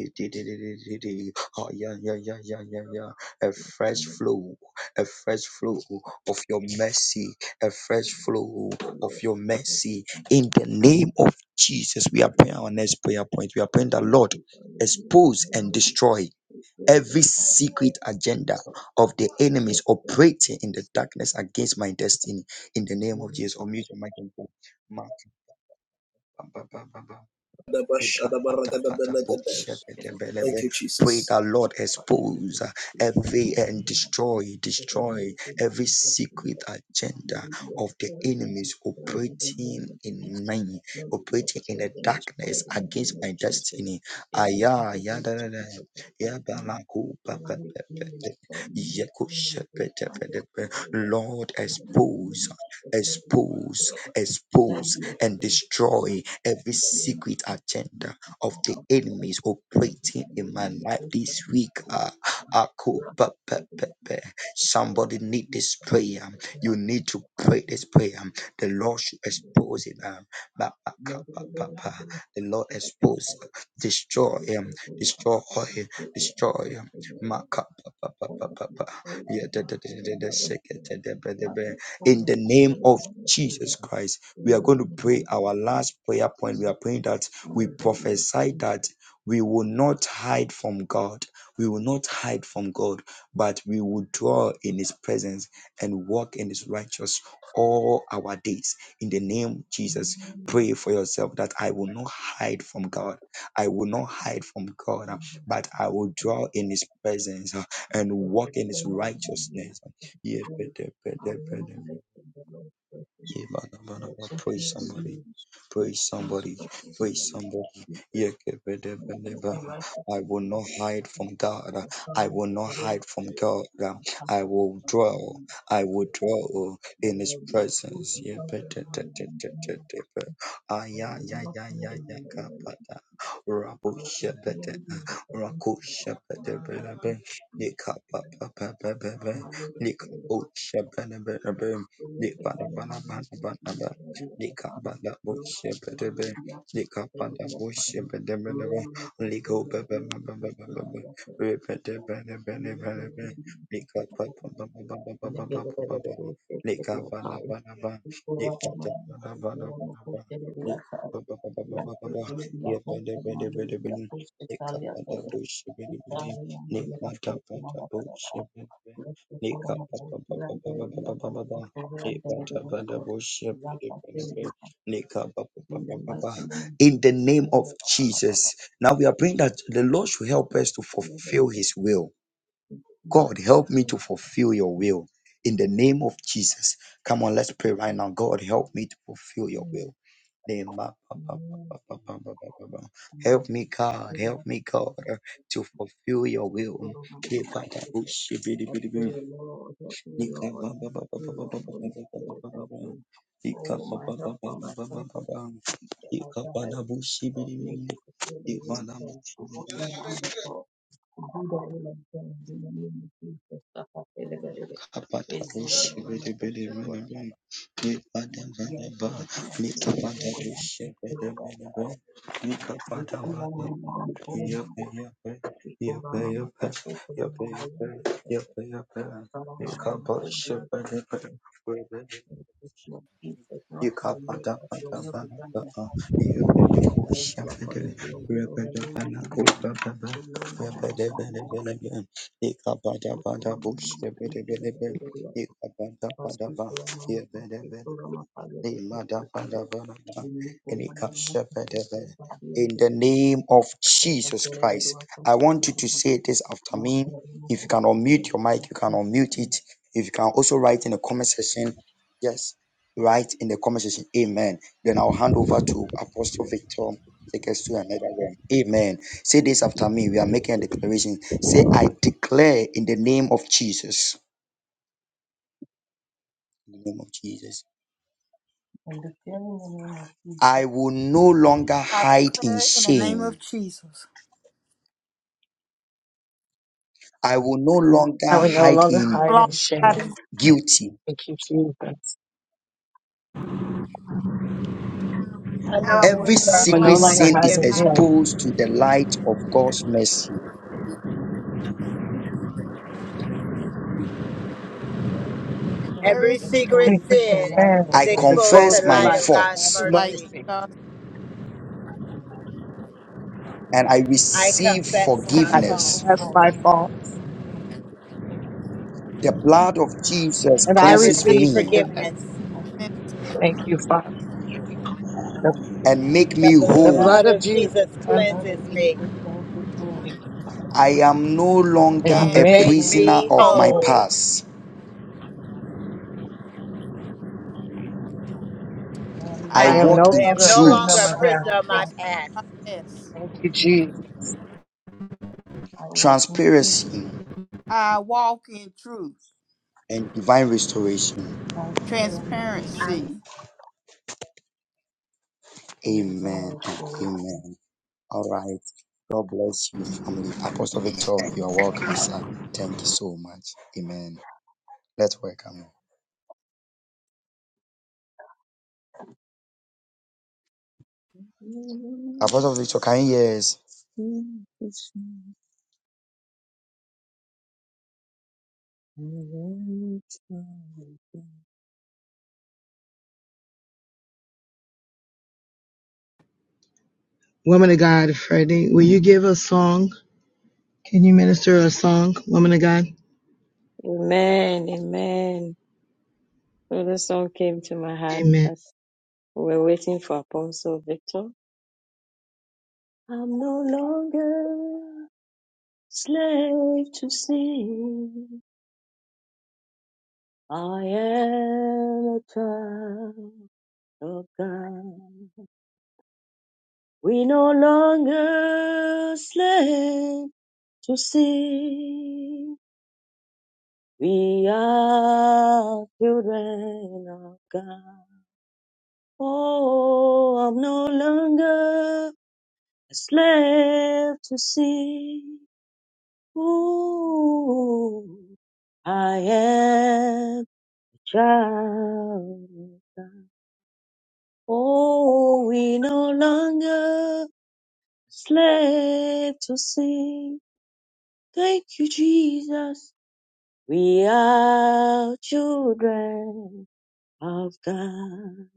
Itididididi. Oh, yeah, yeah, yeah, yeah, yeah, yeah. A fresh flow, a fresh flow of your mercy, a fresh flow of your mercy. In the name of Jesus, we are praying our next prayer point. We are praying that Lord expose and destroy every secret agenda of the enemies operating in the darkness against my destiny. In the name of Jesus, unmute your mic and pray.
Shadabaragadabalagada.
Likapatapataposhepetelebele.
Thank you,
Pray
Jesus.
that Lord expose uh, every and destroy, destroy every secret agenda of the enemies operating in me, operating in the darkness against my destiny. Aya, ya, da, da, da, ya, ba, la, ku, ba, ba, ba, ba, ba, ye, ku, she, pe, te, pe, te, pe. Lord, expose, expose, expose, and destroy every secret agenda of the enemies operating in my life this week. Uh, I could, but, but, but, but. Somebody need this prayer. You need to pray this prayer. The Lord should expose it. Um, ba- ba- ka- ba- ba- ba. the Lord expose, destroy him, destroy him, destroy him. Ma- ka- ba- ba- ba- ba- ba- ba. Yeah, da- da- da- da- da- da- shake it, da- da- ba- da- ba. In the name of Jesus Christ. We are going to pray our last prayer point. We are praying that we prophesy that we will not hide from God. We will not hide from God, but we will dwell in His presence and walk in His righteousness all our days. In the name of Jesus, pray for yourself that I will not hide from God. I will not hide from God, uh, but I will dwell in His presence uh, and walk in His righteousness. Yeah, yeah, ba- ba- ba- ba- ba. Praise somebody. Praise somebody. Praise somebody. Yeah, ke- be- de- be- de- ba. I will not hide from God. I will not hide from God. I will dwell. I will dwell in His presence. Yeah, be- de- de- de- de- de- de- be. Ah, yeah, yeah, yeah, yeah, yeah. ka- ba- da. Rabo- she- de- ah. Rako- she- de- be- de- be. Nika- ba- ba- ba- ba- ba- ba. Nika- oh, she- be- de- be- de- be. Nibbana-bana-bana-bana-ba. Nikkabada-bushi-bidi-bi. Nikkabada-bushi-bidi-bidi-bi. Likobebe-bebe-bebe-bebe. Ribbidi-bidi-bidi-bidi-bi. Nikkabada-bana-bana-bana-bana-ba. Nikkabana-bana-ba. Nikkabada-bana-bana-bana-ba. Nikkabada-bana-bana-bana-ba. Ribbidi-bidi-bidi-bidi. Nikkabada-bushi-bidi-bidi. Nikkabada-bushi-bidi-bi. Nikkabada-bana-bana-bana-ba. In the name of Jesus. Now we are praying that the Lord should help us to fulfill his will. God, help me to fulfill your will. In the name of Jesus. Come on, let's pray right now. God, help me to fulfill your will. Nema- pa- pa- pa- pa- pa- pa- pa- pa- pa. pa. Help me, God. Help me, God, to fulfill your will.
Amen. I pray, Lord, help me,
Nika Nika
Lord,
Nika Nika Nika
help
Nika ba ba ba ba
me,
ba ba
Lord,
ba
Holy
ba ba ba
Spirit,
ba ba
help
ba.
me.
Nika
Oh,
ba
my
ba ba
help
ba
and
ba
my
ba ba ba
comfort, and my
ba.
teacher, my
Nika ba na
guide.
na bushi bushi bushi
Help
bili
me
bili.
to fulfill the will
Ika
of
na
God,
bushi
to walk
bili
in the will of God, to do the will of God in the name of Jesus. Papa, deliver it.
Apa ta
Ezra, the
bushi bili
moment of
bili
worship, Lord,
bili.
my foster, God, I have
bili
a
Nika da
new
ba da
year,
ba.
the Lord, the Lord, the
Nika
Lord, the
ba da
Lord,
bushi
the Lord,
bili.
the Lord.
bili
We pray, Lord, the Lord, the Lord, the Lord.
bili apa
We call
Yep,
on
yep,
Mama,
yep,
Papa, we call
yep,
on Mama,
yep,
Yahweh, the Lord,
yep, yep, yep,
the Lord, Mama, we call our
Nika
Mama, Lord, the
bushi
Lord, the
bili bili bili.
It is not my will,
Ikabada
but your
bada
will be done in my heart. But I do according to your will, O the name of Jesus. The will of my life, God, I ask you for the
bush,
name of Jesus, the Lord. I speak to the Lord, I speak to the Lord, I will be
in
faithful. The
the
name of the Lord, I speak to the Lord, I will be faithful.
name of
The
Jesus
hospital, my
Christ, I want you to
man,
say this after
my
me.
Father, the Lord, I speak to the Lord, I
If you can unmute your mic, you can unmute it. If you can also write in the comment section, yes, write in the comment section, Amen. Then I'll hand over to Apostle Victor. Take us to another one. Amen. Say this after me. We are making a declaration. Say, I declare in the name of Jesus. In the name of Jesus.
the name of Jesus,
I will no longer
I
hide in
declare in the name of
shame.
Jesus,
I will no
I will
longer
no
hide in
No longer
longer
hide
hide
in sin.
guilty.
I know
I will
Every
that,
will
no
no
longer
secret
girl.
longer
I
sin
know
hide
is
you.
the
hide
view.
exposed to the light of God's mercy.
Every secret sin is
every
Every secret
secret
exposed to the
sin
light
is
I
of God
exposed to
confess
alone.
the
my
light of God's
faults
to like
mercy.
God
and I
I
I
receive
confess
and
confess
my
of my
forgiveness.
faults
fault
The blood of Jesus
and I
and I
cleanses
receive
me
receive
forgiveness.
forgiveness.
and make
The
me
blood
whole.
of Jesus
The blood
cleanses
of
me
Jesus cleanses me
I am no
and
longer
makes
and
a
and
me
make
whole.
prisoner
me
of my
oh,
whole.
past.
I am no
I
I
I
walk
am,
longer
I
in
a
am no
am
longer
prisoner
a
truth,
a
of
prisoner
my
of my
prisoner
past.
of
past.
my past.
I walk in peace,
transparency,
I walk in truth,
and divine restoration.
transparency, and
transparency.
the joy
Amen
of
and
God.
amen. All right. God bless you, family. Apostle Victor, you are welcome, sir. Thank you so much. Amen. Let's welcome you. Apostle Victor, can you hear us?
Woman of God, Freddie, will you give a song? Can you minister a song, woman of God?
Amen, amen, So the song came to my heart
Amen.
as we were waiting for Apostle Victor. I'm no longer slave to sin. I am a child of God. We no longer slave to sin. We are children of God. Oh, I'm no longer a slave to sin. Ooh, I am a child. of God. Oh, we no longer slave to sin. Thank you, Jesus. We are children of God.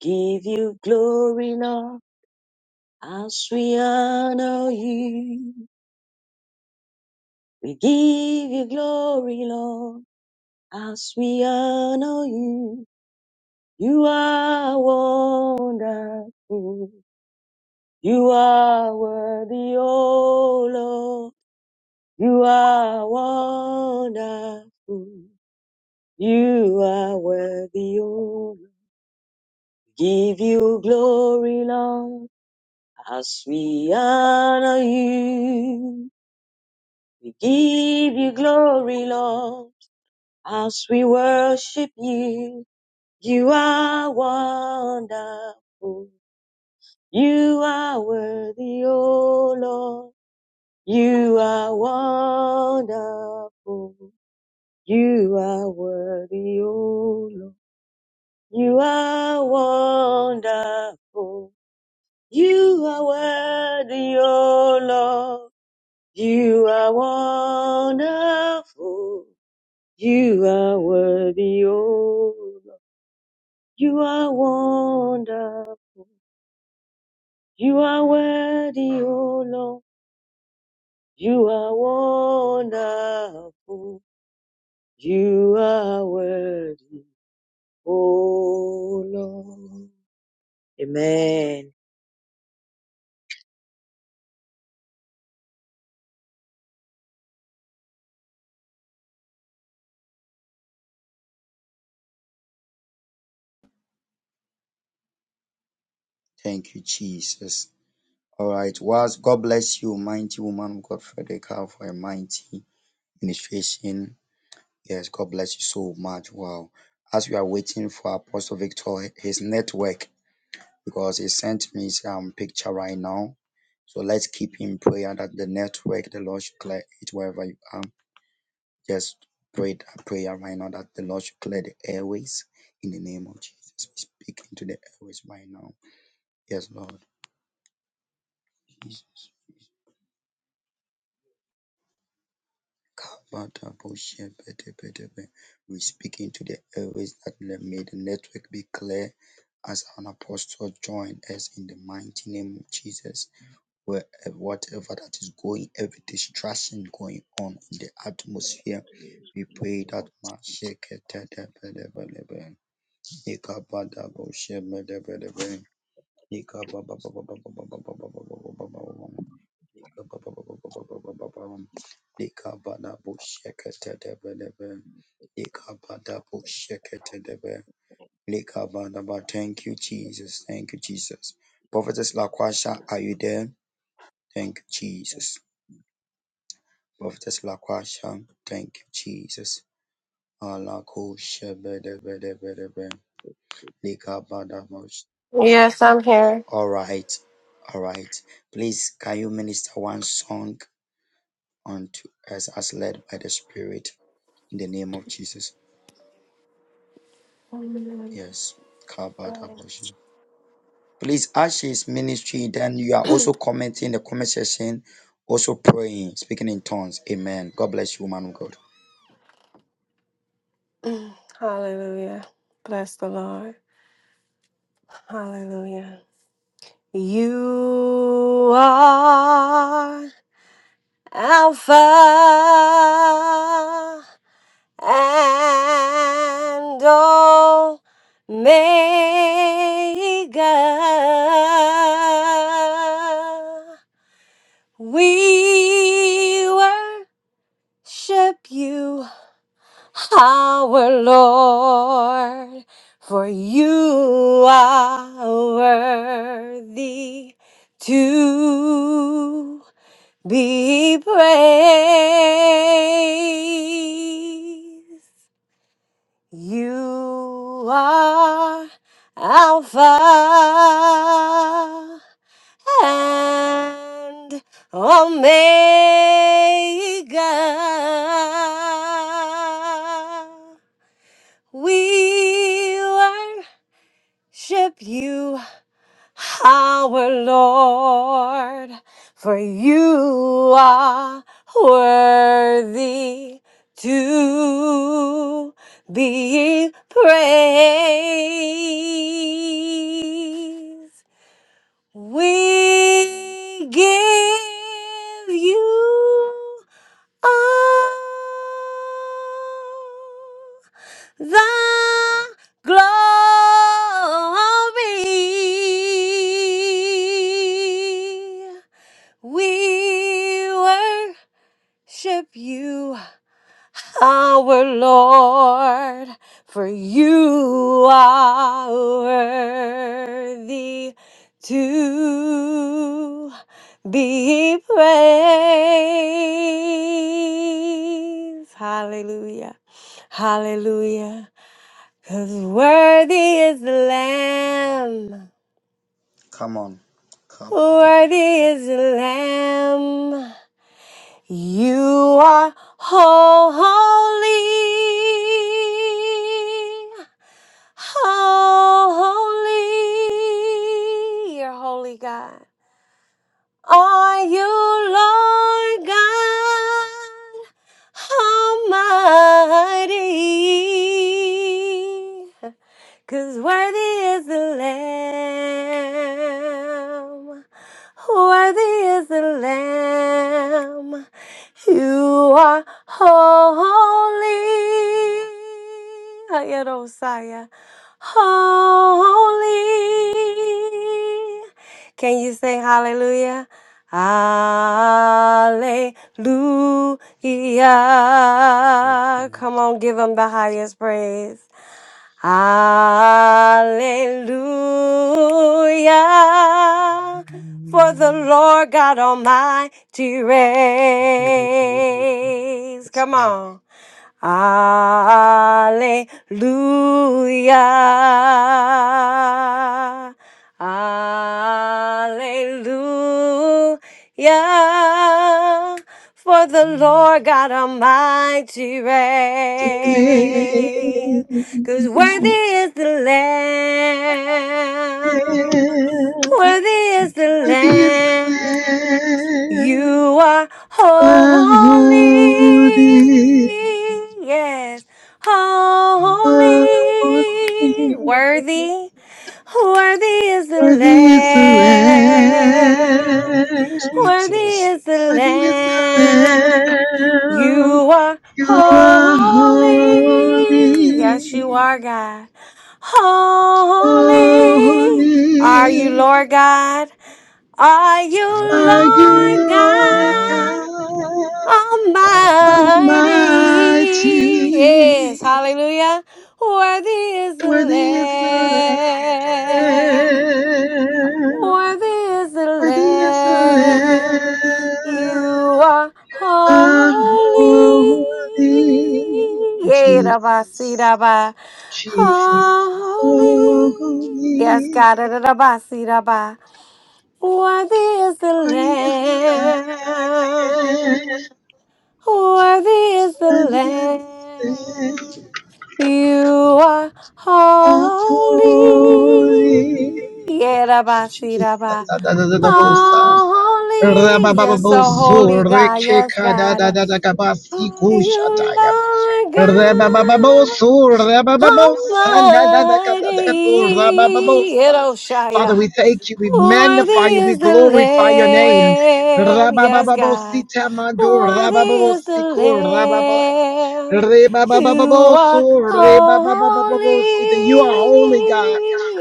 Give you glory, Lord, as we honor you. We give you glory, Lord, as we honor you. You are wonderful. You are worthy, O Lord. You are wonderful. You are worthy, O Lord. Give you glory, Lord, as we honor you. We give you glory, Lord, as we worship you. You are wonderful. You are worthy, O Lord. You are wonderful. You are worthy, O Lord. You are wonderful. You are worthy, O Lord. You are wonderful. You are worthy, O Lord. You are wonderful. You are worthy, O Lord. You are wonderful. You are worthy, oh Lord. Amen.
Thank you, Jesus. All right. Whilst God bless you, mighty woman of God, Frederica, for a mighty ministration. Yes, God bless you so much. Wow. As we are waiting for Apostle Victor, his network, because he sent me some picture right now So let's keep in prayer that the network, the Lord should clear it wherever you are. Just pray that prayer right now that the Lord should clear the airways in the name of Jesus. We speak into the airways right now. Yes, Lord. Jesus. Kabataboshepetepetepe. We speak into the airways that let- may the network be clear as an apostle join us in the mighty name of Jesus. Where whatever that is going, every distressing going on in the atmosphere, we pray that my shake it. Ika bada bushi, Ika bada bushi, Ika bada bushi, Ika bada bushi, Ika bada bushi, Ika bada bushi, Ika bada bushi, Ika bada bushi, Ika bada bushi, Ika bada bushi. Thank you, Jesus. Thank you, Jesus. Prophetess Laquasha, are you there? Thank you, Jesus. Prophetess Laquasha, thank you, Jesus. Alako shebedebedebedebe. Likabadamosh.
Yes, I'm here.
All right, all right. Please, can you minister one song unto us as led by the Spirit in the name of Jesus? Yes. Kabadabosh. Please, as she is ministry, then you are also commenting in the comment section, also praying, speaking in tongues. Amen. God bless you, man of God.
Hallelujah. Bless the Lord. Hallelujah. You are Alpha and Omega. We worship you. our Lord, for you are worthy to be praised. You are Alpha and Omega. We worship you, our Lord, for you are worthy to be praised. We give you all the glory. We worship you our Lord, for you are worthy to be praised. Hallelujah. Hallelujah. Because worthy is the Lamb.
Come on.
Worthy
Kabadabosh.
is the Lamb. You are holy, holy, you're holy, God are you, Lord God Almighty? 'Cause worthy is the Lamb, worthy is the Lamb. You are holy, Ayerosaya, holy. Can you say hallelujah? Hallelujah. Come on, give him the highest praise. Hallelujah. For the Lord God Almighty reigns.
Yes,
Come
Lord.
on. Hallelujah. Hallelujah. For the Lord God Almighty reigns. Cause
Yes, Lord.
worthy is the Lamb. Worthy is the
worthy is
Lamb.
the
You are
Lamb,
holy.
holy,
Yes, holy.
holy.
Worthy. Worthy is the
Worthy is the
Thank
Lamb.
Lamb,
you,
Worthy
Jesus.
is the
worthy is the
Lamb.
Lamb.
You are
You are
holy.
holy,
Yes, you are, God. Holy.
holy.
Are you, Lord God? Are you
Are you
Lord
Lord
God
God
Almighty? Yes,
Almighty?
hallelujah. Worthy is the
Worthy is the
Lamb.
Lamb.
Worthy is the
Worthy is the
Lamb.
Lamb.
You are
Ah, Oh, worthy.
holy. Yeah, da ba, see,
Jesus.
da ba.
Jesus. Oh,
Holy. Yes,
Worthy
God. da da da ba, see, da ba. Worthy is the
Worthy is the Lamb.
Lamb. Worthy is the
Worthy is
Lamb.
the
You are
Lamb. Oh,
holy.
holy.
Jesus,
Jesus,
Yerabasiraba.
da da da da da bosa.
Holy. Yes, so
Rabababosu,
holy God. Yes,
rekeka da
God.
da da da kabasi
Are you
kushataya.
Lord God
Rabababosu, rabababosa, da da da ka da da bo,
Almighty?
rabababosa.
Yeroshaya.
Father, we thank you. We
Worthy
magnify you. We
is the
glorify your name.
Lamb, yes, God.
Rababababosita mando,
Worthy is the
rabababosiku, rababa.
Lamb. You are
Re-ba-ba-ba-ba-bo-so, ba ba ba ba
holy,
bo si that You are holy, God.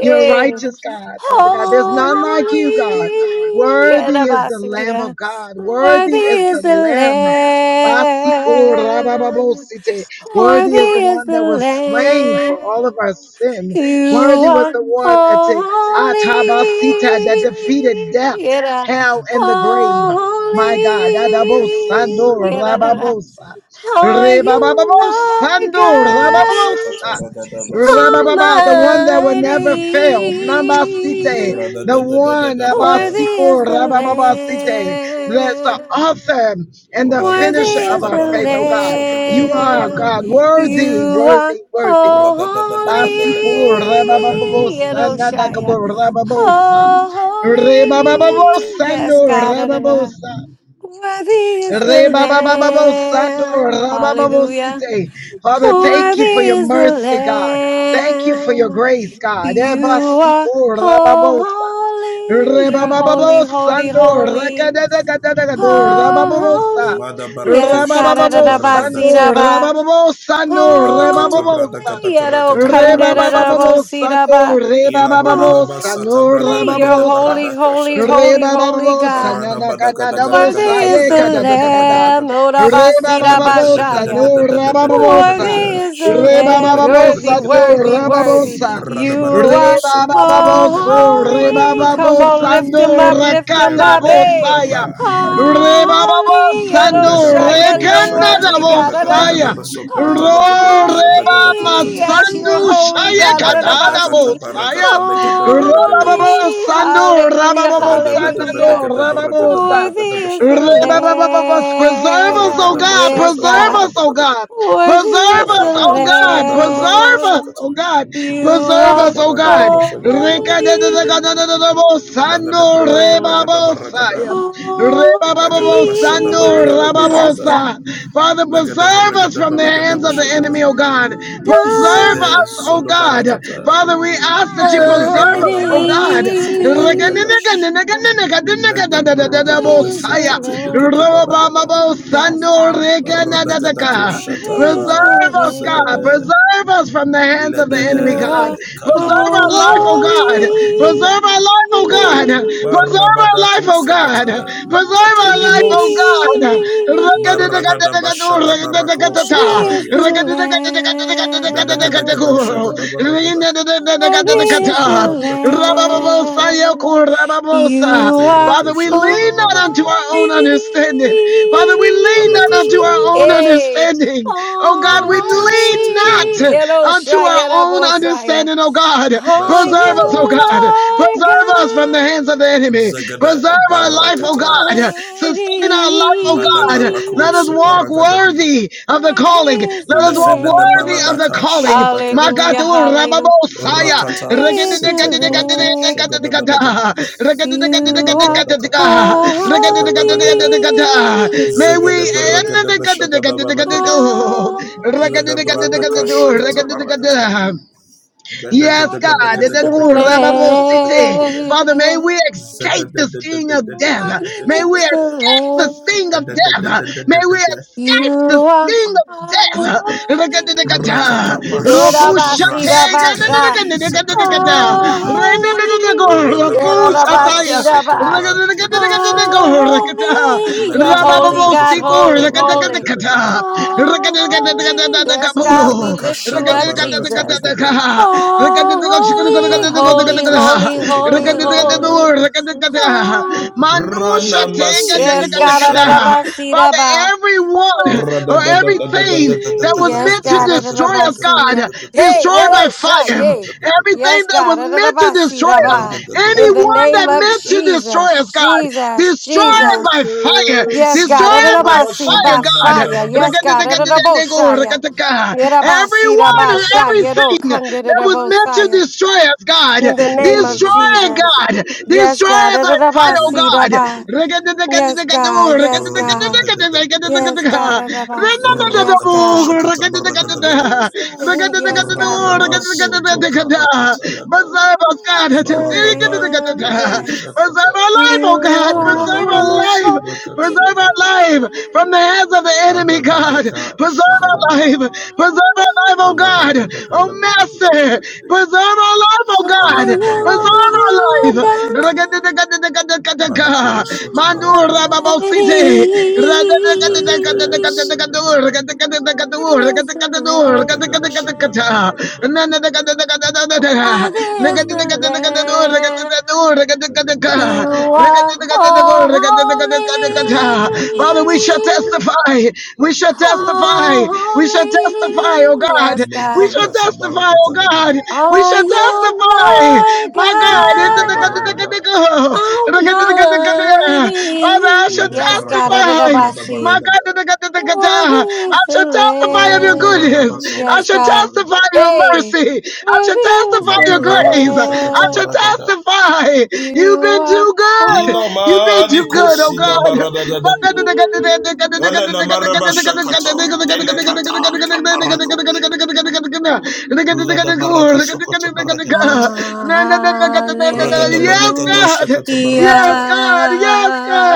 You're
yeah.
righteous, God, Father God.
praise
There's
be upon
none like you, God.
holy. Yeah, da
Worthy is
ba
the
si ki
Lamb
da.
of God. Worthy is
Worthy is
the
the
Lamb.
Lamb.
Basikorabababosite. Worthy is the
Worthy is
one
the
that was slain for all of our
Lamb.
sin.
You
Worthy was the
are
one that,
holy.
atabasita, that defeated death,
Yeah,
hell, and the grave.
holy.
My God, Adabosando
Yeah, da, da, da.
Rababosa.
you. Thank you,
Are
thank
you Lord
Rebabababosando
God
Anamashakata
Rababosa.
ragadaba
Rabababa, the one
sabrakakalagada.
that will
Almighty?
never fail. Nambasite, the one
Radadadadadadada.
Worthy is
Abasiko
the
Manako shakata.
Rabababasite, that's the
Lamb.
author and the
Worthy
Radako
finisher of
is
our
the
faith, oh
shadabaragada
God. You are
Lamb.
God
sadabaragadagadagadaya.
worthy,
You are
worthy, worthy.
holy,
Radadadadadadada.
Basiko
Badagologoda.
Rabababosa,
Yeroshaya.
Nadakabo Rababosa,
Rita.
Holy, yes,
Rebababosando
God. da, da, da.
Rababosa.
Worthy is the
Rebababababosando,
Lamb. Hallelujah.
rabababosite. Father, thank you
Worthy
for your
is the
mercy, God. Thank you for your
Lamb.
grace, God.
You are
Ebasiko, rababosa.
holy. You're holy, holy,
Rebabababosando,
holy.
rakadadakadadakado,
Oh,
rababosa.
Mada
Holy,
barako
yes, God, da
shakata
da da ba, si
Rababababosando,
da
baragadatia.
ba.
rabababosando,
Rada
Oh,
kata brada
rebababosa.
Holy,
kata kara
yado kanda
barako
da da da bo,
shakata.
si da
Rebabababosando,
ba.
Ila brada basata
Oh,
rebabababosando,
brada
Holy, you're
legede
rababosa.
holy,
barada
holy,
kashata.
holy, holy
Rebababosa,
God.
Rada bada gada gada gada
nanakanabosa,
gada
Worthy is
gada
the
gada gada
yekadadadakata.
gada
Lamb,
gada. Ada
Orabasira
da da
Rebababosa,
Bashaya.
no
Worthy
rababosa.
is the Lamb, worthy,
Rebababosa, no
worthy, worthy.
rababosa.
You are
Rebababoso,
ragada
holy. Come on,
rebababosa,
lift
sadakila.
him up, lift him
no
up.
Erede
Hey,
Bosaya,
aba aja.
Rebaba
holy,
Lada
Sando,
Yeroshaya, you're
Recanada
shakata
worthy, God.
brada gada
Da-da.
gada
Bosaya,
basoprata
Reba
Holy,
kosata.
yes, you're
Masandu
holy,
Shaya
God.
Katada
Mendebadakata
Da-da-da-ba-si.
barakata
Bosaya,
negada baragada
Holy,
Rebaba
bashata.
Sando,
hallelujah,
Rababa
Redabada
hallelujah.
Sanado,
bedagada baragada
Rababosa.
balagada
Worthy is the
Preserve
bashagada balata.
us, oh
Baragada
Lamb.
God.
Yes,
bashagada
Preserve
God.
us,
baragada
oh God.
balagada.
Worthy
Preserve
is
us,
the
Baragada
oh God.
bashagada balakota
Preserve us,
Lamb.
shakata.
oh God.
You
Preserve
Ala
are
us, oh
baragada
God.
bashagada
holy.
balakata. Lagada
Rekadadadakadadadabosano
bradaga
Mm.
lagada baragada.
rebabosaya.
Holy.
Lagada bashada
Rebabababosano
baragada
Yes,
balagada.
God.
rababosa. Father,
Lagada
preserve us
baragada
from the
balagada
hands of the
bashagada.
enemy, oh God.
God
Preserve
Zede
us, oh
zodo
God.
barakata.
Father, we ask that you preserve
Radaman
us, oh God.
ikesko paragadash.
Almighty.
Men
He
rogodo
is the
mesekete
Lamb.
liketo
Yes, God.
Radagadako
He is the
Shatabra
Preserve us, God.
Lamb.
Zagade
Preserve us from the hands of the enemy,
You
Ledede
God.
are
Preserve
Kadamakulata
our life, oh
holy.
God. Preserve our life, oh God. Preserve our life,
Barabadako
oh God.
Fenata
Holy.
Katelimos Maragada Bashada Barako
Worthy is
Preserve
the
our life,
Soparadiata
oh God. Father,
Menagadagada
Lamb.
Shagada Baragada
Worthy
Baso
is the
Prada Shagada
Lamb. You are
Makoroko
we
Shagada
lean not unto
Baragada
our own
holy.
understanding. Father, we lean not
Alaka
unto our
Shagada
own
Barata
Hey,
understanding. Oh God, we
Mendeke
lean not
holy.
Satakorogoda
unto our
Yeroshaya
own
Rabosaya.
understanding, oh God.
Are
Mashata
Preserve us, oh
you
God.
Barakata
Lord
Preserve us from the
God
hands of the enemy.
Zagada
Preserve our life life, O God.
Barakatash
Almighty?
Sustain our life, O God. Let us
Madabarakos
walk
Paragadadi
worthy of the
What
calling.
is the
Let us walk
Lefene de
worthy of the
baladaka
Lamb?
calling. My
shatakataka.
Hallelujah, hallelujah. What
Rababosaya.
Rakata
is the
setebraku
Lamb?
shagada balagada.
You are
Medebrada kataparo shakata
holy,
balagada.
May we
Zegede berregede
end
beshagada balagada.
holy.
Ledebrada kashakata barakata.
the Yes,
What
God.
is
The
the
Kurababosite.
Bedegedegedegedegedegedegedegedegedegede.
Father, may
Lamb?
we escape the sting of death.
What
May we
Zededededededededededede.
is the
escape the sting of death.
Lamb?
May we
Edededededededede.
You
escape the
are
sting of death.
holy.
Rakadadakata.
Rakata bashata
Rokushate.
brasatake.
Yerabasirabasha.
Sekata
Nananakadadakadadakata.
baradosh.
Holy.
Renanananako.
Radabadaka
Rokushataya.
soto
Yerabasiraba.
brad edekeshata
Rakadadakadadakadadako.
Holy.
Rakata.
You're holy,
ladekadekodo
God.
koshakada
Rabababosiku.
Holy, holy.
baragadekadekade
Rakadakadakata.
Holy. Yes, God, we lift you
ladekashata
up,
baragata
Jesus.
Rakadadakadadakadadakabo.
ladekade
Holy, holy, holy,
mandlekosoko to
holy,
baragada
holy.
balagada rana
Mandusha
Holy.
tega de
masini
Yes,
mo
God.
kata.
shada balagada.
Father,
Erabasiraba.
everyone or everything that
Holy.
was
Yes,
meant to
God.
destroy us,
Adonabasiya.
God,
Hey,
destroy by
yellow
fire.
shot. Yay.
Everything
Yes,
that was
God.
meant to destroy us,
Adonabasiraba. In the
anyone
name
that
of
meant to destroy us,
Jesus.
God,
Jesus.
destroy it
Jesus.
by
Eleke
fire.
Yes, God.
Destroy
sina
it by
marama
Adonabasi.
shaka
fire,
By
da
God.
balaka
fire.
da
Yes,
balaka da
God.
da da da shaka da da da
Adonabosaya.
da da da da da da. Ra
Everyone,
da da
every
Yerabasirabasha.
da da da
Yero
da da
everything
da da
that
da da da
was
da da.
meant to
kandidabosaya.
destroy us, God.
In the
Da da da
name of
Destroy it,
Jesus.
God.
Yes,
Destroy
God.
it by fire, oh God.
Adonabasiraba. Yes, God. Yes,
ra da
God. Yes, God, and I see. Yes, God.
da
Holy is the
da
Lamb.
da.
Yes, God, and I see.
Rakata ya da.
Preserve us,
Holy
God.
Is the
Barakata.
Lamb? Yes,
Preserve our life, oh
you
God.
Rasu
are
Preserve our
holy,
life.
rakata
holy.
la
Preserve our
kadosh.
life from the hands of the enemy,
Ada
God.
badaka
Preserve
shaka da
our life.
balaka da.
Preserve our life, oh
Ala da
God.
ga da ga
Oh,
da go do go do
mercy.
go la ga da ga da.
Preserve our life, oh
Ala
God.
Are
da baraka da
Preserve
ko
our
shaka da
you
life.
Lord God
baraka da ga da. Badako soto baraka da
Mandura Babo
balakata.
City.
Ladeke
Almighty?
saga da balakata.
Worthy is the Lamb.
Baragada,
Worthy is the Lamb. You are holy.
Father, we shall testify. We shall testify. We shall testify testify, oh
Holy.
God.
Yes,
We
God.
shall testify, oh God. We
Are
shall
you
testify,
Lord
my God.
God
Father, I
Almighty?
shall
Yes,
testify,
God.
my God.
Worthy is
I
the
shall testify of your goodness.
Lamb.
I
Yes,
shall
God.
testify of your
Hey,
mercy. I shall
worthy is
testify of
the
your grace. I shall
Lamb.
testify.
You
You've been
are
too good. You've been too
holy.
good, oh God.
Elena Maraba Shakata, Delicata,
Yes, God. Yes, God. Yes, God. Yes, God. Yes, God.
Caparacosha.
Holy.
Yes,
Lada baraka sokoto baragadiata. Ragada balakado shakata barakata.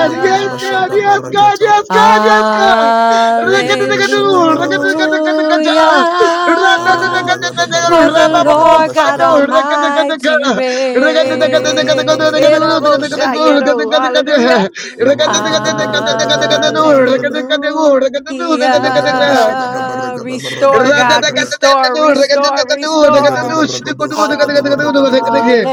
Ragada bashada
God.
barakatash.
Yes,
Ragada bashada barakata.
Hallelujah.
Rabalagada
For
baragada
the
baragada
Lord God
bashagada.
Almighty
Alabaragada
reigns.
baragada baragada.
Hallelujah.
Labalagada baragada baragada
God.
baragada.
Yes
Lagada
God!
bashagada
Hallelujah.
baragada
Restore,
baragada
God.
baragada.
Restore, restore,
Lagada
restore.
baragado shagada
Hallelujah.
baragada balagada.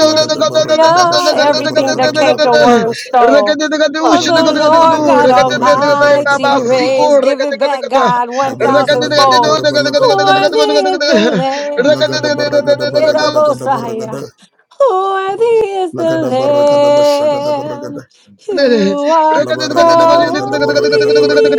Lagada baragada bashagada
Everything
baragada
that canker
balagada
worm
balata.
stole. For
La
the
baraka da
Lord
baraka
God
da baraka da baraka da
Almighty
baraka da
reigns. Give it back, God,
da baraka
1,000
da baraka
fold.
da baraka da baraka da
Worthy is the
laga da baraka da
Lamb.
baraka da
Yerobosaya. Worthy is
ga
the
da baraka da laga da baraka da bashaka da baraka
Lamb.
da
Father Job said,
You are
la baraka da baraka da
holy.
baraka da baraka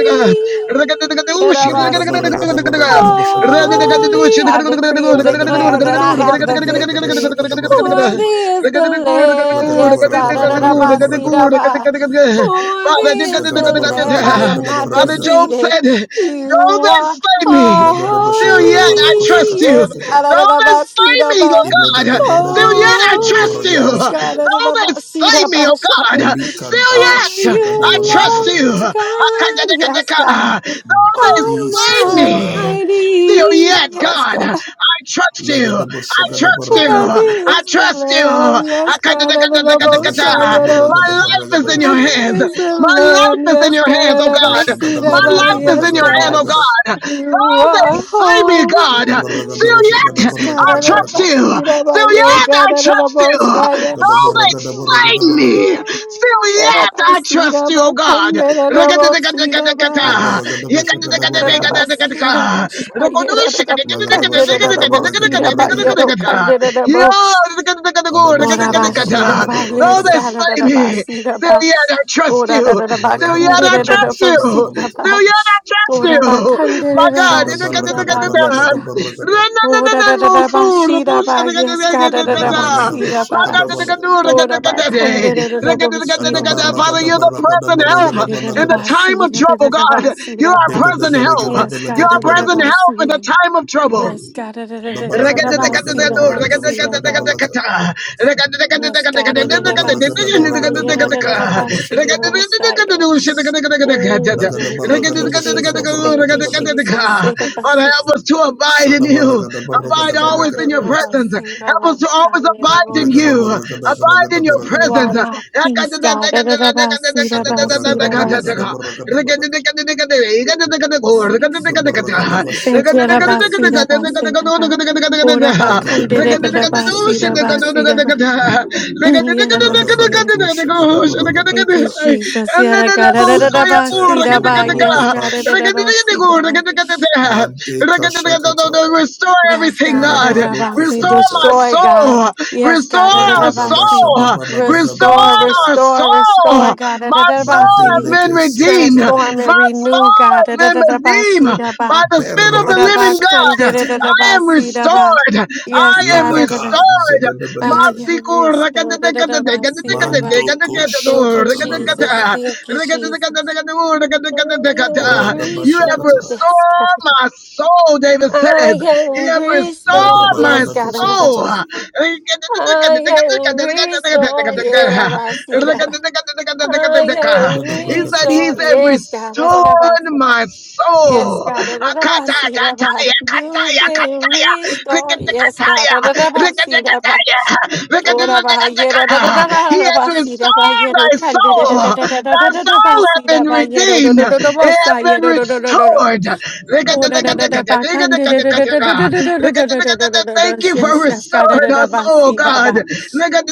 da laga da
Yerobasi.
baraka da baraka da bashaka da baraka da
Holy. I decree and
laga da
declare
baraka
that
da
I
baraka
have
da
the
baraka da
victory.
shaka da baraka da
Worthy is the Lamb.
laga da
Yes,
baraka
God.
da baraka da baraka da
Yerobasi. Holy is
Sdaga da
the
baraka
Lamb.
da
I
baraka
am
da
not
baraka da
defeated. You
Though they
are
slay me,
laga da
still
bashaka
yet
da
I
baraka shaka
holy.
trust
ta
you.
Yes,
laga
God.
da
I
Though
don't know
they
about
slay
seed of
me, oh
a-
God,
Ilagadaba
still
ragadaba
yet I
shagadaba
trust
Holy.
you.
ragadaba
Yes,
Though
God.
sogada.
I don't know
they
about seed
slay
of a
me, oh God,
Shia.
still
Likada
Are
yet I
shagadaba
you
trust
ragadaba
you.
Lord
beza.
God? Yes, God.
Though they
Badi
slay me,
sofalada.
still
Almighty.
yet,
Yes,
God,
God.
I trust you. I
Lagadaba shagadaba
trust you.
ragadaba
Worthy
lagada.
I
is the
trust you.
Lamb, yes, God, and the
Kadaba
Most High, you
shagadaba
know.
My
ragadaba
life is in
ragadaba
your
Worthy
shagada.
hands.
is the
My
Lamb,
life is in
yes,
your
God,
hands,
and
oh
the
God.
Most
Ashagadaba
My
High,
life
ragadaba
is
yes,
in your
lagadaba
hand,
God.
oh
ragada.
God.
You
Though they
are
slay me,
holy,
God,
Laba ragadaba
still
shagadaba
yet
yes, God,
I
and
ragadaba
the
trust
lagada.
you.
Most High,
Still
you
yet I
God, and the
trust you.
Most High
Though
Gadaba
they
ragadaba
slay
ragadaba lagada.
me, still
ba,
yet I trust you, oh God.
ba
Laba ragadaba shagadaba ragada.
Yerabasira bashayera
lagada
rabakandera
shagadaba
rabosira
ragadaba
ba.
ragada.
yero kandera rabo.
Adaba
Ora
shagadaba
bashira
*laughs*
ba,
ragadaba
Though
ragadaba
they
shagada.
yesara
slay me,
rabasira
still
ba
yet I trust
ora
you.
ora
Still
Lagada
yet I
barragada
trust you.
bashakada balata.
Still yet I trust you. My God.
Shada barragada
Ora Yes,
balagada
God.
barragada.
Oh, da da da da ba, she da ba, yes, God, da da
The
da ba,
barragada
she da ba.
bashakada balaga.
Oh, da ba, kan da da da da ba,
And
she
the
da ba,
Father,
barragada
you're the
barragada
present help
Ah,
barragada
da da da
in the
balagada.
ba,
time
she
of
da da
trouble,
da da
God.
ba, she
You
da
are
ba.
Degada
present help.
barragada
Yes,
You
God,
balagada
da
are
da da
present
ba,
barragada.
help in
she
the
da.
time of trouble.
Yes, God, da da da
The
da da
Father,
da da
barragada
ba, she
barragada
da ba,
barragada
she da
bashakada
ba.
balata.
Yes, God, da da
Lagada
da ba, she
barragada
da ba,
garagada
yeah, da da da
barragada
da
gada
ba, she da
bashakada
ba,
bala.
Saya.
Lagada
Mm, thank
barragada
you,
bashakada
Jesus. Thank
barragada
you,
bala.
Jesus.
help us to abide in
Shada
you.
barragada
You are
barragada
Abide always in
balagada
your
balata.
presence. Help us to always abide in
Lagada
you.
barragada
Abide
garagada
in your
barragada
presence.
gada.
my peace, God.
Shada barragada balagada barragada balagada. The Baragada
Restore
Thank
Bashata
you, Rabasira
Barakatos,
Basira. Ora
Lagada
Bakandida
Baragada Bashata
Rabasira
Barakata,
Basira. Basiraba.
Lada
Yarabasira.
Badako Shagada
*laughs* Thank you,
Barakatakata,
Jesus. Yara God.
Zedekate
Yes,
Korodo Bashata,
God.
Madeka Shakata,
Yes,
everything,
God,
God.
Tabaloko
Adarabasi,
Restore my
Fenata,
destroy, God.
soul.
Yes,
Restore
God,
our
Regada
Adarabasi,
Bashada
soul.
Balagada
restore,
Restore
Balata,
our soul.
restore, restore, God,
My soul has
Adarabasi,
been
Madeleke Sete
redeemed.
transform
My
and
Barakashata,
soul
renew, God,
and redeemed
Adarabasi,
by
Daba,
the Spirit of the
Odaba,
living
Beratos
Kande,
God.
Sekabekata,
I am
Adarabasi, Daba.
restored.
Yes,
I am
God,
restored.
Ladaka Zagada Balata,
Adarabasi, restore, Adarabasi, Daba.
Mandoko
Thank you,
Shakata
Jesus.
Balagada,
Thank you, Jesus. Oh,
You have
restore,
Radabashakata,
yes, God.
restored my soul, David says.
I
You
am
have
Lada
restored.
restored my
Yes,
barada
God. da, da, da,
soul.
ba.
kosakataya.
si. I am restored. Yeah, da, ba, see, da, ba. I am
Lada
He
brada
said he's
restored.
kashakataya.
Yes, God. da, da,
restored
da, ba. si.
my
Lada
Yes,
soul.
God.
barada
da, da, da, ba,
Akataya,
kashakataya.
see, da, ba.
kataya,
You've
kataya,
been
kataya.
restored. Yes, God.
Rikatakataya,
da, da, da, ba, see, da, ba.
rikatakataya,
Oh, da, ba, yeah, da, da, da, da,
rikatakataya.
da,
He
da,
has
ba, see, da, ba,
restored
yeah, do,
thy
can, da, da, da,
soul.
da, da, da, da,
Thy
da, da, ba,
soul has
see, da,
been
ba, yeah, do, do,
redeemed.
do, do, do,
It
bo,
has
sa, yeah,
been
do, do, do, do, do, do.
restored.
Oh, da, da, da, da,
Rikatakataya,
ba, kan, da, da, da, da, da, da,
rikatakataya.
da, da, da, da, da, da, da, da,
Rikatakataya.
da, da.
Thank you for
Yes, yes, God, da,
restoring
da, da,
us,
ba,
oh
see, da,
God.
ba.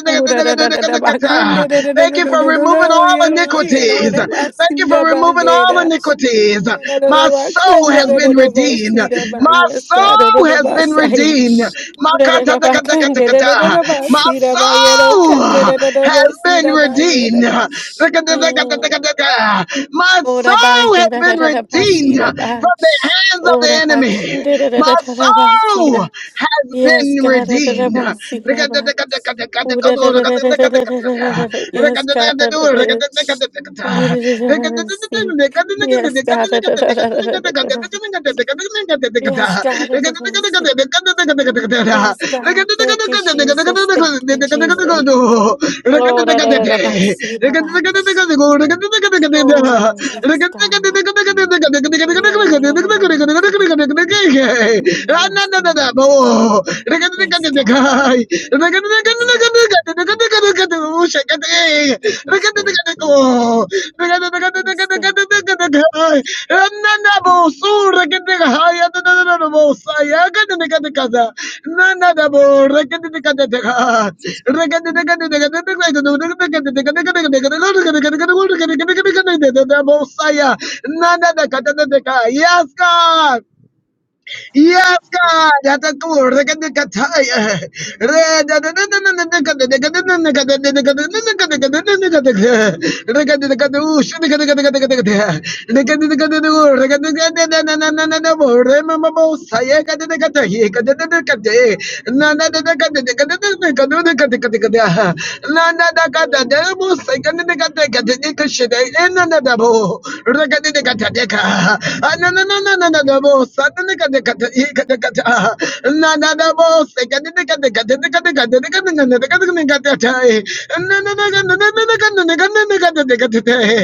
Oh, da, da, da, da, da, ba, kan, da, da, da, da,
Thank you
da, da,
for
da, da,
removing
da.
all
Yeah, da, yeah, da,
iniquities.
da, ba,
Thank
see,
you
da,
for
ba,
removing
yeah,
all
da.
iniquities.
Yeah, da, da, da,
My
ba,
soul
kan, da,
has
da, da,
been
da, ba,
redeemed.
see, da, ba.
My
Yes, God, da, da,
soul
da,
has
ba,
been
say.
redeemed.
Oh,
My
da, da,
kata-
da,
da
ba,
kata-
kan,
kata-
da, da, da, da,
kata.
da, ba,
My
see, da, ba, yeah, da,
soul
kan, da, da, da, da,
has
ba, see,
been
da, ba, yeah, da,
redeemed.
da.
Kata da kata da
Mm.
kata kata. My
Ora ba
soul has
yera da
been
da da ba
redeemed
sira ba.
from the hands of the
Ora ba
enemy.
kande da da da
My
da da ba
soul
sira.
has
Yes,
been
God da da da
redeemed.
ba sira ba. Ora da da da da da da da da da da. Yes, God da da da. Yera da da da da si. Yes, God da da da da da da da da. Yes, God da da da si. Yes, God. Thank you, Jesus. Thank you, Jesus. Oh, da da da da ba see da ba. Oh, yes, God. Yeah, da da da da da. Yes, God.
Rekete
Yes, God.
you, Lord.
Yes,
Thank you,
God.
Triple
Yes, God.
God, for your
Yes, God.
Yes, God. Yes, God.
Yes,
Thank *laughs*
God.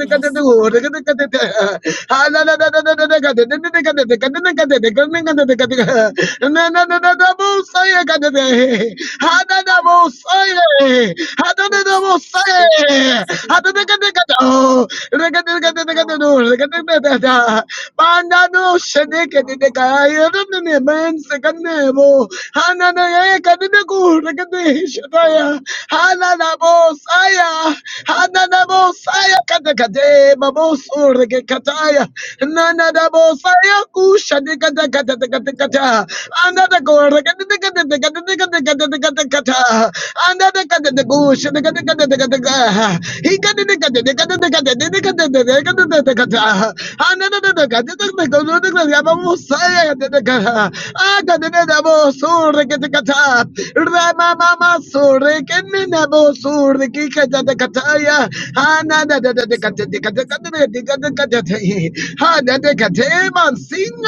yes,
Hadadabosai.
Yes. speak,
Hadadabosai.
speak, Lord.
Hadadakadakado.
speak, Lord.
Rakadakadakadado. Rakadakadada. Bandado
speak, Lord.
shadekadekaya. Ramene mansakanebo. Hananaya kadedeku.
speak, Lord.
Rakadeshadaya. Hananabosaya. Hananabosaya kadakade. Babosu rakekataya. Nanadabosaya kushadekadakadakadakata.
Whatever it is, Lord.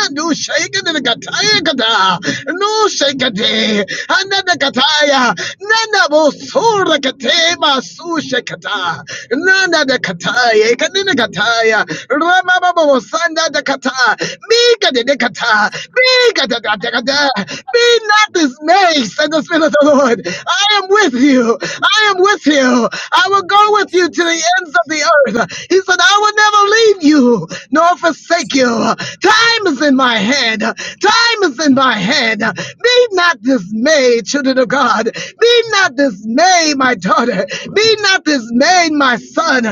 Another nu shaken in the kataya kata, nu shakate, ananda kataya, nana bo sura katema su shakata, nana de kataya, kanina kataya, rama babo sanda de kata, mika the de kata, mika de kata, be not dismayed, said the Spirit of the Lord. I am with you, I am with you, I will
Lord,
go
that
with
is
you
so
to the
sick.
ends of the earth. He said, I will never leave you, nor forsake you. Time is in my hand. Time is in my hand. Be not dismayed, children of God. Be not dismayed, my daughter. Be not dismayed, my son.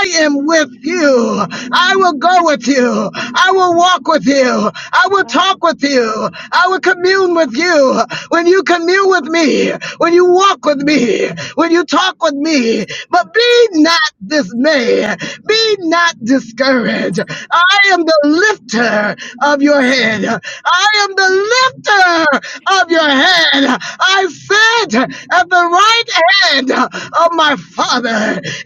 I am with you. I will go with you. I will walk with you. I will
Father,
talk with you. I will commune with you. When you commune with me, when you walk with me, when you talk with me, but be not dismayed fear. Be not discouraged.
it's-
I am the lifter of your
it's-
head. I am the lifter of your head. I sit at the right hand of my Father,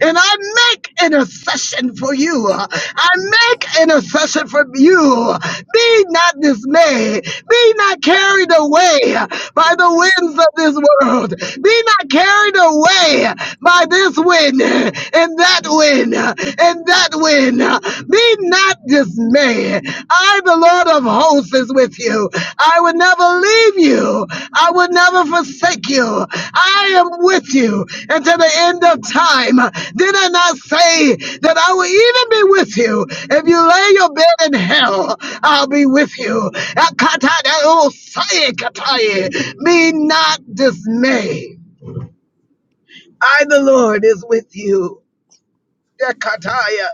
and I make intercession for you. I make intercession for you. Be not dismayed. Be not carried away by the winds of this world. Be not carried away by this this win uh, and that win uh, and that win. uh, Be not dismayed. I, the Lord of hosts, is with you. I will never leave you. I will never forsake you. I am with you until the end of time. Did I not say that I will even be with you? If you lay your bed in hell, I'll be with you. Be not dismayed. I, the Lord, is with you. Dekataya.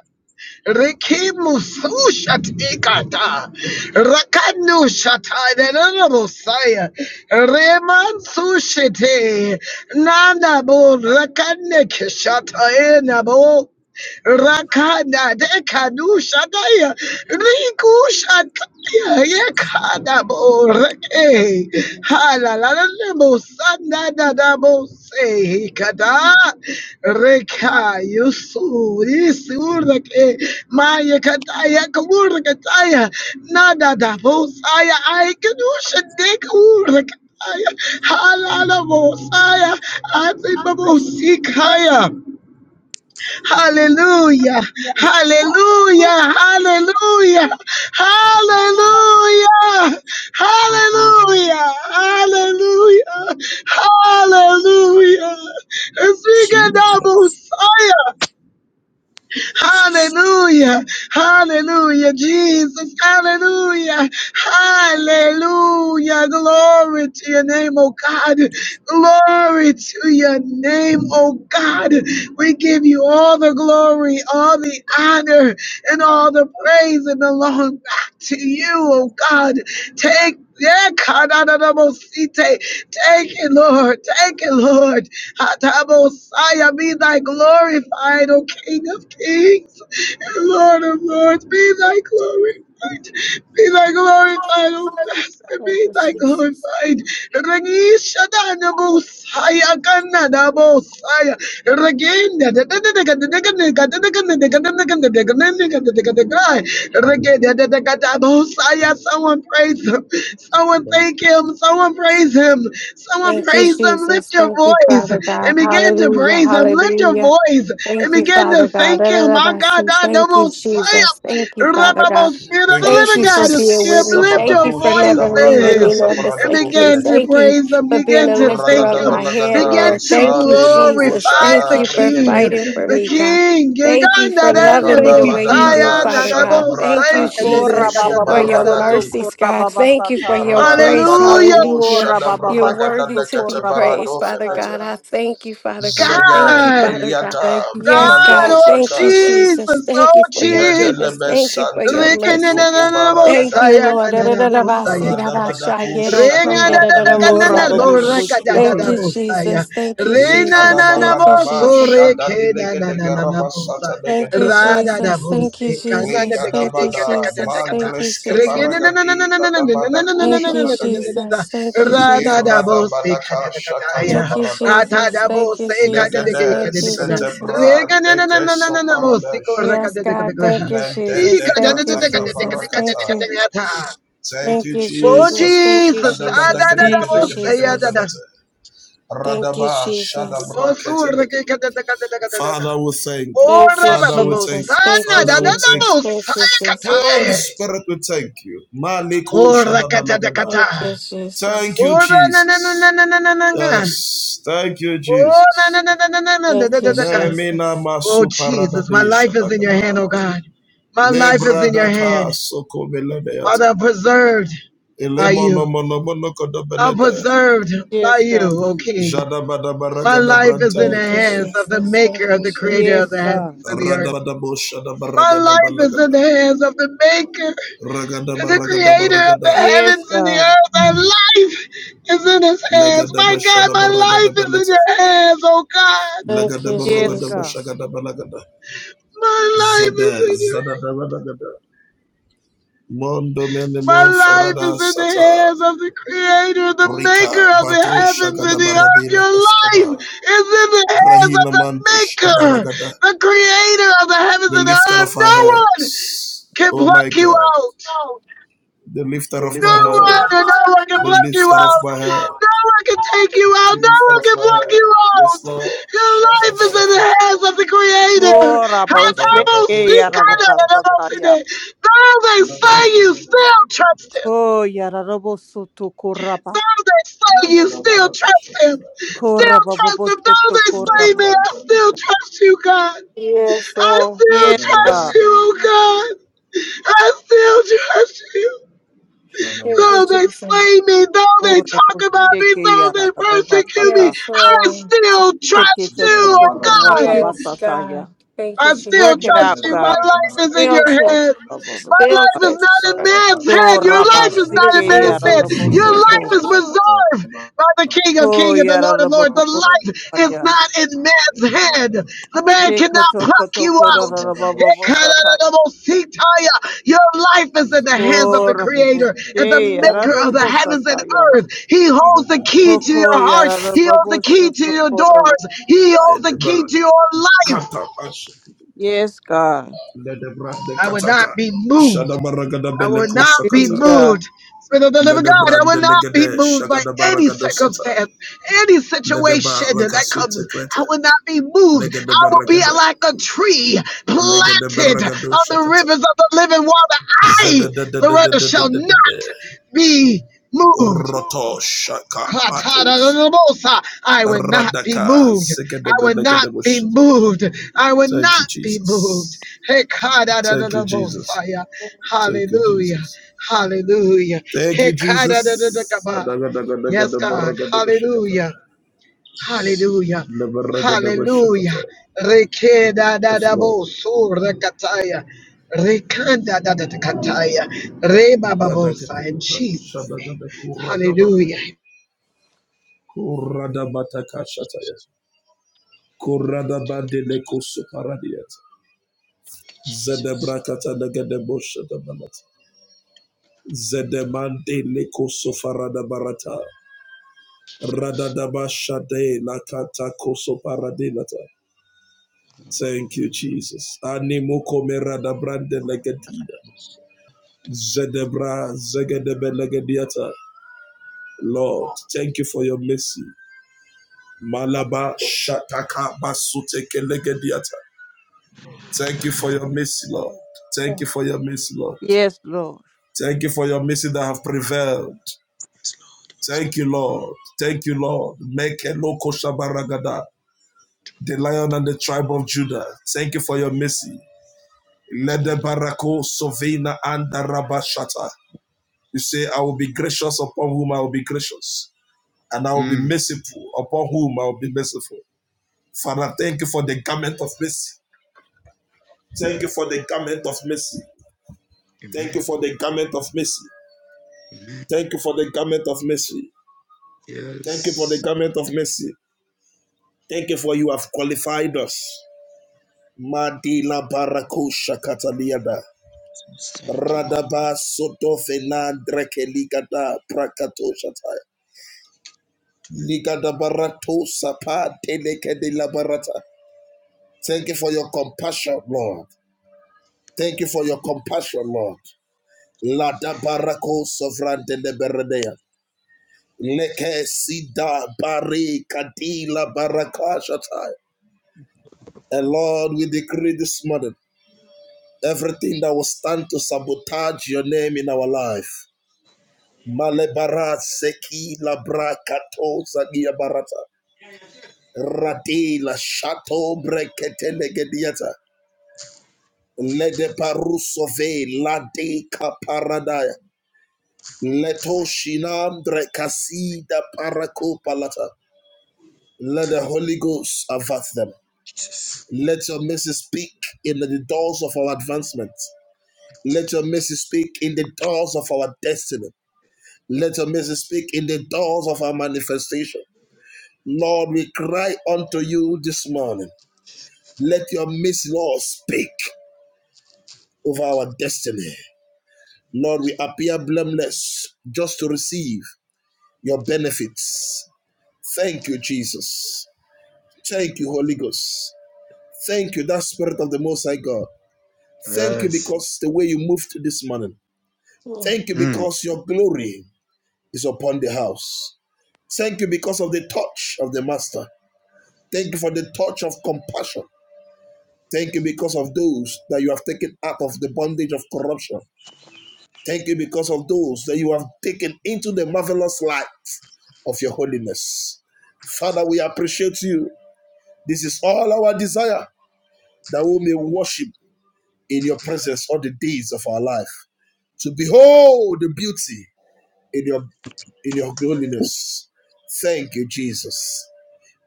Rikimu sushat ikata. Rakanu shataya. Nerosaya. Reman sushite. Nana bo rakane kishataya nabo. Rakana de Kadusha Daya Rikusha Daya Yakada Boreke Halalalabo Sandada Dabo Se Kada Reka Yusuri Surake Maya Kataya Kawurakataya Nada Dabo Saya I Kadusha De Kawurakataya Halalabo Saya Azimabo Sikaya Hallelujah. Hallelujah. Hallelujah. Hallelujah.
mighty hand.
Hallelujah. Hallelujah. Hallelujah. Speak a double fire.
Jesus.
Hallelujah. Hallelujah. Jesus. Hallelujah. Hallelujah. Glory to your name, oh God. Glory to your name, oh God. We give you all the glory, all the honor, and all the praise that belong back to you, oh God. Take
Thank you, Jesus.
praise him. Someone
Thank
thank him. Someone praise him. Someone
Thank you,
praise him.
Jesus.
Lift your
Thank you,
voice
Father God.
and begin to
Hallelujah.
praise him. Lift your
Hallelujah.
voice and
Thank you,
begin to
Father God.
thank
Da, da,
him.
da,
My
ba,
God,
si.
I
Thank you,
double say
Jesus. Thank you, Father
Rababo
God.
Spirit of
Thank you,
the
Thank
living
you for
God is
being
here.
with
Jesus.
me.
Lift
Thank
your
you
Sabadako
for never
shadabrada
leaving me
voices
nor
and
kasabradako
forsaking me.
begin
felete.
to
Thank you
praise him.
for being
Begin
a
to
lifter
thank
of
Radada
him.
my head,
balagada
Begin
Lord.
to
Thank you,
sade loko
Jesus.
glorify
Thank
the
shada
you for
deke
King.
deke
fighting
de.
for
The
me, God.
King.
Thank you
Giganda
for loving
denya
Deka
me
da
Thank
the
you,
way you do,
bosaya
Jesus.
badagada
na
Father
na
God. Thank you,
bosaya.
shadabraka te
Jesus,
Kora
kuso
baba
for your
barada
bosoto
mercies,
kora
God.
baba
Thank you for
sata.
your grace.
Hallelujah.
Radabadako
Hallelujah.
Kora baba
You're
shadabragada
worthy
basoto
to be
dekate
kora baba
praised,
barado
Father
sata
felete.
God.
ya.
I thank you, Father God. Thank
Zege
you,
God.
Father God.
deliata
Thank you,
Yes,
God.
brado
God.
Jesus.
Oh,
Thank you,
shakata.
Jesus.
Jesus.
Thank
Oh,
you for your goodness.
Jesus.
Medelebe
Thank you for your
Sante
mercy.
Kitoko
Thank
Baragada
you,
Rekenenenenenebosaya,
Lord. Thank
kananabosaya, keneneka.
Radabadako Shadabranda
Kora
Legedebe
baba
Legedos
boshete.
you,
Parade
Rengadadadakananaborakadadadabosaya.
Jesus. Thank you,
Likada
Jesus. Thank you,
Baradaba
Renananaboso,
Jesus.
Shada de Legede Garaba Sata
rekenanananabosaya.
Thank you,
Legediata
Jesus. Thank
Radadabose,
you, Jesus. Thank you,
Likadabada
Jesus.
kananadeketekatakatakata. Oh
Thank you,
Mangreske
Jesus.
Paragadi Ladabadako
Thank you, Jesus. Thank you,
Shadagade
Jesus. Thank you, Jesus.
Iradabadaka Shakata
Thank you,
Barada
Jesus.
Legede
Thank you, Jesus.
Setebra Deke Soparadesh
Yes, God. Thank you, Jesus. Thank
Mendedeka
you,
Taka
Jesus. Thank
Barakata
you.
Thank
Thank
you,
you,
Jesus,
Jesus. Thank
Jesus.
you, Jesus. Thank you,
Jesus.
Oh
Jesus. Thank you,
Radaba shada
Jesus.
brakete Father, we thank you.
Thank you,
Father, we thank
Jesus.
you.
Thank you,
Father, we thank
Jesus.
you.
Thank you,
Holy
Jesus.
Spirit, we thank you. Maliko shada balagada.
Thank you,
Thank
Jesus.
you,
Oh na na na
Jesus.
na na na na na. na.
Yes, thank you,
Oh na na
Jesus.
na na na na na da, da,
Thank you,
da, da, ka.
Lemina
Jesus.
Oh
masu
Jesus, my
paradade
life is in your
shadagada.
hand, oh God. My life is in your hand.
Lebradaka soko
Father,
beledeata.
I'm preserved by
Elemono
you.
mono mono
I'm
kodobelede.
preserved by
Yes,
you,
God.
O King.
Jadabada
My
Baragada
life
Branta
is in the
Thank you,
Lekete,
hands
Jesus.
of the maker
Thank
of
you,
the creator of
Yes,
the
Jesus.
you,
God.
heavens
thank
and the earth.
Radabada Boshada
My
Baragada
life is in
Balagada,
the hands of the maker.
Ragada
to the
Baragada
creator of the
Baragada,
Yes,
heavens and the
God.
earth. Our life is in his hands.
Legada
My God,
Bashada
my
Baragada
life is in
Belete,
your hands, oh God.
Thank
Legada
you,
Yes,
Baragada
God.
Jesus.
Bashagada Balagada,
My life is
Zade,
in your hands.
Zada Balagada, Mondo
My
Menemo
life
Ferrada
is in the
Sata,
hands of the creator, the
Rika,
maker of the
Bato
heavens and
Shagada
the earth.
Baradela
Your life
Gascobar,
is in the hands of
Grahina
the
Manto
maker,
Shabaragada,
the creator of the heavens
the
and the
lifter
earth.
of our
No one
heads.
can
Oh my
pluck you
God,
out.
the lifter
The
of
No
my
lifter
head,
of
one,
prayers.
no one can
the
block you
lifter of
out.
my head.
No one can take you out.
the
No
lifter
one
of
can
my head.
block you
Yes,
out.
Lord.
Your
Shada
life is in
badako
the hands
shakata.
of the Creator.
Kora
Lada badako
boshete yara baba
shabata.
sata ya.
Though they
Lada
say
gada
you
gada gada
still
gada
trust
gada
Him.
gada.
Ko yara baba soto kora baba.
Though they say
Lada
you
da
still
baraka
trust
shakata.
Him.
Kora
Still
baba
trust Him. Though
bosoto
they
kora
Lada
say,
baba.
man, I
banta
still
legedi.
trust you, God.
Yes,
I
Lord.
still
Yes,
Shada da
God.
trust you,
baraka da da da.
oh God. I still trust you.
Shada
Thank you,
Though
baraka.
they
Jesus.
slay me, though they
Kora
talk about me,
boshete
though
yara
they
baba
persecute
sata.
me,
Yes,
I
Lord.
still trust
Shekete
Zada
you,
koto
oh
baraka da
korapa
God.
Yes,
legedi.
God.
basataya.
Thank you,
I still
Work
Jesus.
it out,
trust
Legedi
you. My
God.
baraka da
life
baraka
is
da
in
da
your
Build
legedi
hands.
baraka.
us.
My
Build
life is
us.
not in
Sata
man's
So
batako
hand. Your
raba
life
shakata.
is
Thank you,
not in
sike
man's
yara
Jesus.
rabo
hand. Your life
soto.
Rataka
is
shakata.
preserved by the King of
Ho
Kings and the
yara
Lord of
rabo
Lords. The
Baraka
bobo
da
life
legedi.
is
sataya.
not in man's
Elu baraka
hand.
da legedi.
The man
Ke
cannot
koto
pluck
koto
you
kora
out.
Orogoda
rabo bobo
boshakata
sataya.
baraka.
Your life is in the hands of
Ho
the
rabo bobo
Creator and the
she
Yes.
yara
Maker of the
rabo
heavens and
sataya.
earth. He holds the key to your
Hoko
Kata
heart.
yara rabo
He holds the
bobo
key to
shoto
your
kora rabo
doors. He
sataya.
holds the key to your life.
Ash,
Yes, God.
Ledebrande
I would
Kataka,
not be moved.
Shadabaragada
I will
Beleko
not
Be
be
Sakata,
God.
moved. Spirit of the living God, I will
Ledebrande
not be
Legade,
moved by any
Shagadabaragado Sata,
circumstance, any situation that comes.
Ledebarakasute
I
Krete,
will not be moved.
Legade
I will be
Beragade,
like a tree
Legade
planted
Beragado
on the
Shakata,
rivers of the living water. I, Loretta, shall
Zedadadadadadadadadada,
not be moved.
Roshaka Patos,
Katadadadabosa. I will not be
Radaka,
moved. I
Segede
will not
Belegade
be
Bush.
moved. I will
Thank you,
not be
Jesus.
moved. Hey,
Thank you, Jesus.
kadadadadabosaya.
Thank you,
Hallelujah.
Jesus.
Hallelujah.
Thank
Hey,
you, Jesus.
kadadadadadaba. Yes, God.
Adagadagadagadabaragadagoshakata.
Hallelujah. Hallelujah. Hallelujah.
Labaragadagoshakata.
Rekeda
Yes, Lord.
rekataya. Rekanda da da kataya. Reba babosa in
Badagatakata.
Jesus' name. Hallelujah.
Shadagadakuradabataya. Kuradabatakashataya. Kuradabadelekosoparadiata. Zedebrakatadagadeboshadabalata. Zedemandelekosofaradarabata. Radadabashade lakatakosoparadilata. Thank you, Jesus. Animoko merada brande legatina. Zedebra zegedebe legediata. Lord, thank you for your mercy. Malaba shataka basuteke legediata. Thank you for your mercy, Lord. Thank
Oh,
you for your mercy, Lord.
Yes, Lord.
Thank you for your mercy that have prevailed. Thank you, Lord. Thank you, Lord. Make a loco shabaragada. The lion and the tribe of Judah. Thank you for your mercy.
Jesus.
Ledebarako Sovina and Rabashata. You say, I will be gracious upon whom I will be gracious, and I will be
Mm.
merciful upon whom I will be merciful. Father, thank you for the garment of mercy. Thank you for the garment of mercy. Thank
Amen,
you for the garment of mercy.
amen.
Thank you for the garment of mercy. Thank you for the
Yes.
garment of mercy. Thank you for you have qualified us. Madila barakosha kataliada.
Jesus, Thank you, Lord.
Radaba soto fena dreke ligada Ligada barato sapa teleke de la barata. Thank you for your compassion, Lord. Thank you for your compassion, Lord. Lada barako sovrante de beredea. Leke sida bari kadila barakashatai. And Lord, we decree this morning everything that will stand to sabotage your name in our life. Malebara seki labra kato zagia barata. Radila shato brekete legediata. Lede parusove lade kaparadaya. Leto shinam drekasida parako palata. Let the Holy Ghost avert them. Let your message speak in the doors of our advancement. Let your message speak in the doors of our destiny. Let your message speak in the doors of our manifestation. Lord, we cry unto you this morning. Let your message, Lord, speak over our destiny. Lord, we appear blameless just to receive your benefits. Thank you, Jesus. Thank you, Holy Ghost. Thank you, that Spirit of the Most High God. Thank you
Yes.
because the way you moved this morning.
oh.
Thank you
Mm.
because your glory is upon the house. Thank you because of the touch of the Master. Thank you for the touch of compassion. Thank you because of those that you have taken out of the bondage of corruption. Thank you because of those that you have taken into the marvelous light of your holiness. Father, we appreciate you. This is all our desire that we may worship in your presence all the days of our life, to behold the beauty in your in your holiness. Thank you, Jesus.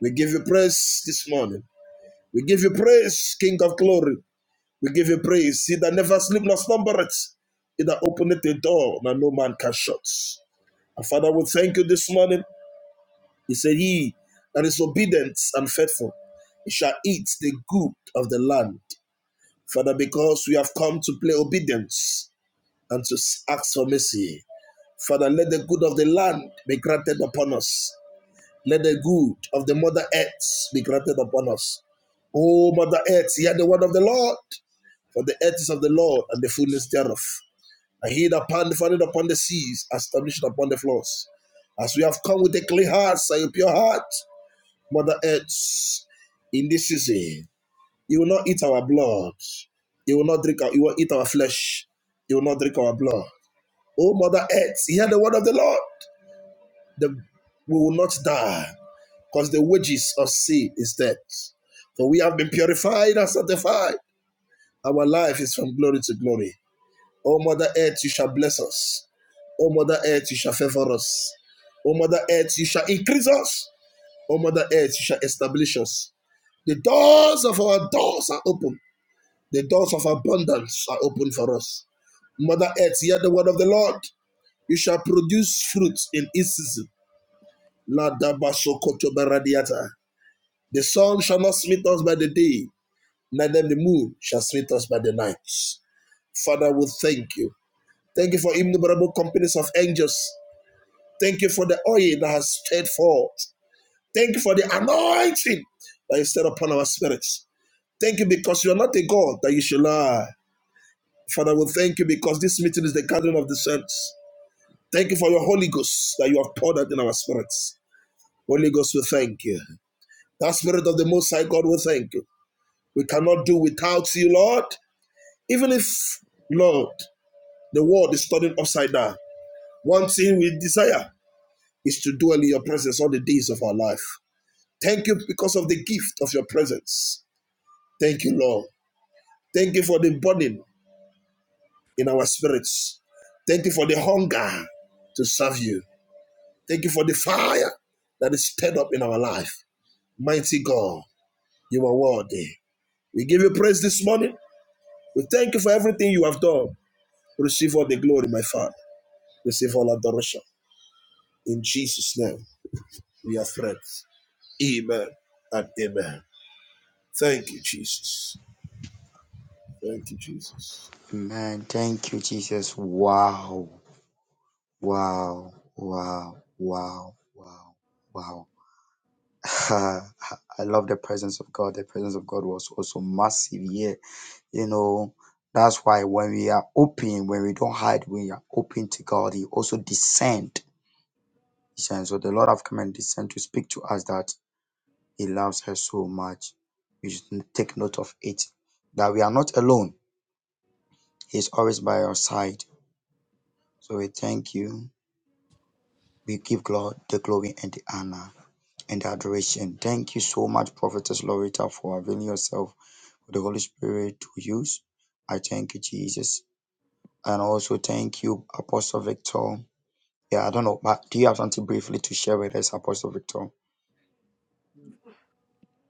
We give you praise this morning. We give you praise, King of glory. We give you praise. He that never sleep nor slumbereth. He that openeth the door that no man can shut. And Father, we thank you this morning. He said, He that is obedient and faithful, he shall eat the good of the land. Father, because we have come to play obedience, and to ask for mercy. Father, let the good of the land be granted upon us. Let the good of the Mother Earth be granted upon us. O Mother Earth, hear the word of the Lord. For the earth is of the Lord and the fullness thereof. And he that founded upon the seas, established upon the floors. As we have come with a clean heart, and a pure heart, Mother Earth, in this season, you will not eat our blood. You will not drink our, you will eat our flesh. You will not drink our blood. O Mother Earth, hear the word of the Lord. The, we will not die, because the wages of sin is death. For we have been purified and sanctified. Our life is from glory to glory. O Mother Earth, you shall bless us. O Mother Earth, you shall favor us. O Mother Earth, you shall increase us. O Mother Earth, you shall establish us. The doors of our doors are open. The doors of abundance are open for us. Mother Earth, hear the word of the Lord. You shall produce fruit in its season. The sun shall not smite us by the day, neither the moon shall smite us by the night. Father, we thank you. Thank you for innumerable companies of angels. Thank you for the oil that has stirred forth. Thank you for the anointing that is set upon our spirits. Thank you because you are not a God that you should lie. Father, we thank you because this meeting is the gathering of the saints. Thank you for your Holy Ghost that you have poured out in our spirits. Holy Ghost, we thank you. That spirit of the Most High God, we thank you. We cannot do without you, Lord. Even if, Lord, the world is turning upside down, one thing we desire is to dwell in your presence all the days of our life. Thank you because of the gift of your presence. Thank you, Lord. Thank you for the burning in our spirits. Thank you for the hunger to serve you. Thank you for the fire that is stirred up in our life. Mighty God, you are worthy. We give you praise this morning. We thank you for everything you have done. Receive all the glory, my Father. receive all adoration. In Jesus' name, we are
Amen. Thank you, Jesus. Wow, wow, wow, wow, wow. Wow. *laughs* I love the presence of God. The presence of God was also massive here You know, that's why when we are open, when we don't hide, when we are open to God, He also descend. And so the Lord have come and descend to speak to us that He loves us so much. We should take note of it. That we are not alone. He is always by our side. So we thank you. We give God the glory and the honor and the adoration. Thank you so much, Prophetess Loretta, for availing yourself for the Holy Spirit to use. I thank you, Jesus. And also thank you, Apostle Victor. Yeah, I don't know. but Do you have something briefly to share with us, Apostle Victor?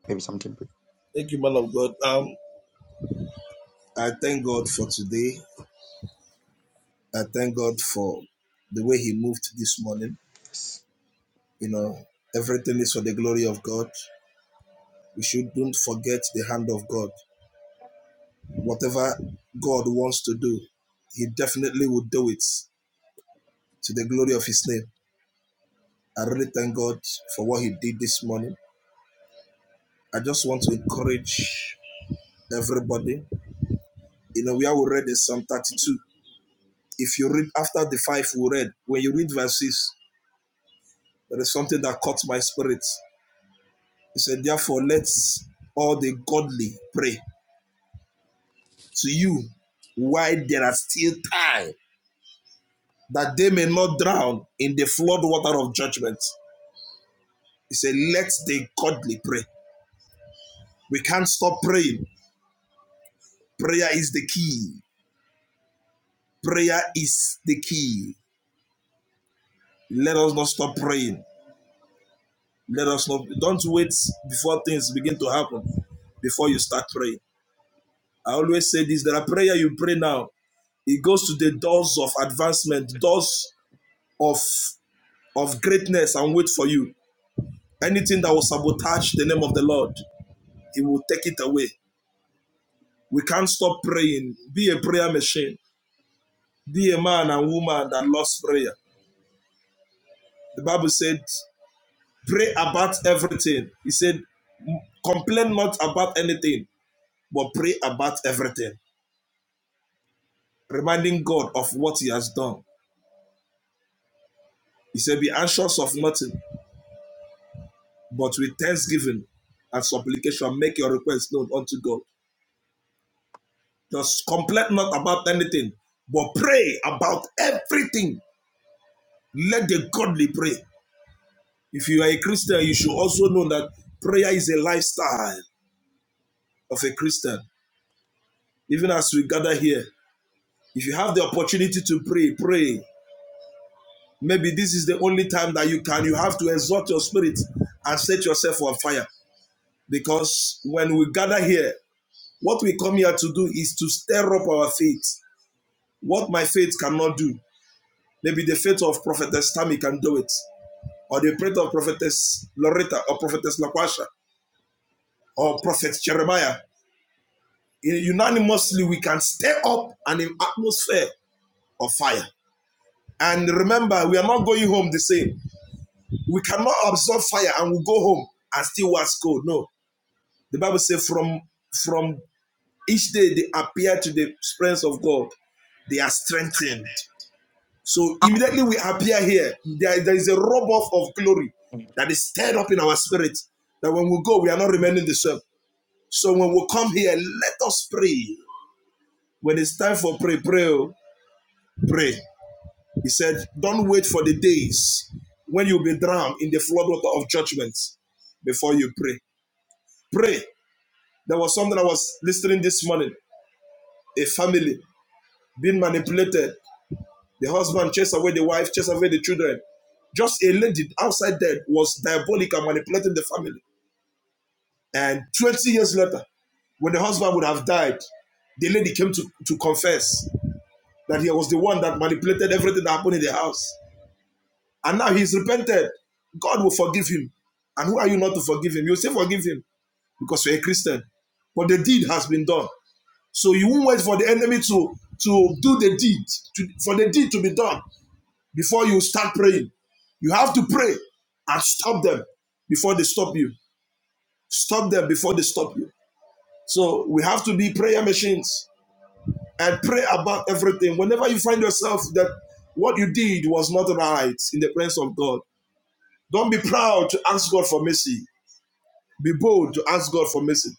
Maybe something brief.
the way you know we should. God. Whatever God wants to do, He definitely will do it to the glory of His name. I really thank God for what He did this morning. I just want to encourage everybody. You know, we are already in Psalm 32. If you read after the five we read, when you read verse 6, there is something that caught my spirit. He said, Therefore, let all the godly pray to you while there are still time. that they may not drown in the flood water of judgment. He said, Let the godly pray. We can't stop praying. Prayer is the key. Prayer is the key. Let us not stop praying. Let us not, don't wait before things begin to happen before you start praying. I always say this there are prayer you pray now, it goes to the doors of advancement, doors of, of greatness, and wait for you. Anything that will sabotage the name of the Lord, He will take it away We can't stop praying. Be a prayer machine. Be a man and woman that loves prayer. The Bible said, pray about everything. He said, complain not about anything, but pray about everything. Reminding God of what He has done. He said, be anxious of nothing, but with thanksgiving and supplication, make your request known unto God. Just complain not about anything, but pray about everything. Let the godly pray. If you are a Christian, you should also know that prayer is a lifestyle of a Christian. Even as we gather here, if you have the opportunity to pray, pray. Maybe this is the only time that you can. You have to exalt your spirit and set yourself on fire. Because when we gather here, what we come here to do is to stir up our faith. What my faith cannot do. Maybe the faith of Prophetess Tammy can do it, or the faith of Prophetess Loretta, or Prophetess Laquasha, or Prophet Jeremiah unanimously we can stir up an atmosphere of fire. And remember, we are not going home the same. We cannot absorb fire and we go home and still was cold. No. The Bible says from from each day they appear to the presence of God, they are strengthened. So immediately we appear here, there, there is a rub off of glory that is stirred up in our spirit. That when we go, we are not remaining the same. So when we come here, let us pray. When it's time for pray, pray, oh, pray. He said, Don't wait for the days when you'll be drowned in the floodwater of judgment before you pray. Pray. There was something I was listening this morning. A family being manipulated. The husband chased away the wife, chased away the children. Just a lady outside there was diabolic and manipulating the family. And 20 years later, when the husband would have died, the lady came to, to confess that he was the one that manipulated everything that happened in the house. And now he's repented. God will forgive him. And who are you not to forgive him? You say forgive him because you're a Christian. But the deed has been done. So you won't wait for the enemy to, to do the deed, to, for the deed to be done before you start praying. You have to pray and stop them before they stop you. Stop them before they stop you. So we have to be prayer machines and pray about everything. Whenever you find yourself that what you did was not right in the presence of God, don't be proud to ask God for mercy. Be bold to ask God for mercy.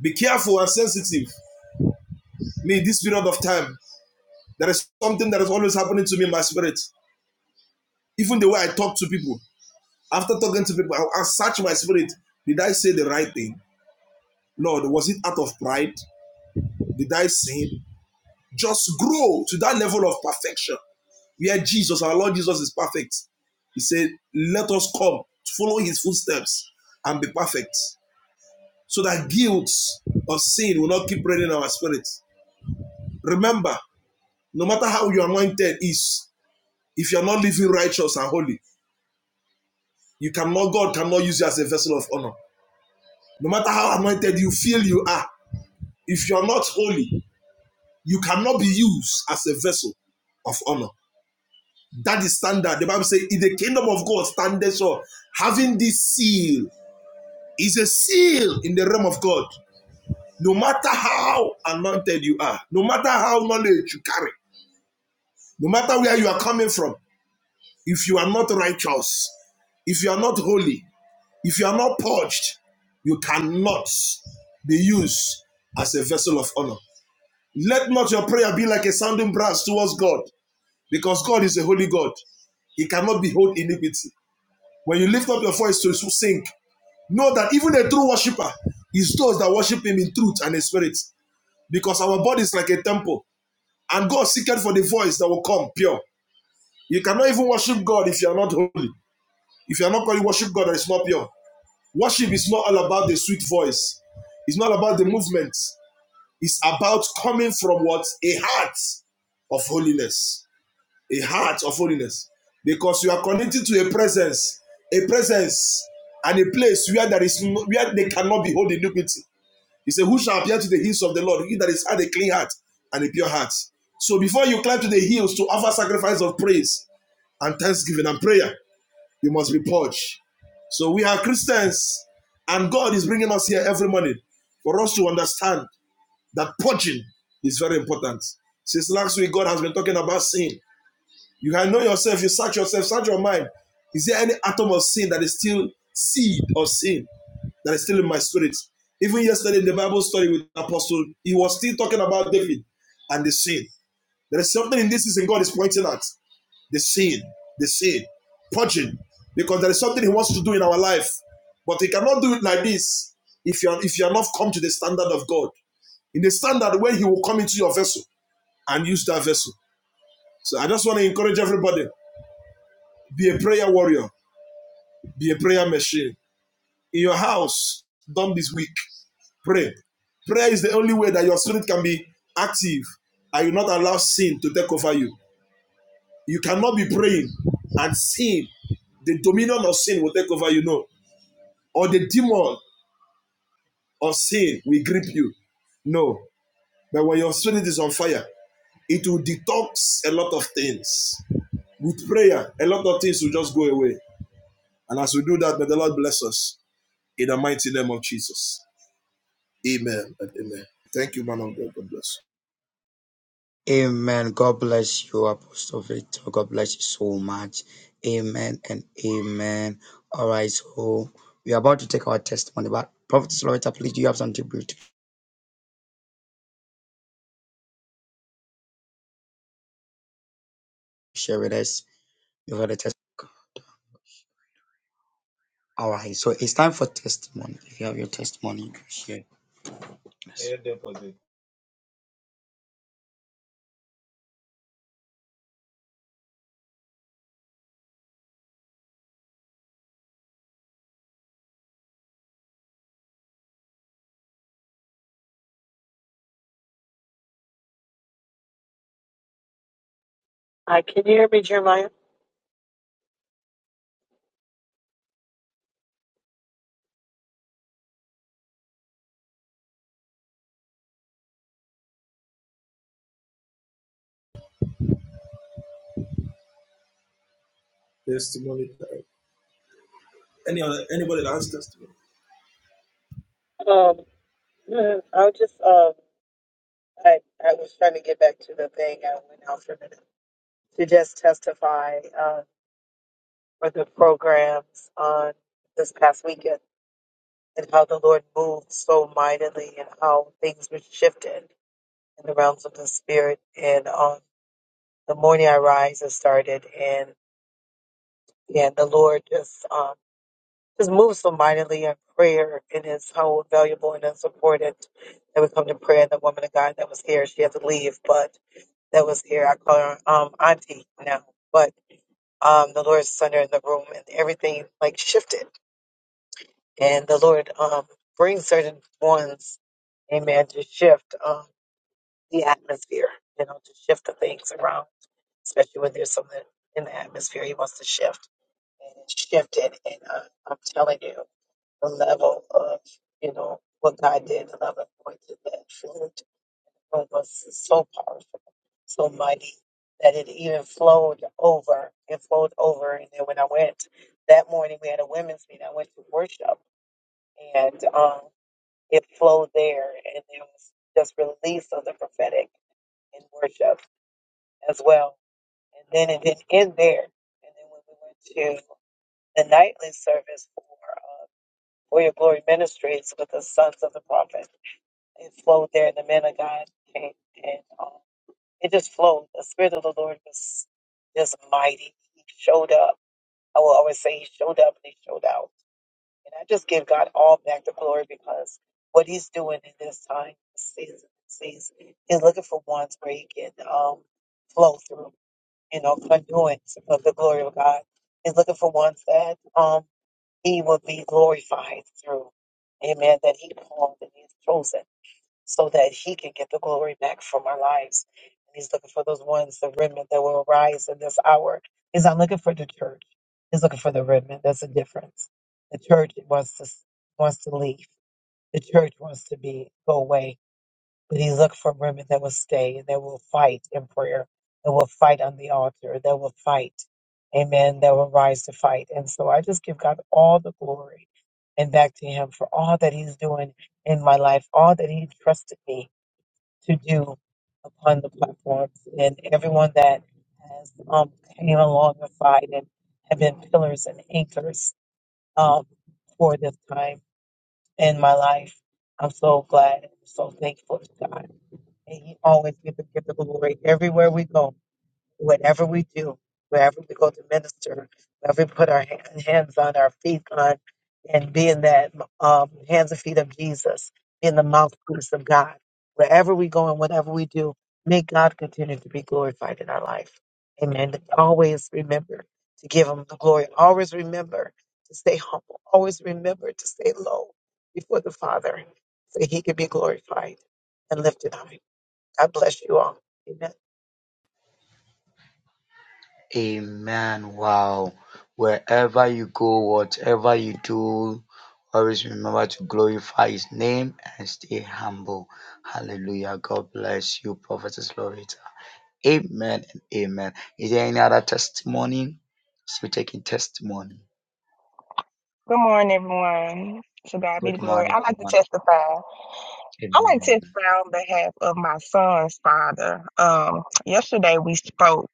Be careful and sensitive. Me, this period of time, there is something that is always happening to me in my spirit. Even the way I talk to people. After talking to people, I'll, search my spirit. Did I say the right thing? Lord, was it out of pride? Did I sin? Just grow to that level of perfection where Jesus, our Lord Jesus, is perfect. He said, Let us come, follow his footsteps, and be perfect, so that guilt of sin will not keep reigning in our spirits. Remember, No matter how your anointed is, if you're not living righteous and holy, you cannot, God cannot use you as a vessel of honor. No matter how anointed you feel you are, if you're not holy, you cannot be used as a vessel of honor. That is standard. The Bible says, in the kingdom of God, standeth sure. Having this seal is a seal in the realm of God. No matter how anointed you are, no matter how knowledge you carry, no matter where you are coming from, if you are not righteous, if you are not holy, If you are not purged, you cannot be used as a vessel of honor. Let not your prayer be like a sounding brass towards God, because God is a holy God. He cannot behold iniquity. When you lift up your voice to sing, know that even a true worshiper is those that worship Him in truth and in spirit, because our body is like a temple, and God seeketh for the voice that will come pure. You cannot even worship God if you are not holy. If you are not going to worship God that is not pure, Worship is not all about the sweet voice. It's not about the movement. It's about coming from what? A heart of holiness. A heart of holiness. Because you are connected to a presence, a presence and a place where there is no, where they cannot behold iniquity. He said, Who shall appear to the hills of the Lord? He that is had a clean heart and a pure heart. So before you climb to the hills to offer sacrifice of praise and thanksgiving and prayer, you must be purged. So we are Christians, and God is bringing us here every morning for us to understand that purging is very important. Since last week, God has been talking about sin. You can know yourself, you search yourself, search your mind. Is there any atom of sin that is still seed of sin that is still in my spirit? Even yesterday in the Bible study with the Apostle, he was still talking about David and the sin. There is something in this season God is pointing at the sin, the sin, purging, because there is something He wants to do in our life, but He cannot do it like this if you are, if you are not come to the standard of God, in the standard where He will come into your vessel and use that vessel. So I just want to encourage everybody: be a prayer warrior, be a prayer machine in your house. Done this week, pray. Prayer is the only way that your spirit can be active, and you not allow sin to take over you. You cannot be praying and sin the dominion of sin will take over you. No, or the demon of sin will grip you. No. But when your spirit is on fire, it will detox a lot of things. With prayer, a lot of things will just go away. And as we do that, may the Lord bless us in the mighty name of Jesus. Amen and amen. Thank you, man of God.
Amen. God bless you, Apostle Victor. God bless you so much. Amen and amen. All right, so we are about to take our testimony, but Prophet Slaughter, please, do you have something brief to share with us before the testimony? All right, so it's time for testimony. If you have your testimony, you can share with us.
Testimony. time. Any other, anybody that has testimony?
Amen. Wow. Wherever you go, whatever you do, always remember to glorify his name and stay humble. Hallelujah. God bless you, Prophetess Loretta. Amen and amen. Is there any other testimony? Still taking testimony.
Good morning, everyone. To God be the
Good
glory. I
morning,
like to
woman.
testify. I like to
Amen.
testify on behalf of my son's father. Um, yesterday we spoke,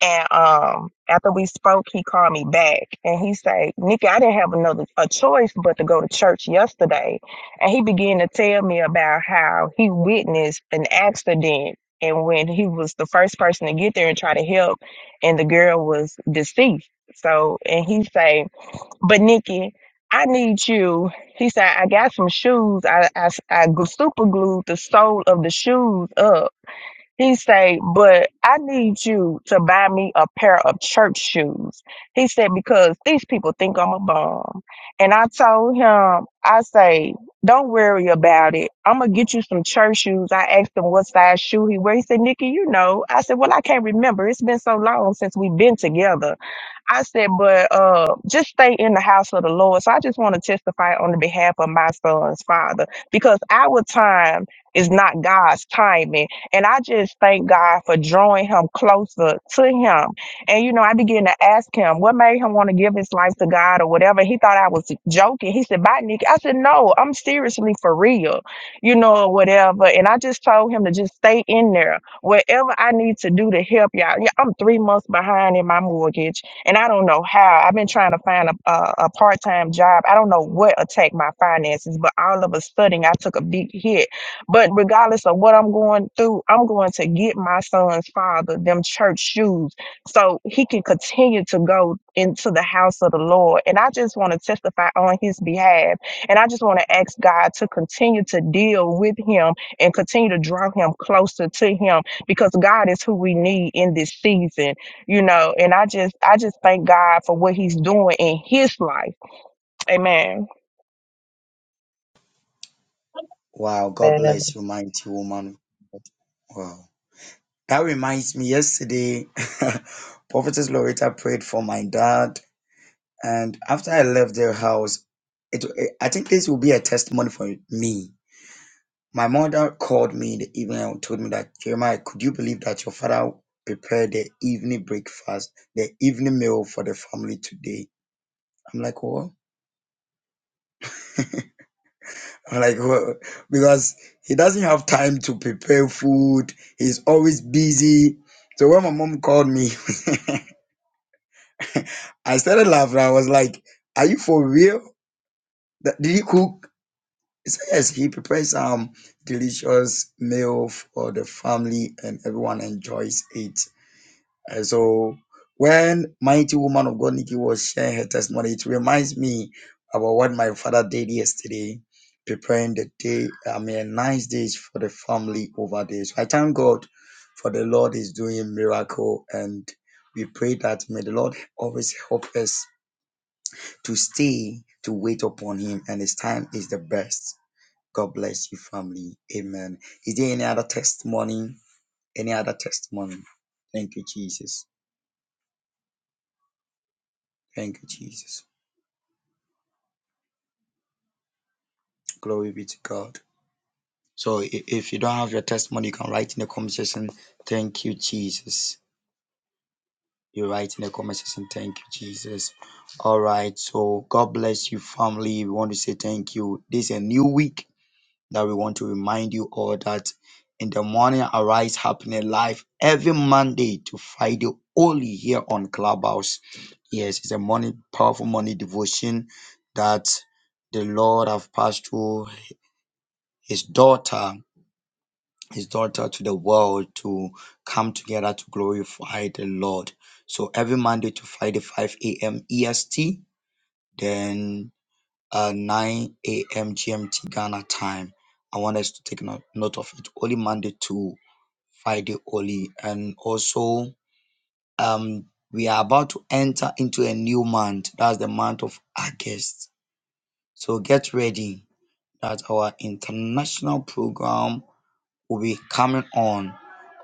and um, after we spoke, he called me back, and he said, "Nikki, I didn't have another a choice but to go to church yesterday." And he began to tell me about how he witnessed an accident, and when he was the first person to get there and try to help, and the girl was deceased. So, and he said but Nikki, I need you. He said, I got some shoes. I, I, I super glued the sole of the shoes up. He said, but I need you to buy me a pair of church shoes. He said, because these people think I'm a bum. And I told him, I say, don't worry about it. I'm going to get you some church shoes. I asked him what size shoe he wear. He said, Nikki, you know. I said, well, I can't remember. It's been so long since we've been together. I said, but uh, just stay in the house of the Lord. So I just want to testify on the behalf of my son's father because our time is not God's timing. And I just thank God for drawing him closer to him. And, you know, I began to ask him what made him want to give his life to God or whatever. He thought I was joking. He said, bye, Nick. I said, no, I'm seriously for real, you know, or whatever. And I just told him to just stay in there, whatever I need to do to help y'all. Yeah, I'm three months behind in my mortgage and I don't know how. I've been trying to find a, a, a part time job. I don't know what attacked my finances, but all of a sudden I took a big hit. But regardless of what I'm going through, I'm going to get my son's father them church shoes so he can continue to go into the house of the Lord. And I just want to testify on his behalf. And I just want to ask God to continue to deal with him and continue to draw him closer to him because God is who we need in this season you know and i just i just thank god for what he's doing in his life amen
Wow. God bless you, mighty woman. Wow. That reminds me yesterday, *laughs* Prophetess Loretta prayed for my dad And after I left their house, it, I think this will be a testimony for me. My mother called me in the evening and told me that, Jeremiah, could you believe that your father prepared the evening breakfast, the evening meal for the family today? I'm like, what? *laughs* I'm like, what? Because he doesn't have time to prepare food. He's always busy. So when my mom called me, *laughs* I started laughing. I was like, are you for real? That- Did you cook? It says he prepares some delicious meal for the family and everyone enjoys it. And so when mighty woman of God Nikki was sharing her testimony, it reminds me about what my father did yesterday, preparing the day, I mean nice days for the family over there. So I thank God for the Lord is doing miracle and we pray that may the Lord always help us to stay to wait upon him and his time is the best. God bless you, family. Amen. Is there any other testimony? Any other testimony? Thank you, Jesus. Thank you, Jesus. Glory be to God. So i- if you don't have your testimony, you can write in the comment section, thank you, Jesus. You write in the comment section, thank you, Jesus. All right. So God bless you, family. We want to say thank you. This is a new week. that we want to remind you all that in the morning arise happening live every Monday to Friday only here on Clubhouse. Yes, it's a morning powerful morning devotion that the Lord have passed through his daughter, his daughter to the world to come together to glorify the Lord. So every Monday to Friday, 5 a.m. EST, then uh, 9 a.m. GMT Ghana time. I want us to take no- note of it. Only Monday to Friday only, and also um, we are about to enter into a new month. That's the month of August. So get ready. That our international program will be coming on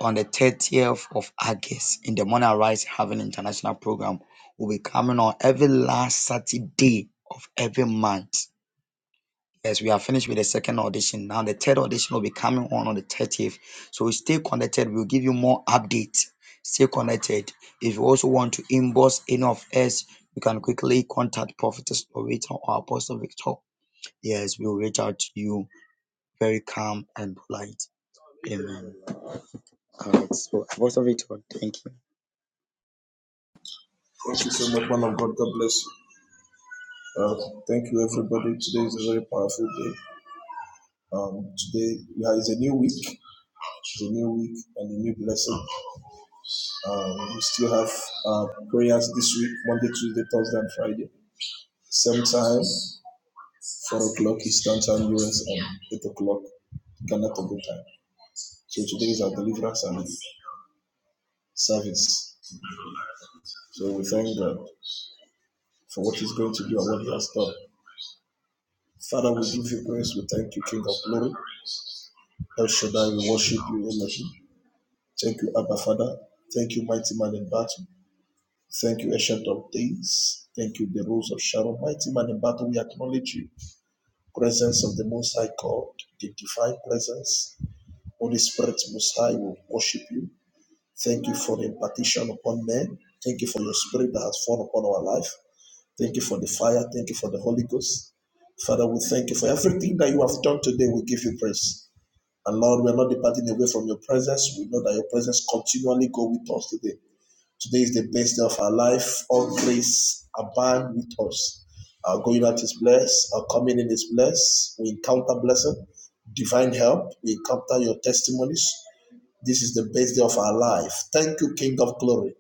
on the 30th of August in the morning. Arise having international program will be coming on every last Saturday of every month Yes, we are finished with the second audition. Now the third audition will be coming on on the 30th. So stay connected. We'll give you more updates. Stay connected. If you also want to inbox any of us, you can quickly contact Prophetess Loretta or Apostle Victor. Yes, we'll reach out to you very calm and polite. Amen. All right. So Apostle Victor, thank you.
Thank you so much, man of God. God bless you. Uh, thank you, everybody. Today is a very powerful day. Um, today yeah, is a new week. It's a new week and a new blessing. Um, we still have uh, prayers this week, Monday, Tuesday, Thursday, and Friday. Same time, 4 o'clock Eastern Time, US, and 8 o'clock Ghana Togo time. So today is our deliverance and service. So we thank God for what He's going to do and what He has done. Father, we give you praise. We thank you, King of Glory. El Shaddai, we worship you, Elohim. Thank you, Abba Father. Thank you, Mighty Man in Battle. Thank you, Ancient of Days. Thank you, the Rose of Sharon. Mighty Man in Battle, we acknowledge you. Presence of the Most High God, the divine presence. Holy Spirit, Most High, we worship you. Thank you for the impartition upon men. Thank you for your spirit that has fallen upon our life. Thank you for the fire. Thank you for the Holy Ghost. Father, we thank you for everything that you have done today. We give you praise. And Lord, we are not departing away from your presence. We know that your presence continually go with us today. Today is the best day of our life. All grace abound with us. Our going out is blessed. Our coming in is blessed. We encounter blessing, divine help. We encounter your testimonies. This is the best day of our life. Thank you, King of Glory.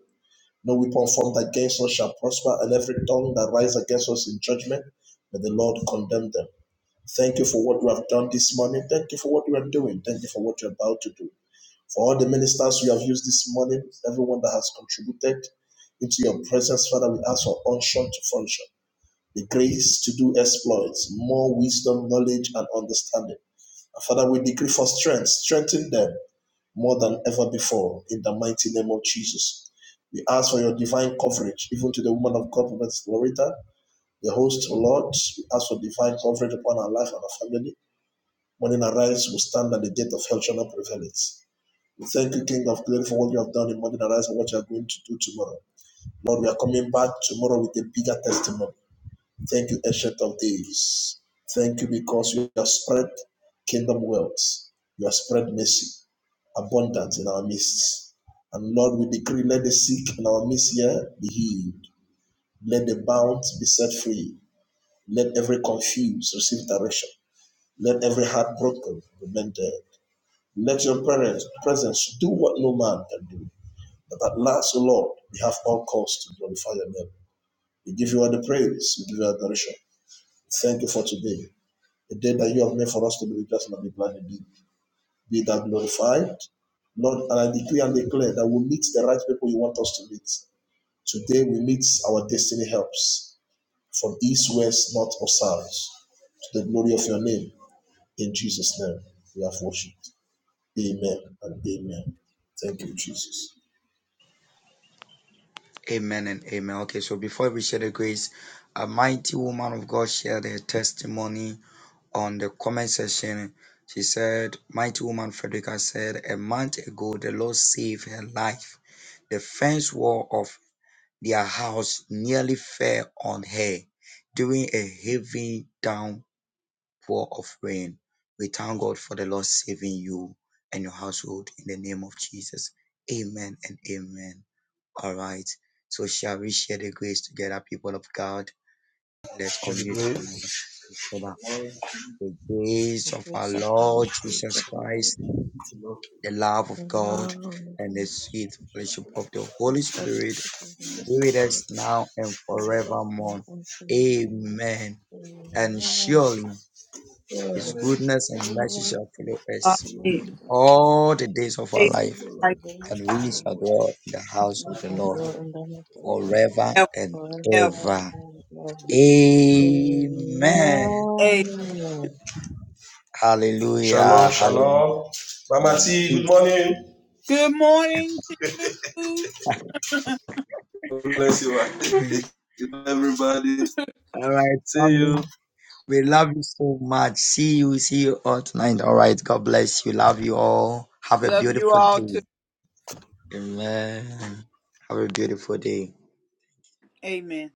No weapon formed against us shall prosper, and every tongue that rise against us in judgment, may the Lord condemn them. Thank you for what you have done this morning. Thank you for what you are doing. Thank you for what you're about to do for all the ministers you have used this morning, everyone that has contributed into your presence, Father. We ask for unction to function, the grace to do exploits, more wisdom, knowledge, and understanding. And Father, we decree for strength, strengthen them more than ever before in the mighty name of Jesus. We ask for your divine coverage, even to the woman of God, Prophet Loretta, the host, Lord. We ask for divine coverage upon our life and our family. Morning arise, we stand at the gate of hell, shall not prevail it. Thank you, King of Glory, for what you have done in Modern Arise and what you are going to do tomorrow. Lord, we are coming back tomorrow with a bigger testimony. Thank you, Ancient of Days. Thank you because you have spread kingdom wealth. You have spread mercy, abundance in our midst. And Lord, we decree, let the sick in our midst here be healed. Let the bound be set free. Let every confused receive direction. Let every heartbroken be mended. Let your presence presence do what no man can do. But at last, O Lord, we have all cause to glorify your name. We give you all the praise, we give you all the adoration. Thank you for today, the day that you have made for us to be rejoiced and be glad indeed. Be thou glorified, Lord, and I decree and declare that we meet the right people you want us to meet. Today we meet our destiny helps from east, west, north, or south. To the glory of your name, in Jesus' name, we have worshipped. Amen and amen. Thank you, Jesus.
Amen and amen. Okay, so before we share the grace, a mighty woman of God shared her testimony on the comment section. She said, Mighty woman Frederica said, a month ago, the Lord saved her life. The fence wall of their house nearly fell on her during a heavy downpour pour of rain. We thank God for the Lord saving you and your household in the name of Jesus. Amen and amen. All right. So shall we share the grace together, people of God? Let's unmute our mouths and The grace of our
Things of our Lord
Lord Jesus
Jesus Christ,
Christ, the love
the
of God,
love
and the
and the
sweet fellowship of the
full
Holy
fellowship
Spirit
of the Holy
be with us
Spirit,
now and
be with us now
forevermore.
and forevermore.
Amen. And
Amen.
surely his
Surely,
goodness and mercy shall follow
goodness
us
and mercy
Amen.
shall follow
all the days of our
Praise
us all
life,
the
God.
days
and
of our
we shall
life.
dwell in the house
We
of the
shall
Lord
dwell in the house of the
forever
Ever,
and
Lord forever
ever.
and ever.
Amen.
Amen.
Hallelujah.
Shalom,
Hallelujah.
shalom. Mama
Um,
T, good
peace.
morning.
Good morning.
Bless you.
*laughs*
Everybody.
all right,
See
family.
you.
We love you so much. See you. See you all tonight. All right. God bless you. Love you all. Have a
Love you
beautiful
all too.
day. Amen. Have a beautiful day.
Amen.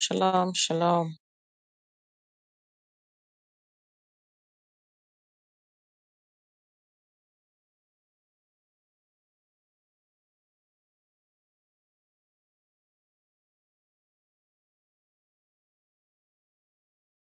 Shalom, shalom.